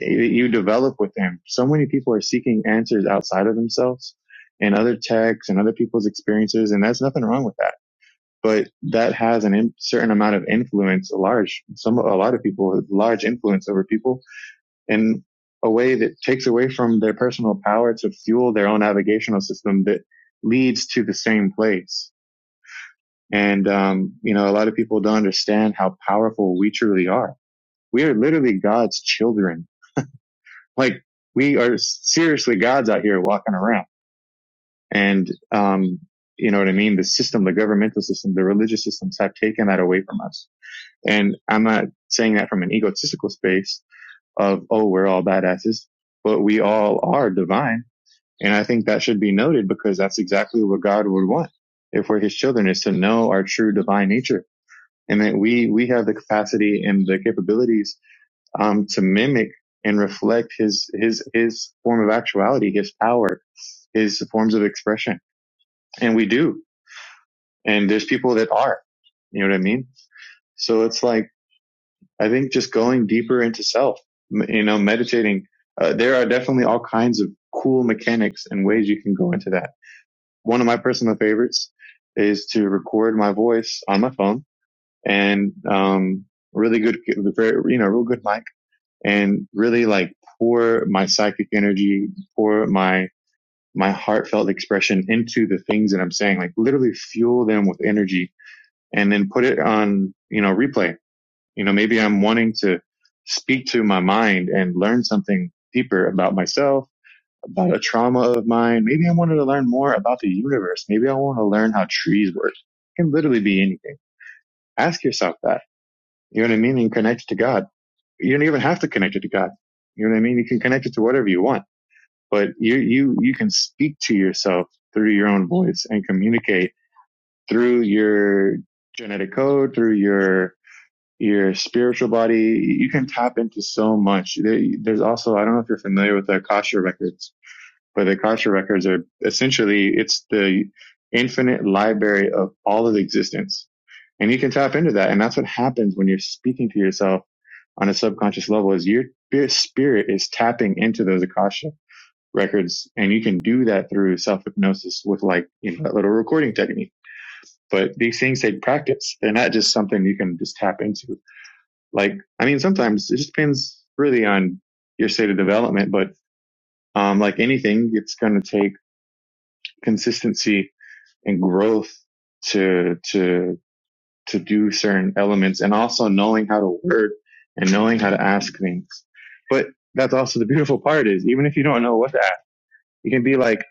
A: you develop with Him. So many people are seeking answers outside of themselves and other texts and other people's experiences. And there's nothing wrong with that. But that has a in- certain amount of influence, a large, some, a lot of people, large influence over people in a way that takes away from their personal power to fuel their own navigational system that leads to the same place and, um, you know, a lot of people don't understand how powerful we truly are. We are literally God's children. Like we are seriously gods out here walking around. And, um, you know what I mean? The system, the governmental system, the religious systems have taken that away from us. And I'm not saying that from an egotistical space of, oh, we're all badasses, but we all are divine. And I think that should be noted because that's exactly what God would want if we're his children is to know our true divine nature and that we we have the capacity and the capabilities um, to mimic and reflect his his his form of actuality, his power, his forms of expression, and we do. And there's people that are, you know what I mean. So it's like I think just going deeper into self, you know, meditating. Uh, there are definitely all kinds of cool mechanics and ways you can go into that. One of my personal favorites is to record my voice on my phone and um, really good, very, you know, real good mic and really like pour my psychic energy, pour my my heartfelt expression into the things that I'm saying, like literally fuel them with energy and then put it on, you know, replay. You know, maybe I'm wanting to speak to my mind and learn something deeper about myself, about a trauma of mine. Maybe I wanted to learn more about the universe. Maybe I want to learn how trees work. It can literally be anything. Ask yourself that. You know what I mean? And connect to God you don't even have to connect it to God. You know what I mean? You can connect it to whatever you want, but you, you, you can speak to yourself through your own voice and communicate through your genetic code, through your, your spiritual body. You can tap into so much. there's also, I don't know if you're familiar with the Akasha records, but the Akasha records are essentially, it's the infinite library of all of existence. And you can tap into that. And that's what happens when you're speaking to yourself on a subconscious level is your spirit is tapping into those Akasha records. And you can do that through self hypnosis with like, you know, that little recording technique. But these things take practice. They're not just something you can just tap into. Like, I mean, sometimes it just depends really on your state of development. But, um, like anything, it's going to take consistency and growth to, to to do certain elements and also knowing how to word and knowing how to ask things. But that's also the beautiful part is even if you don't know what to ask, you can be like,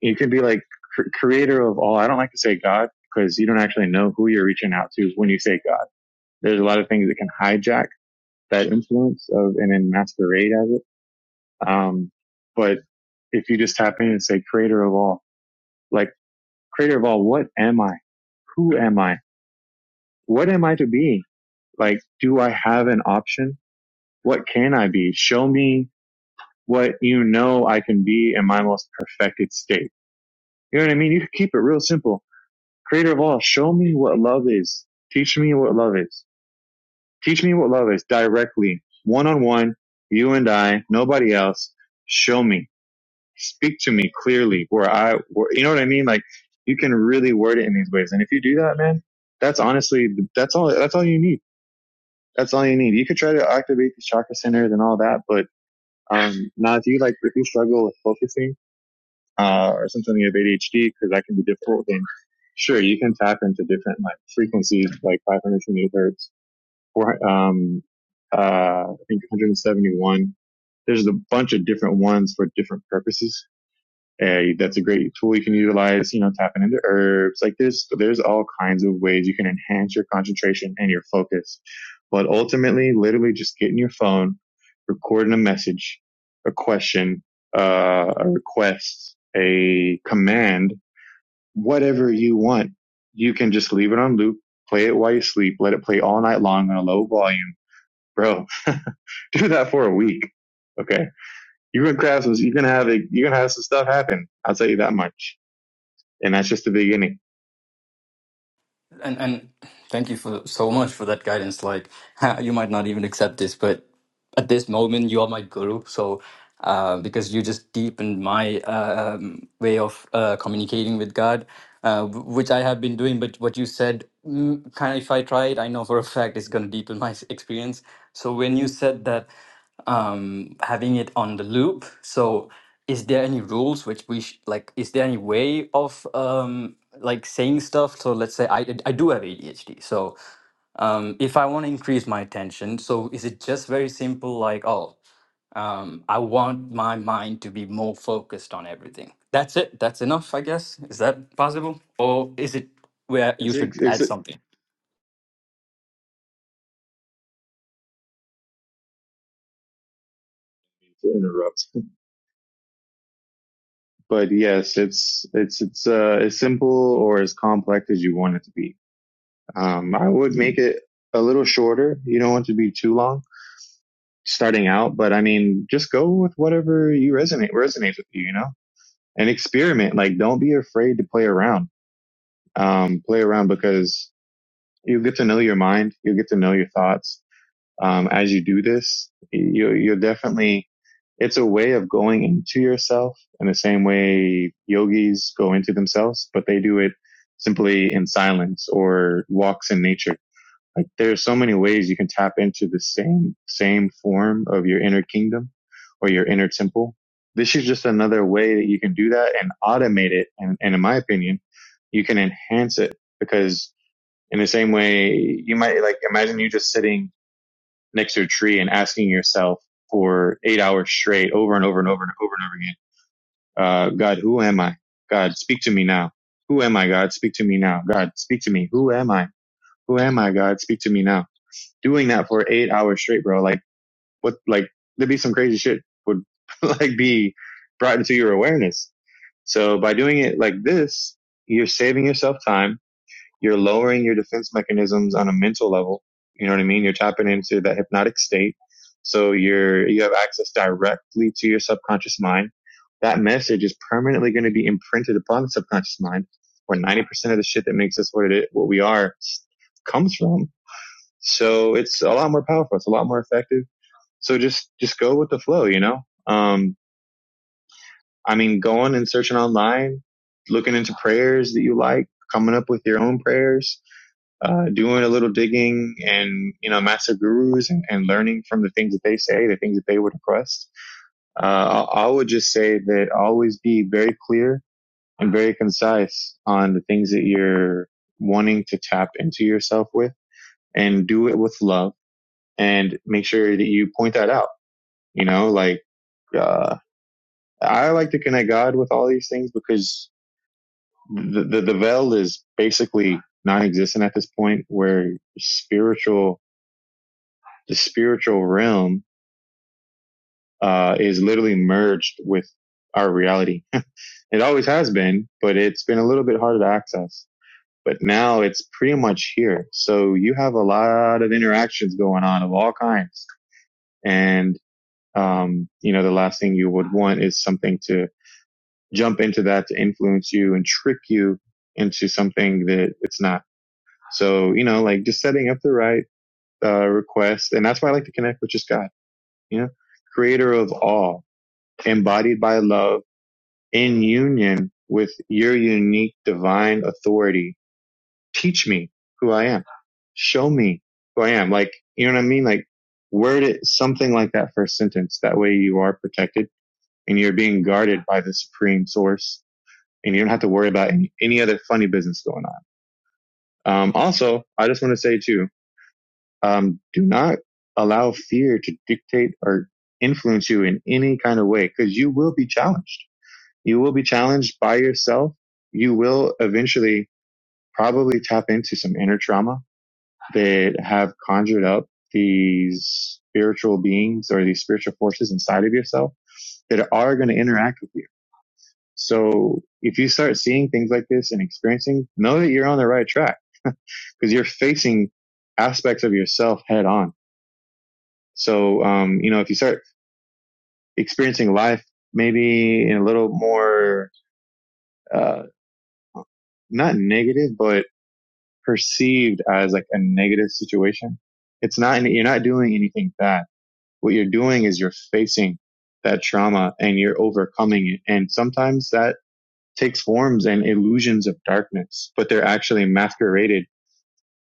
A: you can be like cr- creator of all. I don't like to say God because you don't actually know who you're reaching out to when you say God. There's a lot of things that can hijack that influence of and then masquerade as it. Um, but if you just tap in and say creator of all, like creator of all, what am I? Who am I? What am I to be? Like, do I have an option? What can I be? Show me what you know I can be in my most perfected state. You know what I mean? You can keep it real simple. Creator of all, show me what love is. Teach me what love is. Teach me what love is directly, one on one, you and I, nobody else. Show me. Speak to me clearly where I, where, you know what I mean? Like you can really word it in these ways. And if you do that, man, that's honestly, that's all, that's all you need. That's all you need. You could try to activate the chakra centers and all that, but Um, now, if you like if you struggle with focusing uh, or something you have ADHD? Because that can be difficult. then sure, you can tap into different like frequencies, like 520 hertz, four, um, uh, I think 171. There's a bunch of different ones for different purposes. Hey, that's a great tool you can utilize, you know, tapping into herbs. Like there's, there's all kinds of ways you can enhance your concentration and your focus. But ultimately, literally just getting your phone, recording a message, a question, uh, a request, a command, whatever you want. You can just leave it on loop, play it while you sleep, let it play all night long on a low volume. (laughs) Bro, do that for a week. Okay. You're going to have some, you're going to have a, you're going to have some stuff happen. I'll tell you that much and that's just the beginning.
C: and and thank you for so much for that guidance like (laughs) you might not even accept this but at this moment you are my guru so uh, because you just deepened my uh, um, way of uh, communicating with god uh, w- which i have been doing but what you said mm, kind of if i try it i know for a fact it's going to deepen my s- experience so when you said that um, having it on the loop so is there any rules which we sh- like is there any way of um, like saying stuff so let's say I, I do have adhd so um, if I want to increase my attention, so is it just very simple, like, oh, um, I want my mind to be more focused on everything? That's it. That's enough, I guess. Is that possible? Or is it where you
A: It's, it's,
C: should
A: it's
C: add something?
A: interrupt, but yes, it's it's it's uh, as simple or as complex as you want it to be. Um, I would make it a little shorter. You don't want it to be too long starting out, but I mean, just go with whatever you resonate resonates with you, you know, and experiment. Like, don't be afraid to play around. Um, play around because you'll get to know your mind. You'll get to know your thoughts um, as you do this. You're, you're definitely, it's a way of going into yourself in the same way yogis go into themselves, but they do it simply in silence or walks in nature. Like there's so many ways you can tap into the same, same form of your inner kingdom or your inner temple. This is just another way that you can do that and automate it. And, and in my opinion, you can enhance it because in the same way you might like imagine you just sitting next to a tree and asking yourself for eight hours straight over and over and over and over and over again, uh, God, who am I? God, speak to me now. Who am I, God? Speak to me now. God, speak to me. Who am I? Who am I, God? Speak to me now. Doing that for eight hours straight, bro. Like what, like there'd be some crazy shit would (laughs) like be brought into your awareness. So by doing it like this, you're saving yourself time you're lowering your defense mechanisms on a mental level. You know what I mean? You're tapping into that hypnotic state. So you're, you have access directly to your subconscious mind. That message is permanently going to be imprinted upon the subconscious mind where 90% of the shit that makes us what it is, what we are comes from. So it's a lot more powerful. It's a lot more effective. So just, just go with the flow, you know? Um, I mean, going and searching online, looking into prayers that you like, coming up with your own prayers uh, doing a little digging and you know master gurus and, and learning from the things that they say, the things that they would request. Uh, I, I would just say that always be very clear and very concise on the things that you're wanting to tap into yourself with, and do it with love, and make sure that you point that out. You know, like uh, I like to connect God with all these things because the the, the veil is basically non-existent at this point, where spiritual the spiritual realm uh, is literally merged with our reality. (laughs) it always has been, but it's been a little bit harder to access. But now it's pretty much here. So you have a lot of interactions going on of all kinds. And, um, you know, the last thing you would want is something to jump into that to influence you and trick you into something that it's not. So, you know, like just setting up the right, uh, request. And that's why I like to connect with just God, you know, creator of all embodied by love, in union with your unique divine authority. Teach me who I am. Show me who I am. Like, you know what I mean? Like, word it something like that first sentence. That way you are protected and you're being guarded by the supreme source and you don't have to worry about any, any other funny business going on. Um, also, I just want to say too, um, do not allow fear to dictate or influence you in any kind of way because you will be challenged You will be challenged by yourself. You will eventually probably tap into some inner trauma that have conjured up these spiritual beings or these spiritual forces inside of yourself that are going to interact with you. So if you start seeing things like this and experiencing, know that you're on the right track because you're facing aspects of yourself head on. So, um, you know, if you start experiencing life maybe in a little more, uh, not negative, but perceived as like a negative situation. It's not, you're not doing anything bad. What you're doing is you're facing that trauma and you're overcoming it. And sometimes that takes forms and illusions of darkness, but they're actually masqueraded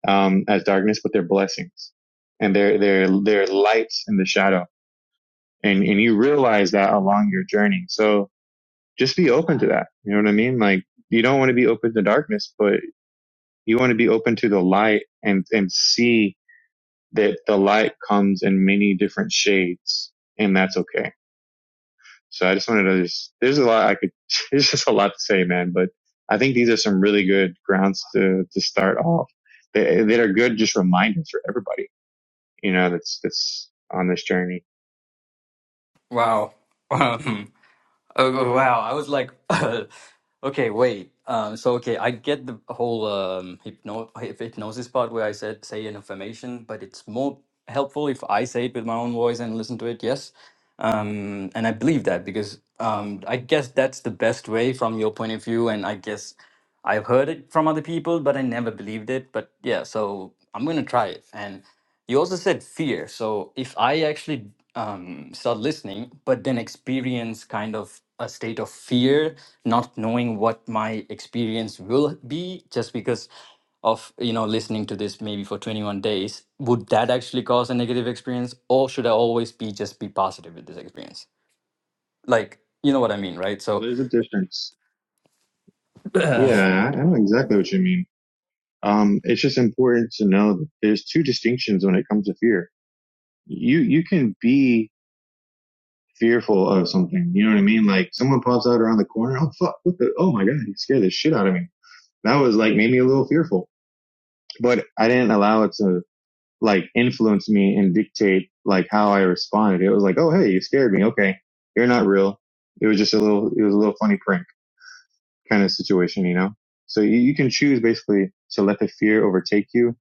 A: um, as darkness, but they're blessings and they're, they're, they're lights in the shadow. And, and you realize that along your journey. So just be open to that. You know what I mean? Like you don't want to be open to darkness, but you want to be open to the light and, and see that the light comes in many different shades and that's okay. So I just wanted to just, there's a lot I could, (laughs) there's just a lot to say, man, but I think these are some really good grounds to, to start off that, that are good just reminders for everybody, you know, that's, that's on this journey.
C: Wow. (laughs) Oh wow, I was like, (laughs) okay, wait. Um, so okay, I get the whole um, hypno hyp- hypnosis part where I said say an affirmation, but it's more helpful if I say it with my own voice and listen to it. Yes, um, and I believe that because um, I guess that's the best way from your point of view, and I guess I've heard it from other people, but I never believed it. But yeah, so I'm gonna try it. And you also said fear. So if I actually um, start listening, but then experience kind of a state of fear, not knowing what my experience will be, just because of you know listening to this maybe for 21 days, would that actually cause a negative experience, or should I always be just be positive with this experience? Like you know what I mean, right?
A: Well,
C: So
A: there's a difference.
C: (clears throat)
A: Yeah. I know exactly what you mean. Um, it's just important to know that there's two distinctions when it comes to fear. You, you can be fearful of something. You know what I mean? Like someone pops out around the corner. Oh fuck! What the? Oh my god! He scared the shit out of me. That was like made me a little fearful. But I didn't allow it to like influence me and dictate like how I responded. It was like, oh hey, you scared me. Okay, you're not real. It was just a little. It was a little funny prank kind of situation. You know. So you, you can choose basically to let the fear overtake you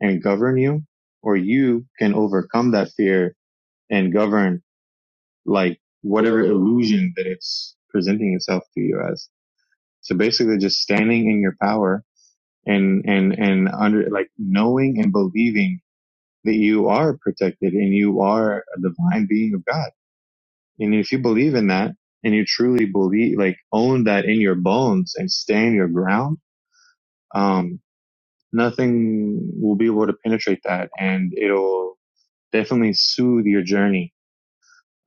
A: and govern you, or you can overcome that fear and govern like whatever illusion that it's presenting itself to you as. So basically just standing in your power and, and, and under like knowing and believing that you are protected and you are a divine being of God. And if you believe in that and you truly believe, like own that in your bones and stand your ground, um, nothing will be able to penetrate that and it'll definitely soothe your journey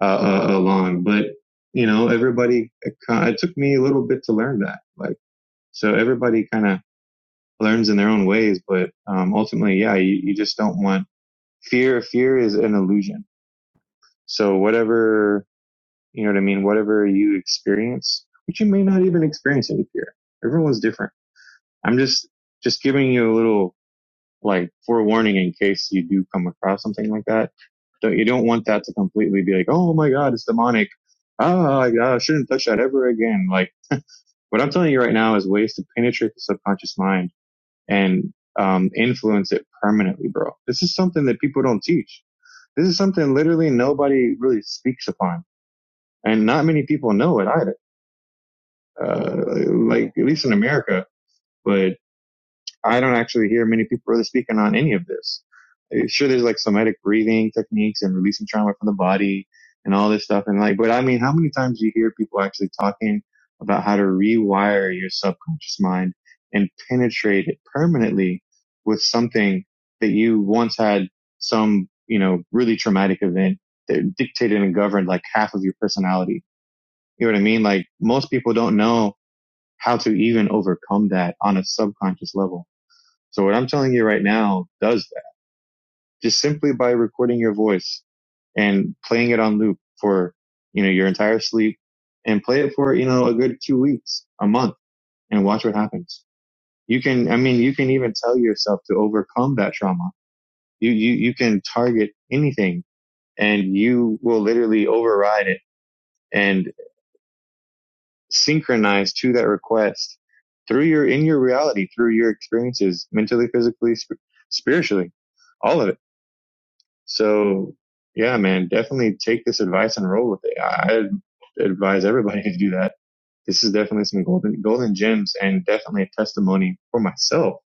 A: uh, uh, along. But you know, everybody. It, it took me a little bit to learn that. Like, so everybody kind of learns in their own ways. But um, ultimately, yeah, you, you just don't want fear. Fear is an illusion. So whatever you know what I mean. Whatever you experience, which you may not even experience any fear. Everyone's different. I'm just just giving you a little like forewarning in case you do come across something like that. Don't you don't want that to completely be like, oh my god, it's demonic. Ah, I, I shouldn't touch that ever again. Like what I'm telling you right now is ways to penetrate the subconscious mind and um, influence it permanently, bro. This is something that people don't teach. This is something literally nobody really speaks upon, and not many people know it either. Uh, like at least in America, but. I don't actually hear many people really speaking on any of this. Uh, Sure, there's like somatic breathing techniques and releasing trauma from the body and all this stuff. And like, but I mean, how many times do you hear people actually talking about how to rewire your subconscious mind and penetrate it permanently with something that you once had some, you know, really traumatic event that dictated and governed like half of your personality. You know what I mean? Like most people don't know how to even overcome that on a subconscious level so what I'm telling you right now does that just simply by recording your voice and playing it on loop for, you know, your entire sleep and play it for, you know, a good two weeks, a month and watch what happens. You can, I mean, you can even tell yourself to overcome that trauma. You, you, you can target anything and you will literally override it and synchronize to that request through your, in your reality, through your experiences, mentally, physically, sp- spiritually, all of it So yeah, man, definitely take this advice and roll with it. I I advise everybody (laughs) to do that. This is definitely some golden golden gems and definitely a testimony for myself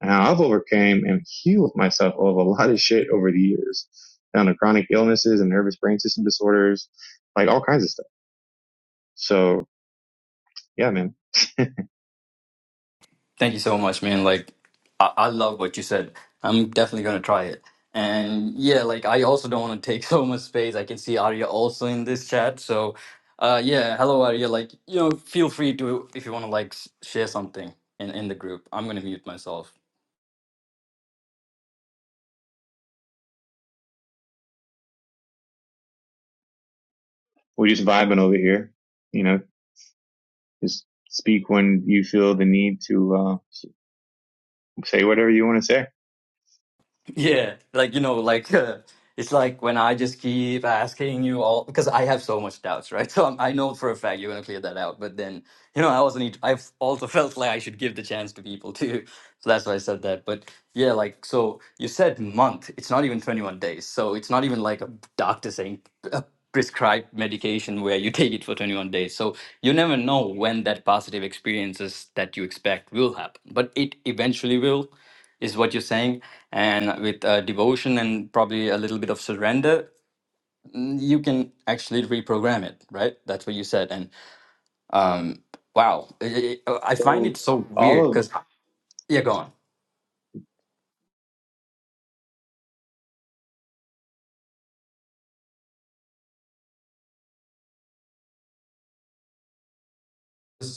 A: and how I've overcame and healed myself of a (laughs) lot of shit over the years, down to chronic illnesses and nervous brain system disorders, like all kinds of stuff. So yeah, man,
C: Thank you so much, man. Like, I, I love what you said. I'm definitely gonna try it. And yeah, like I also don't want to take (laughs) so much space. I can see Arya also in this chat. So, uh, yeah, hello Arya. Like, you know, feel free to if you want to like s- share something in in the group. I'm gonna mute myself.
A: we're just vibing over here. You know, just speak when you feel the need to uh, say whatever you want to say.
C: Yeah, like you know, like uh, it's like when I just keep asking you all because I have so much doubts, right? (laughs) So I'm, I know for a fact you're gonna clear that out, but then you know, I also need. I've also felt like I should give the chance to people (laughs) too, so that's why I said that. But yeah, like so you said month. It's not even 21 days, so it's not even like a doctor saying a prescribed medication where you (laughs) take it for 21 days. So you never know when that positive experiences that you expect will happen, but it eventually will is what you're saying and with uh, devotion and probably a little bit of surrender mm, you can actually reprogram it right that's what you said and um wow i i I find
A: So
C: it so
A: all
C: weird
A: of
C: because yeah go on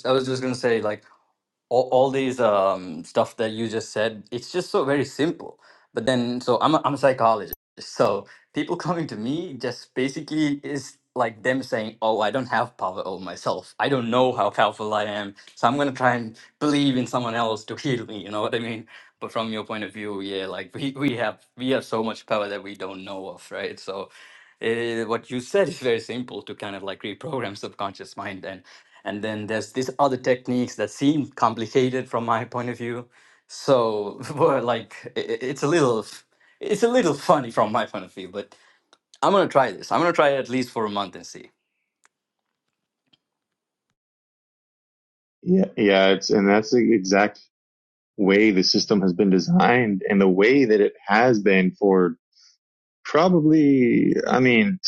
C: i was just gonna say like all, all these um, stuff that you just said it's just so very simple but then so i'm a, I'm a psychologist so people (laughs) coming to me just basically is like them saying oh i don't have power over myself i don't know how powerful i am so i'm going to try and believe in someone else to heal me you know what i mean but from your point of view yeah like we, we have we have so much power that we don't know of right so uh, what you said is very simple to kind of like reprogram subconscious mind and. And then there's these other techniques that seem complicated from my point of view. So (laughs) well, like i- i- it's a little it's a little funny from my point of view, but I'm gonna try this. I'm gonna try it at least for a month and see.
A: Yeah, yeah, it's and that's the exact way the system has been designed and the way that it has been for probably I mean,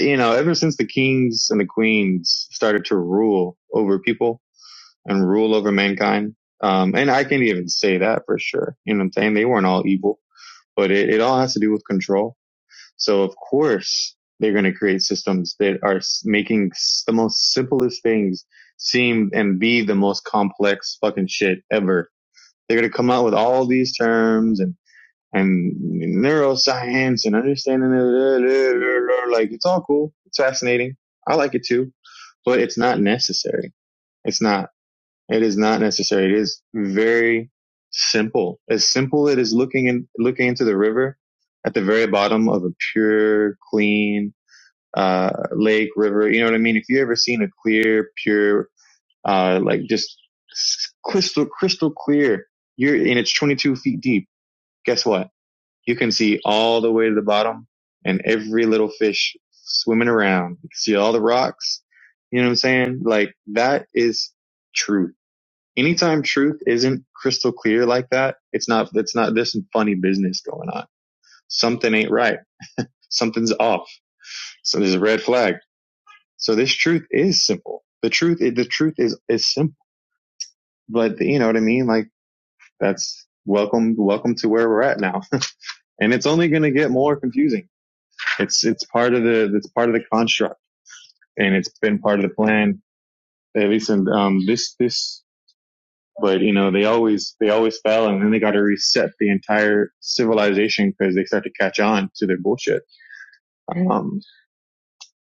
A: you know, ever since the kings and the queens started to rule over people and rule over mankind. Um and I can even say that for sure. You know what I'm saying? They weren't all evil, but it, it all has to do with control. So of course they're going to create systems that are s- making s- the most simplest things seem and be the most complex fucking shit ever They're going to come out with all these terms and, and neuroscience and understanding. it. Like, it's all cool. It's fascinating. I like it too, but it's not necessary. It's not. It is not necessary. It is very simple. As simple it is looking in, looking into the river at the very bottom of a pure, clean, uh, lake, river. You know what I mean? If you ever seen a clear, pure, uh, like just crystal crystal clear. You're and it's 22 feet deep. Guess what? You can see all the way to the bottom and every little fish swimming around. You can see all the rocks. You know what I'm saying? Like that is truth. Anytime truth isn't crystal clear like that, it's not. It's not. There's some funny business going on. Something ain't right. Something's off. So there's a red flag. So this truth is simple. The truth. The truth is is simple. But you know what I mean? Like that's welcome welcome to where we're at now (laughs) and it's only going to get more confusing it's it's part of the it's part of the construct and it's been part of the plan at least in um this this but you know they always they always fail and then they got to reset the entire civilization because they start to catch on to their bullshit um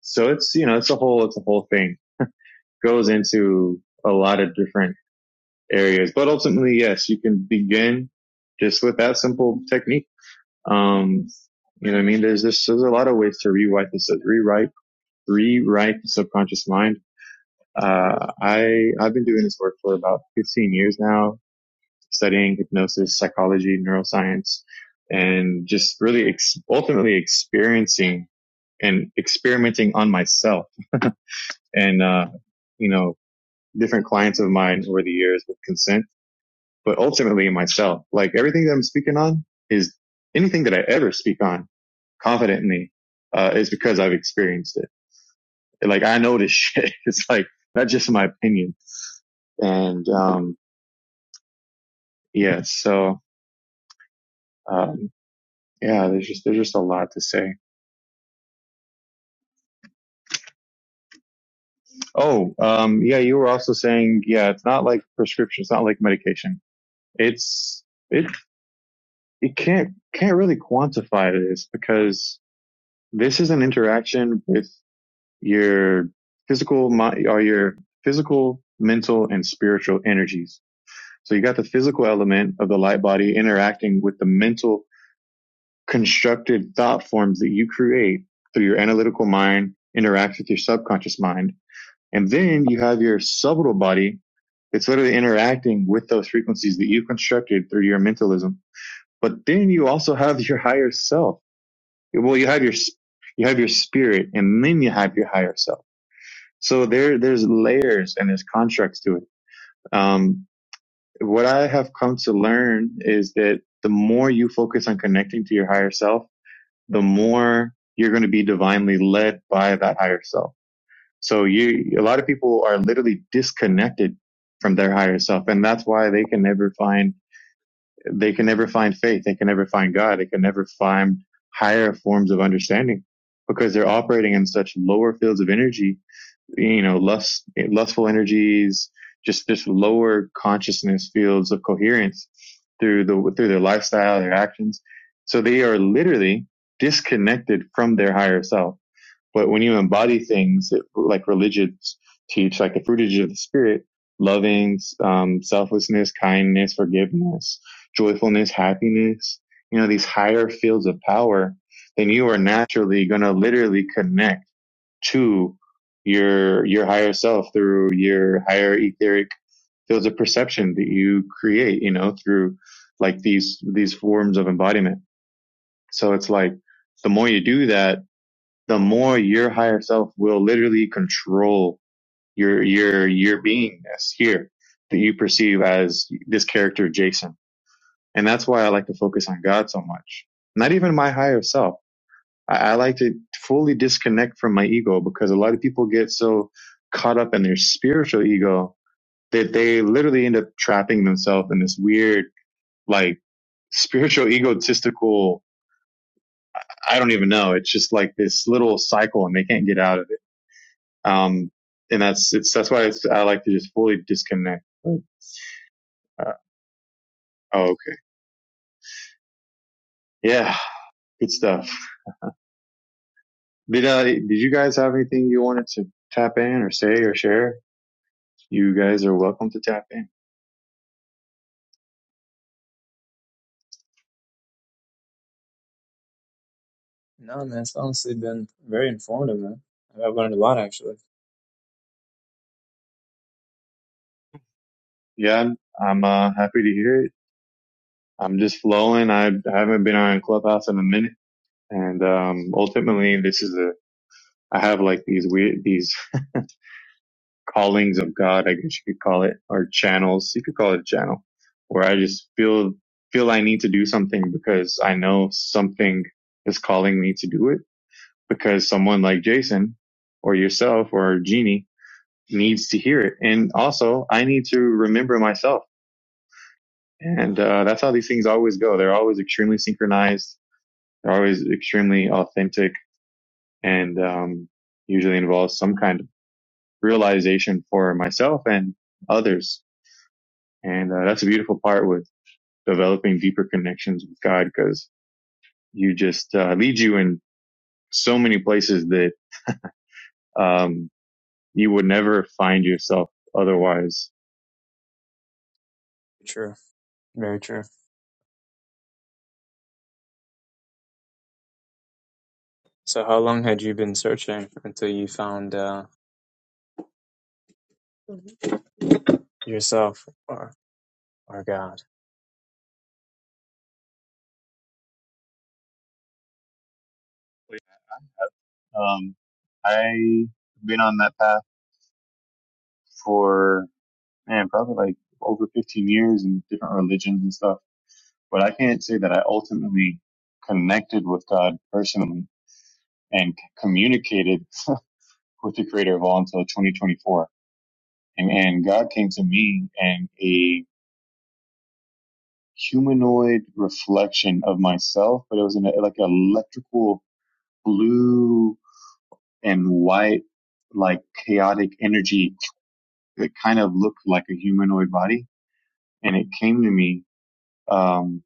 A: so it's you know it's a whole it's a whole thing It goes into a lot of different areas but ultimately yes you can begin just with that simple technique um You know what I mean? There's this, there's a lot of ways to rewrite this, rewrite, rewrite the subconscious mind. Uh, I, I've been doing this work for about 15 years now, studying hypnosis, psychology, neuroscience, and just really ex- ultimately experiencing and experimenting on myself. And, uh, you know, different clients of mine over the years with consent but ultimately myself. Like everything that I'm speaking on is anything that I ever speak on confidently uh, is because I've experienced it. Like I know this (laughs) shit. It's like not just my opinion. And um, yeah, so um, yeah, there's just there's just a lot to say. Oh, um, yeah, you were also saying yeah, it's not like prescription. It's not like medication. It's it it can't can't really quantify this because this is an interaction with your physical, mi- or your physical, mental, and spiritual energies. So you got the physical element of the light body interacting with the mental constructed thought forms that you create through your analytical mind, interacts with your subconscious mind. And then you have your subtle body It's literally interacting with those frequencies that you constructed through your mentalism. But then you also have your higher self. Well, you have your, you have your spirit and then you have your higher self. So there, there's layers and there's contracts to it. Um, what I have come to learn is that the more you focus on connecting to your higher self, the more you're going to be divinely led by that higher self. So you, a lot of people are literally disconnected from their higher self. And that's why they can never find, they can never find faith. They can never find God. They can never find higher forms of understanding because they're operating in such lower fields of energy you know, lust, lustful energies, just this lower consciousness fields of coherence through the, through their lifestyle, their actions. So they are literally disconnected from their higher self. But when you embody things that, like religions teach, like the fruitage of the spirit, loving, um, selflessness, kindness, forgiveness, joyfulness, happiness, you know, these higher fields of power, then you are naturally going to literally connect to your your higher self through your higher etheric fields of perception that you create you know through like these these forms of embodiment so it's like the more you do that the more your higher self will literally control your your your beingness here that you perceive as this character jason and that's why i like to focus on god so much not even my higher self I, I like to fully disconnect from my ego because a lot of people get so caught up in their spiritual ego that they literally end up trapping themselves in this weird, like, spiritual (laughs) egotistical. I don't even know. It's just like this little cycle and they can't get out of it. Um, and that's, it's, that's why it's, I like to just fully disconnect. Like, Uh, oh, okay. Yeah. Good stuff. Did, uh, did you guys have anything you wanted to tap in or say or share? You guys are welcome to tap in.
E: No, man, it's honestly been very informative, man. I've learned a lot, actually.
A: Yeah, I'm, I'm uh, happy to hear it. I'm just flowing. I haven't been on Clubhouse in a minute, and um, ultimately, this is a. I have like these weird these (laughs) callings of God, I guess you could call it, or channels. You could call it a channel, where I just feel feel I need to do something because I know something is calling me to do it because someone like Jason or yourself or Jeannie needs to hear it. And also I need to remember myself And uh, that's how these things always go. They're always extremely synchronized. They're always extremely authentic and um, usually involves some kind of realization for myself and others. And uh, that's a beautiful part with developing deeper connections with God because you just uh, lead you in so many places that um, you would never find yourself otherwise.
E: True. Very true. So, how long had you been searching until you found uh, yourself or or God?
A: Um, I've been on that path for. man, probably like over 15 years in different religions and stuff. But I can't say that I ultimately connected with God personally and communicated (laughs) with the creator of all until 2024. And, and God came to me and a humanoid reflection of myself, but it was in a, like an electrical blue and white, like chaotic energy that kind of looked like a humanoid body. And it came to me, um,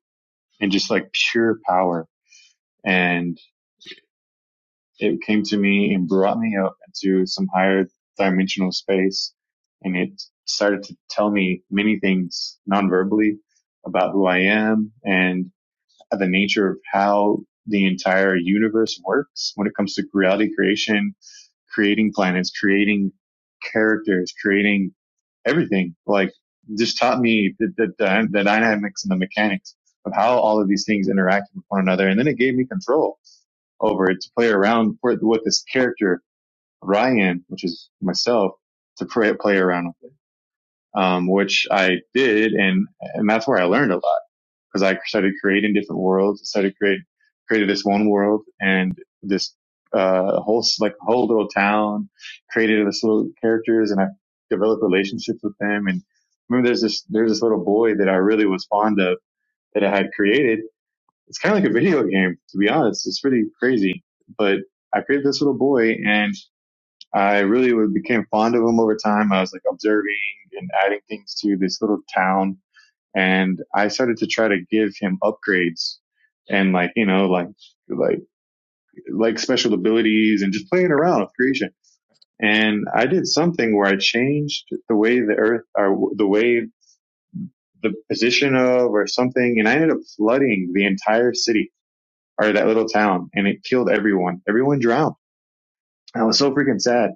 A: and just like pure power and it came to me and brought me up into some higher dimensional space and it started to tell me many things non-verbally about who I am and the nature of how the entire universe works when it comes to reality creation, creating planets, creating characters, creating everything. Like just taught me the, the, the, dynamics and the mechanics of how all of these things interact with one another. And then it gave me control over it to play around for, with this character Ryan, which is myself, to play, play around with it, um, which I did, and and that's where I learned a lot because I started creating different worlds, started create created this one world and this uh whole like whole little town, created this little characters, and I developed relationships with them. And I remember, there's this there's this little boy that I really was fond of that I had created it's kind of like a video game, to be honest. It's pretty crazy. But I created this little boy and I really became fond of him over time. I was like observing and adding things to this little town and I started to try to give him upgrades and like, you know, like, like, like special abilities and just playing around with creation. And I did something where I changed the way the earth or the way the position of or something and I ended up flooding the entire city or that little town and it killed everyone. Everyone drowned. I was so freaking sad.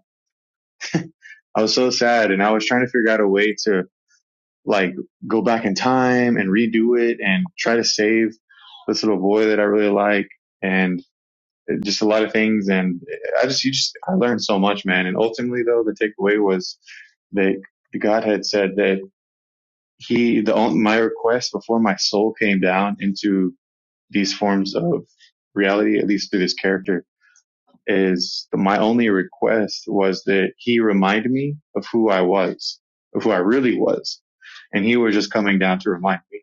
A: I was so sad and I was trying to figure out a way to like go back in time and redo it and try to save this little boy that I really like and just a lot of things. And I just, you just, I learned so much, man. And ultimately though, the takeaway was that God had said that he, the, my request before my soul came down into these forms of reality, at least through this character is the, my only request was that he remind me of who I was, of who I really was. And he was just coming down to remind me.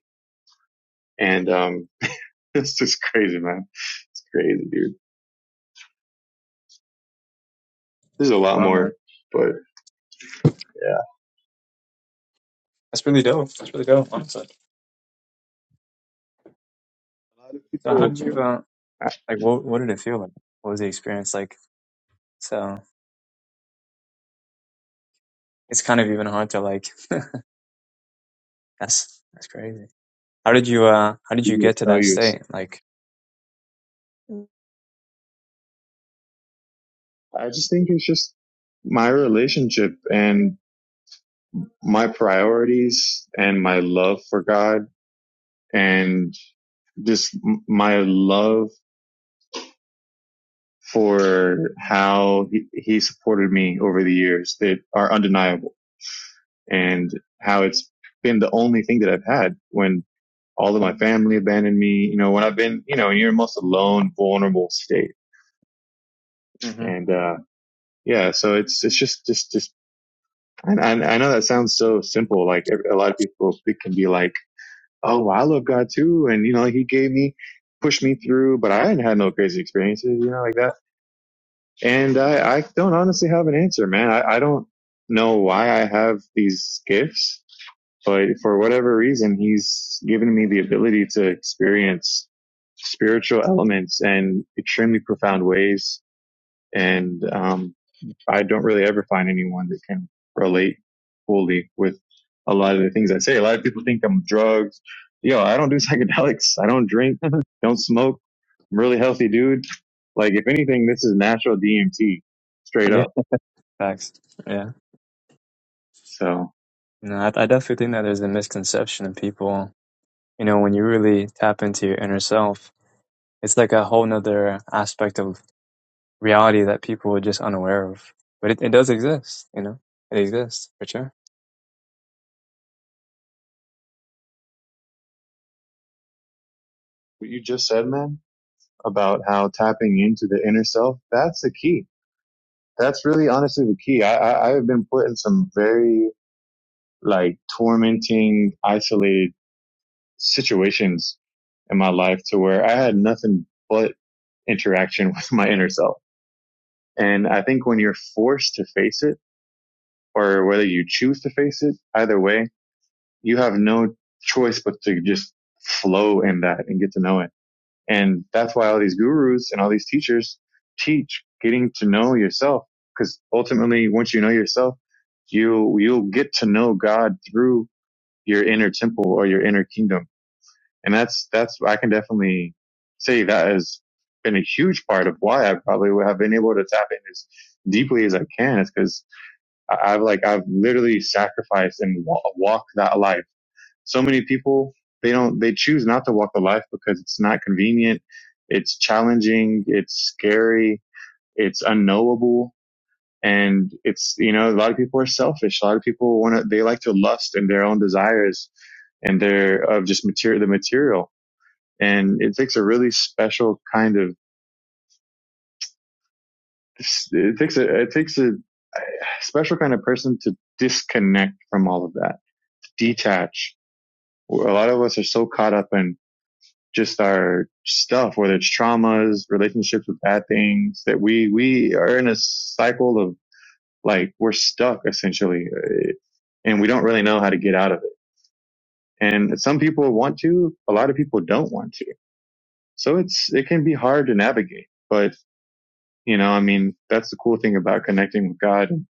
A: And, um, (laughs) it's just crazy, man. It's crazy, dude. There's a lot
E: Wow, man,
A: more, but yeah,
E: that's really dope. That's really dope, honestly. So, how
A: people
E: did you uh,
A: ask
E: like? What what did it feel like? What was the experience like? So, it's kind of even hard to like. That's that's crazy. How did you uh? How did you
A: you or
E: get to
A: tell
E: that
A: you.
E: state? Like, hmm
A: I just think it's just my relationship and my priorities and my love for God and just my love for how he, he supported me over the years that are undeniable and how it's been the only thing that I've had when all of my family abandoned me, you know, when I've been, you know, in your most alone, vulnerable state.
E: (laughs)
A: And, uh, yeah, so it's, it's just, just, just, and I, I know that sounds so simple. Like a lot of people it can be like, Oh, well, I love God too. And, you know, he gave me, pushed me through, but I hadn't had no crazy experiences, you know, like that And I, I don't honestly have an answer, man. I, I don't know why I have these gifts, but for whatever reason, he's given me the ability to experience spiritual elements in extremely profound ways. And, um, I don't really ever find anyone that can relate fully with a lot of the things I say. A lot of people think I'm drugs. Yo, I don't do (laughs) psychedelics. I don't drink. Don't smoke. I'm a really healthy dude. Like, if anything, this is natural DMT straight
E: yeah,
A: up.
E: facts. Yeah.
A: So
E: No, I, I definitely think that there's a misconception of people you know, when you really tap into your inner self, it's like a whole nother aspect of reality that people are just unaware of. But it, it does exist, you know, it exists for sure.
A: what you just said, man, about how tapping into the inner self, that's the key. That's really honestly the key. I, I, I have been put in some very like tormenting, isolated situations in my life to where I had nothing but interaction (laughs) with my inner self. And I think when you're forced to face it or whether you choose to face it, either way, you have no choice but to just flow in that and get to know it. And that's why all these gurus and all these teachers teach getting to know yourself. Cause ultimately, once you know yourself, you, you'll get to know God through your inner temple or your inner kingdom And that's, that's, I can definitely say that has been a huge part of why I probably would have been able to tap in as deeply as I can It's because I've like, I've literally sacrificed and wa- walked that life. So many people, they don't, they choose not to walk the life because it's not convenient. It's challenging. It's scary. It's unknowable. And it's, you know, a lot of people are selfish. A lot of people want to, they like to lust in their own desires and their, of just material, the material and it takes a really special kind of it takes a it takes a special kind of person to disconnect from all of that, detach. A lot of us are so caught up in just our stuff, whether it's traumas, relationships with bad things, that we we are in a cycle of like we're stuck essentially, uh, and we don't really know how to get out of it. And some people want to, a lot of people don't want to. So it's it can be hard to navigate. But You know, I mean, that's the cool thing about connecting with God. And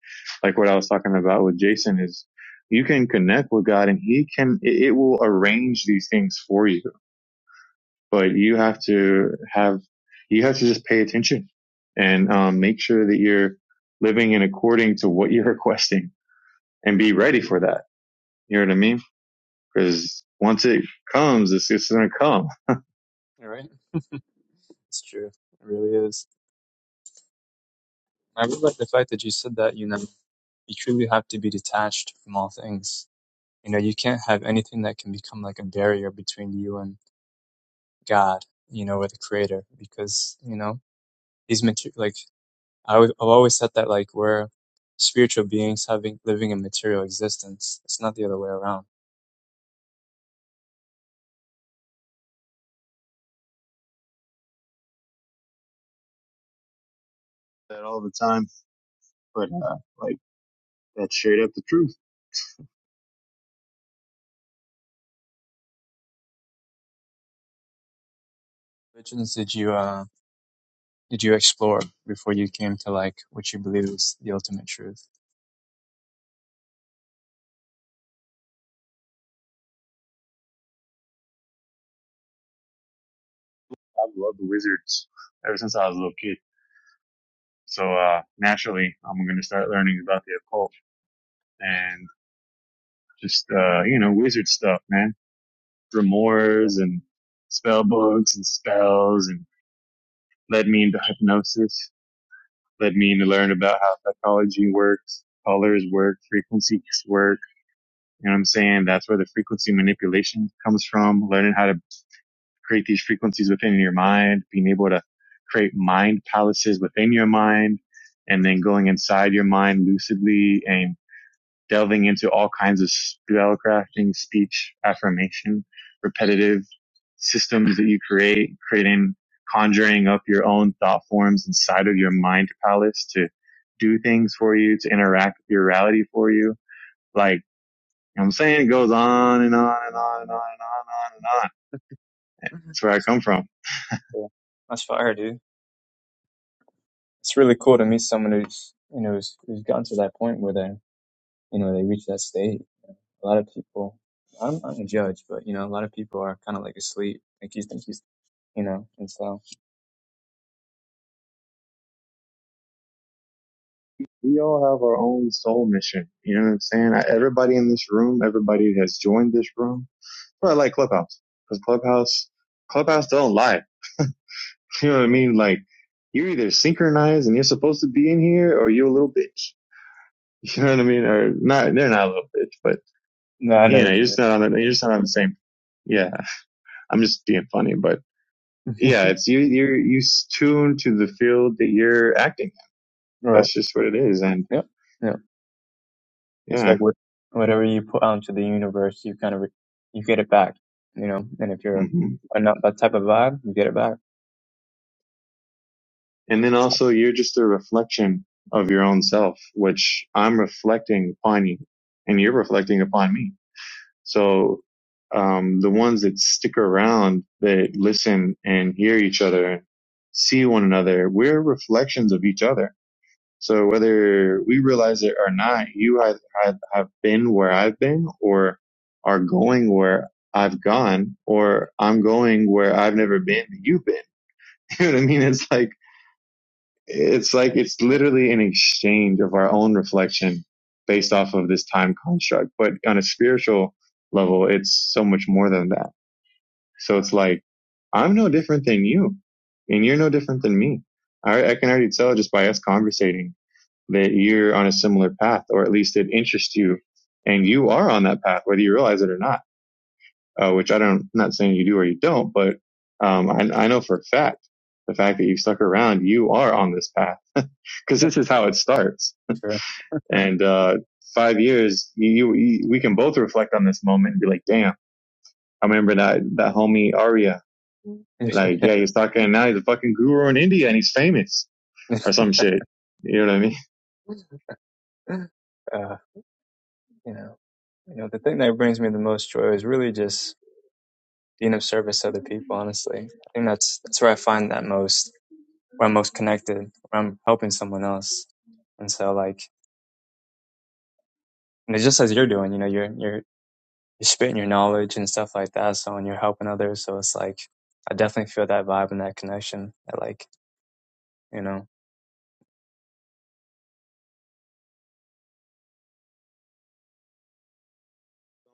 A: like what I was talking about with Jason is you can connect with God and he can, it, it will arrange these things for you, but you have to have, you have to just pay attention and um, make sure that you're living in according to what you're (laughs) requesting and be ready for that. You know what I mean? Cause once it comes, it's, it's going to come
E: You're right. It's true. It really is. I really like the fact that you said that, you know, you truly have to be detached from all things. You know, you can't have anything that can become like a barrier between you and God, you know, or the creator, because, you know, these material, like I always, I've always said that like we're spiritual beings having living a material existence. It's not the other way around.
A: that all the time, but uh, like that's straight up the truth.
E: Which ones did you uh did you explore before you came to like what you believe is the ultimate truth?
A: I've loved the wizards ever since I was a little kid. So uh, naturally, I'm going to start learning about the occult and just uh, you know wizard stuff, man.
E: Yeah,
A: Grimoires and spell books and spells, and led me into hypnosis. Led me into learn about how psychology works, colors work, frequencies work. You know what I'm saying? That's where the frequency manipulation comes from. Learning how to create these frequencies within your mind, being able to create mind palaces within your mind, and then going inside your mind lucidly and delving into all kinds of spell crafting, speech, affirmation, repetitive systems that you create, creating, conjuring up your own thought forms inside of your mind palace to do things for you, to interact with your reality for you. Like, you know what I'm saying? It goes on and on and on and on and on.
E: mm-hmm.
A: That's where I come from.
E: yeah. that's fire, dude. It's really cool to meet someone who's you know who's, who's gotten to that point where they you know they reach that state. A lot of people, I'm not a judge, but you know a lot of people are kind of like asleep. Like you think he's you know and so
A: We all have our own soul mission. You know what I'm saying? I, everybody in this room, everybody that has joined this room, but I like Clubhouse because Clubhouse, Clubhouse don't lie. You know what I
E: yeah.
A: mean? Like you're either synchronized and you're supposed to be in here, or you're a little bitch. (laughs) You know what I mean? Or not? They're not a little bitch, but
E: No, I know
A: you know,
E: what
A: you're
E: you mean.
A: just not on the, you're just not on the same. Yeah, I'm just being funny, but yeah,
E: (laughs)
A: it's you. You're you s- tuned to the field that you're acting. in.
E: right.
A: That's just what it is, and
E: Yep. Yeah. It's
A: yeah.
E: like what, whatever you put out into the universe, you kind of re- you get it back, you know. And if you're
A: hmm
E: not that type of vibe, you get it back.
A: And then also, you're just a reflection of your own self, which I'm reflecting upon you, and you're reflecting upon me So um, the ones that stick around, that listen and hear each other and see one another, we're reflections of each other. So whether we realize it or not, you have, have, have been where I've been or are going where I've gone or I'm going where I've never been that you've been. (laughs) You know what I mean? It's like, it's
E: Yeah,
A: like it's
E: no,
A: literally an exchange of our own reflection based off of this time construct. But on a spiritual level, it's so much more than that. So it's like, I'm no different than you, and you're no different than me. I, I can already tell just by us conversating that you're on a similar path, or at least it interests you, and you are on that path, whether you realize it or not. Uh, which I don't, I'm not saying you do or you don't, but um, I, I know for a fact the fact that you stuck around, you are on this path because this is how it starts.
E: sure.
A: And uh, five years, you, you we can both reflect on this moment and be like, damn, I remember that that homie Arya.
E: (laughs)
A: Like, yeah, he's talking and now. He's a fucking guru in India and he's famous or some shit. You know what I mean?
E: uh, you know, you know, the thing that brings me the most joy is really just being of service to other people. Honestly, I think that's that's where I find that most, where I'm most connected, where I'm helping someone else. And so, like, and it's just as you're doing, you know, you're you're you're spitting your knowledge and stuff like that. So and you're helping others. So it's like I definitely feel that vibe and that connection. I like you know.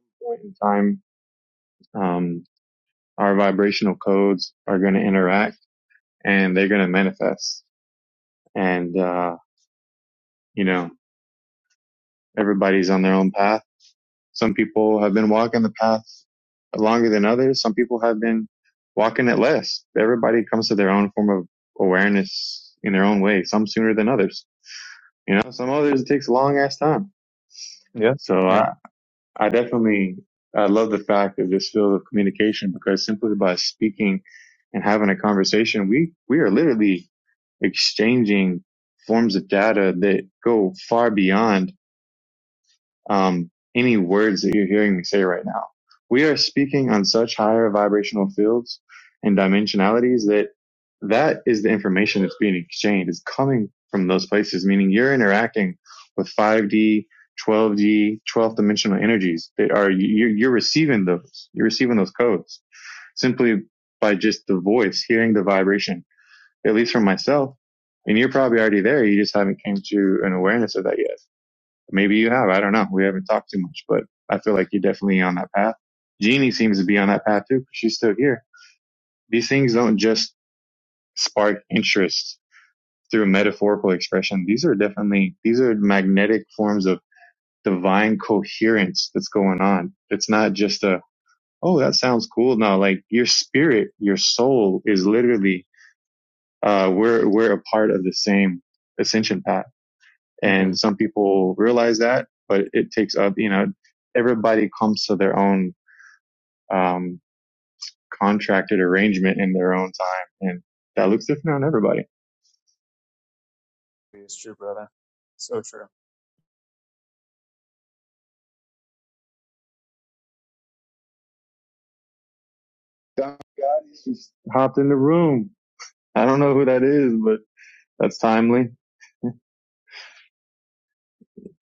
A: (laughs) Point in time, um, our vibrational codes are going to interact and they're going to manifest. And uh, you know, everybody's on their own path Some people have been walking the path longer than others. Some people have been walking it less. Everybody comes to their own form of awareness in their own way, some sooner than others. You know, some others it takes a long ass time.
E: Yeah.
A: So
E: Yeah.
A: I, I definitely, I love the fact of this field of communication because simply by speaking and having a conversation, we, we are literally exchanging forms of data that go far beyond um, any words that you're hearing me say right now. We are speaking on such higher vibrational fields and dimensionalities that that is the information that's being exchanged is coming from those places, meaning you're interacting with 5D, 12D, twelfth dimensional energies that are, you're, you're receiving those, you're receiving those codes simply by just the voice, hearing the vibration, at least from myself. And you're probably already there. You just haven't came to an awareness of that yet. Maybe you have. I don't know. We haven't talked too much, but I feel like you're definitely on that path. Jeannie seems to be on that path too, because she's still here. These things don't just spark interest through metaphorical expression. These are definitely, these are magnetic forms of divine coherence that's going on. It's not just a, oh, that sounds cool. No, like your spirit, your soul is literally, uh, we're, we're a part of the same ascension path
E: hmm
A: And some people realize that, but it takes up, you know, everybody comes to their own, um, contracted arrangement in their own time. And that looks different on everybody.
E: It's true, brother. So true.
A: Don Gotti just hopped in the room. I don't know who that is, but that's timely.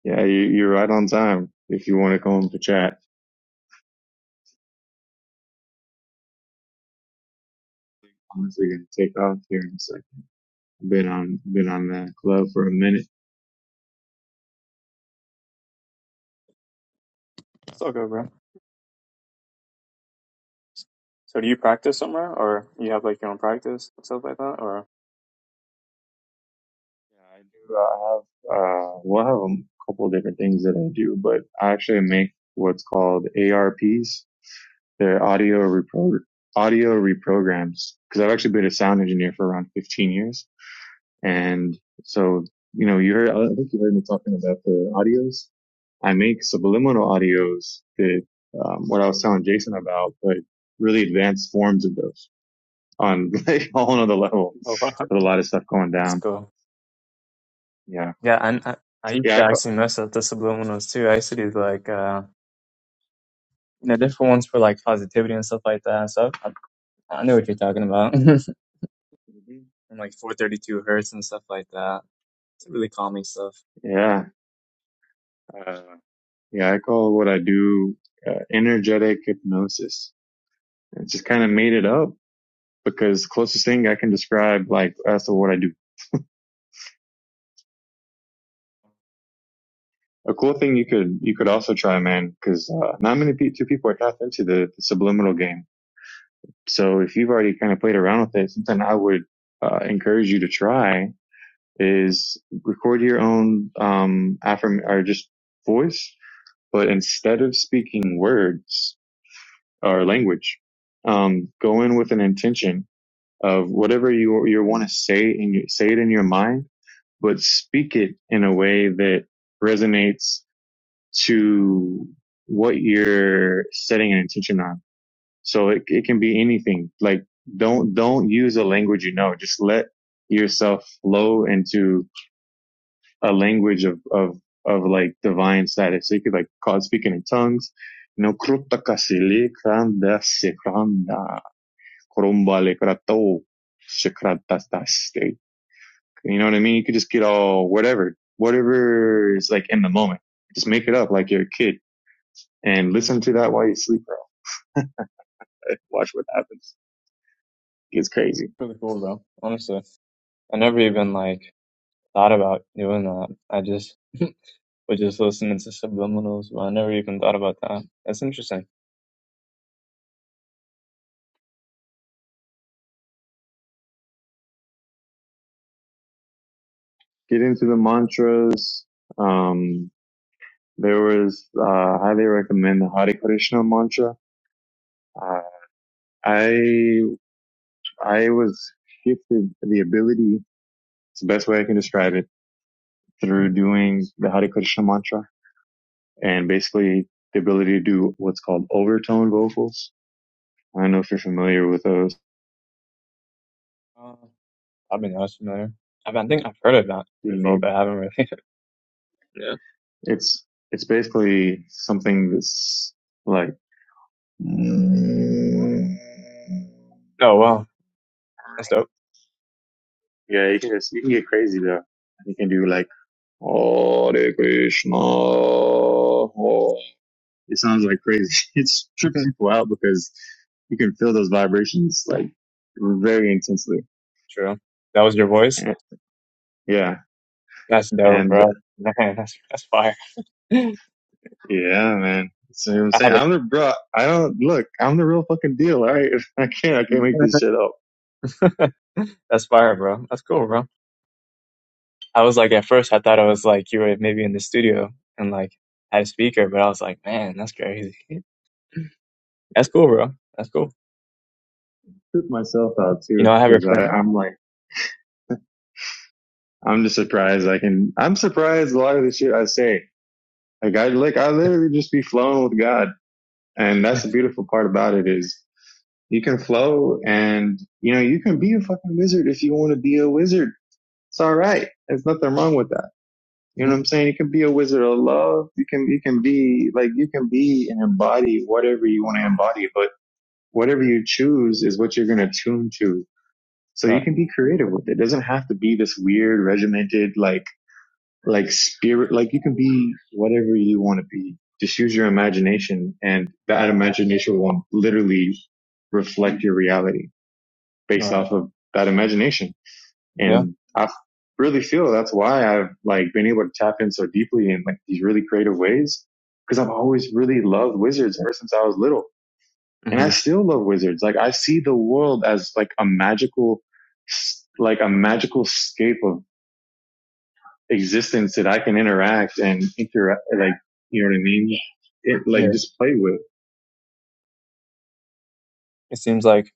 A: Yeah, you, you're right on time. If you want to come up to chat, I'm honestly going to take off here in a second. I've been on, been on the club for a minute.
E: It's all good, bro. So do you practice somewhere, or you have like your own practice and stuff like that, or?
A: Yeah, I do. I have, uh, well, I have a couple of different things that I do, but I actually make what's called ARPs. They're audio repro audio reprograms. Cause I've actually been a sound engineer for around 15 years. And so, you know, you heard, I think you heard me talking about the audios. I make subliminal audios that, um, what I was telling Jason about, but really advanced forms of those on (laughs) like a whole nother level.
E: Oh, wow.
A: There's a lot of stuff going
E: That's
A: down.
E: cool.
A: Yeah.
E: Yeah, and I, I used
A: Yeah. I,
E: to
A: ca-
E: actually mess up the subliminals too. I used to do like uh, you know different ones for like positivity and stuff like that. So I, I know what you're talking about. (laughs) and
A: Mhm.
E: like 432 hertz and stuff like that. It's really calming stuff.
A: Yeah. Uh, yeah, I call what I do uh, energetic hypnosis. I just kind of made it up because closest thing I can describe like as to what I do. A cool thing you could you could also try, man, because uh, not many pe- two people are tapped into the, the subliminal game. So if you've already kind of played around with it, something I would uh, encourage you to try is record your own um affirm or just voice, but instead of speaking words. or language. Um, go in with an intention of whatever you you want to say and you say it in your mind, but speak it in a way that resonates to what you're setting an intention on. So it it can be anything. Like don't don't use a language you know. Just let yourself flow into a language of of of like divine status. So you could like call it speaking in tongues. No Colombale Kratou, Shakratastaste. You know what I mean? You could just get all whatever, whatever is like in the moment. Just make it up like you're a kid and listen to that while you sleep. Bro. Like, Watch what happens. It's crazy.
E: Pretty cool though, honestly. I never even like thought about doing that. I just (laughs) was just listening to subliminals, but I never even thought about that. That's interesting.
A: Get into the mantras. Um, there was, uh, I highly recommend the Hare Krishna mantra. Uh, I, I was gifted the ability, it's the best way I can describe it, through doing the Hare Krishna mantra and basically the ability to do what's called overtone vocals. I don't know if you're familiar with those.
E: Uh, I've been honest familiar. I, mean, I think I've heard of that before, but I haven't really. (laughs) yeah.
A: It's it's basically something that's like yeah,
E: Oh wow, that's dope.
A: you can just you can get crazy though. You can do like Hare Krishna. Hare- It sounds like crazy. (laughs) It
E: (laughs)
A: trips people out because you can feel those vibrations like very intensely.
E: True. That was your voice.
A: Yeah,
E: That's dope,
A: and
E: bro. (laughs) Man, that's that's fire. (laughs) I
A: Yeah, man. That's what I'm saying. I'm the bro. I don't look. I'm the real fucking deal. All right. (laughs) I can't. I can't make
E: haven't.
A: this shit up.
E: (laughs) that's fire, bro. That's cool, bro. I was like, at first, I thought I was like, you were maybe in the studio and like had a speaker, but I was like, man, that's crazy. (laughs) That's cool, bro. That's cool.
A: Put myself out
E: You
A: too,
E: know, I have a
A: because
E: friend.
A: I'm like, I'm just surprised. I can. I'm surprised a lot of the shit I say. Like I like, I
E: (laughs)
A: literally just be flowing with God, and that's the beautiful part about it is you can flow, and you know you can be a fucking wizard if you want to be a wizard. It's all right. There's nothing wrong with that. You know
E: Mhm.
A: what I'm saying? You can be a wizard of love. You can you can be like you can be and embody whatever you want to embody, but whatever you choose is what you're gonna tune to. So
E: all
A: you
E: right.
A: can be creative with it. It doesn't have to be this weird, regimented, like like spirit like you can be whatever you want to be. Just use your imagination and that imagination will literally reflect your reality
E: All
A: based
E: right.
A: off of that imagination.
E: Yeah.
A: And I really feel that's why I've like been able to tap in so deeply in like these really creative ways because I've always really loved wizards ever since I was little. And I
E: hmm
A: still love wizards. Like I see the world as like a magical, like a magical scape of existence that I can interact and interact, like, you know what I mean? It like
E: Yeah.
A: just play with.
E: It seems like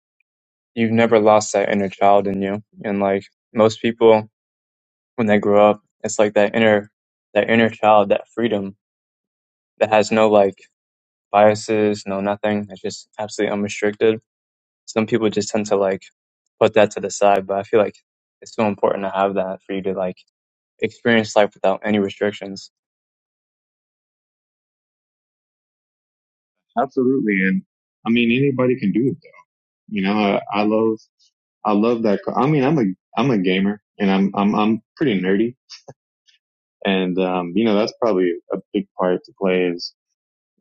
E: you've never lost that inner child in you. And like most people, when they grow up, it's like that inner, that inner child, that freedom that has no like biases, no nothing. It's just absolutely unrestricted some people just tend to like put that to the side, but I feel like it's so important to have that for you to like experience life without any restrictions.
A: Absolutely. And I mean, anybody can do it. You know, I, I love, I love that. I mean, I'm a, I'm a gamer and I'm, I'm, I'm pretty nerdy And, um, you know, that's probably a big part to play is,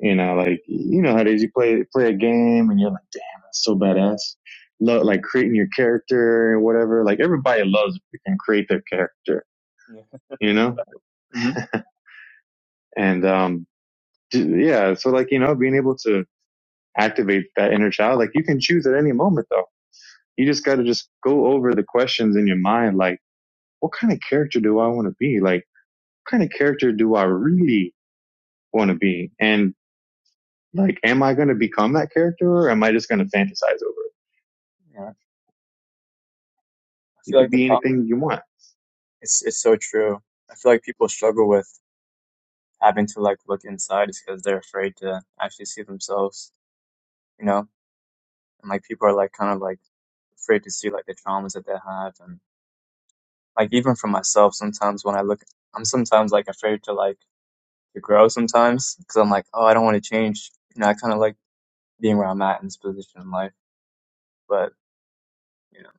A: you know, like, you know how it is. You play, play a game and you're like, damn, that's so badass. Love, like creating your character and whatever. Like everybody loves if they can create their character,
E: Yeah.
A: you know?
E: hmm
A: And, um, d- yeah. So like, you know, being able to activate that inner child, like you can choose at any moment though. You just got to just go over the questions in your mind. Like, what kind of character do I want to be? Like, what kind of character do I really want to be? And Like, am I going to become that character or am I just going to fantasize over it?
E: yeah. I
A: You
E: feel
A: can
E: like the
A: be
E: problem
A: anything you want.
E: it's it's so true. I feel like people struggle with having to like look inside is because they're afraid to actually see themselves, you know? And like people are like kind of like afraid to see like the traumas that they have and like even for myself sometimes when I look I'm sometimes like afraid to like to grow sometimes because I'm like, oh, I don't want to change. You know, I kind of like being where I'm at in this position in life. But you know,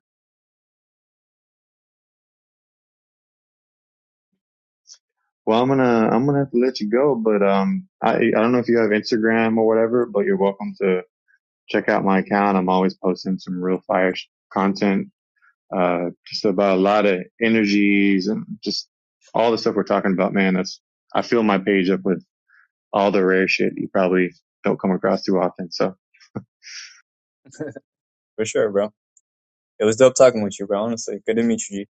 A: Well, I'm going to, I'm going to have to let you go, but, um, I, I don't know if you have Instagram or whatever, but you're welcome to check out my account. I'm always posting some real fire sh- content, uh, just about a lot of energies and just all the stuff we're talking about, man. That's, I fill my page up with all the rare shit you probably don't come across too often. So
E: for sure, bro. It was dope talking with you, bro. Honestly, good to meet you. G.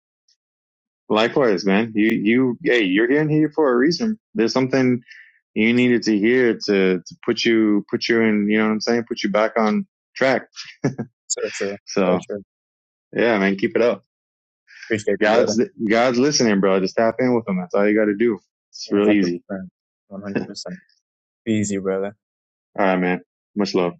A: likewise, man, you, you, hey, you're in here for a reason. There's something you needed to hear to, to put you, put you in, you know what I'm saying? Put you back on track.
E: So true, so
A: So
E: true.
A: yeah, man, keep it up.
E: Appreciate you, brother.
A: God's, God's listening, bro. Just tap in with him. That's all you got to do. It's
E: One
A: real
E: hundred
A: easy.
E: percent, one hundred percent. Be easy, brother.
A: All right, man. Much love.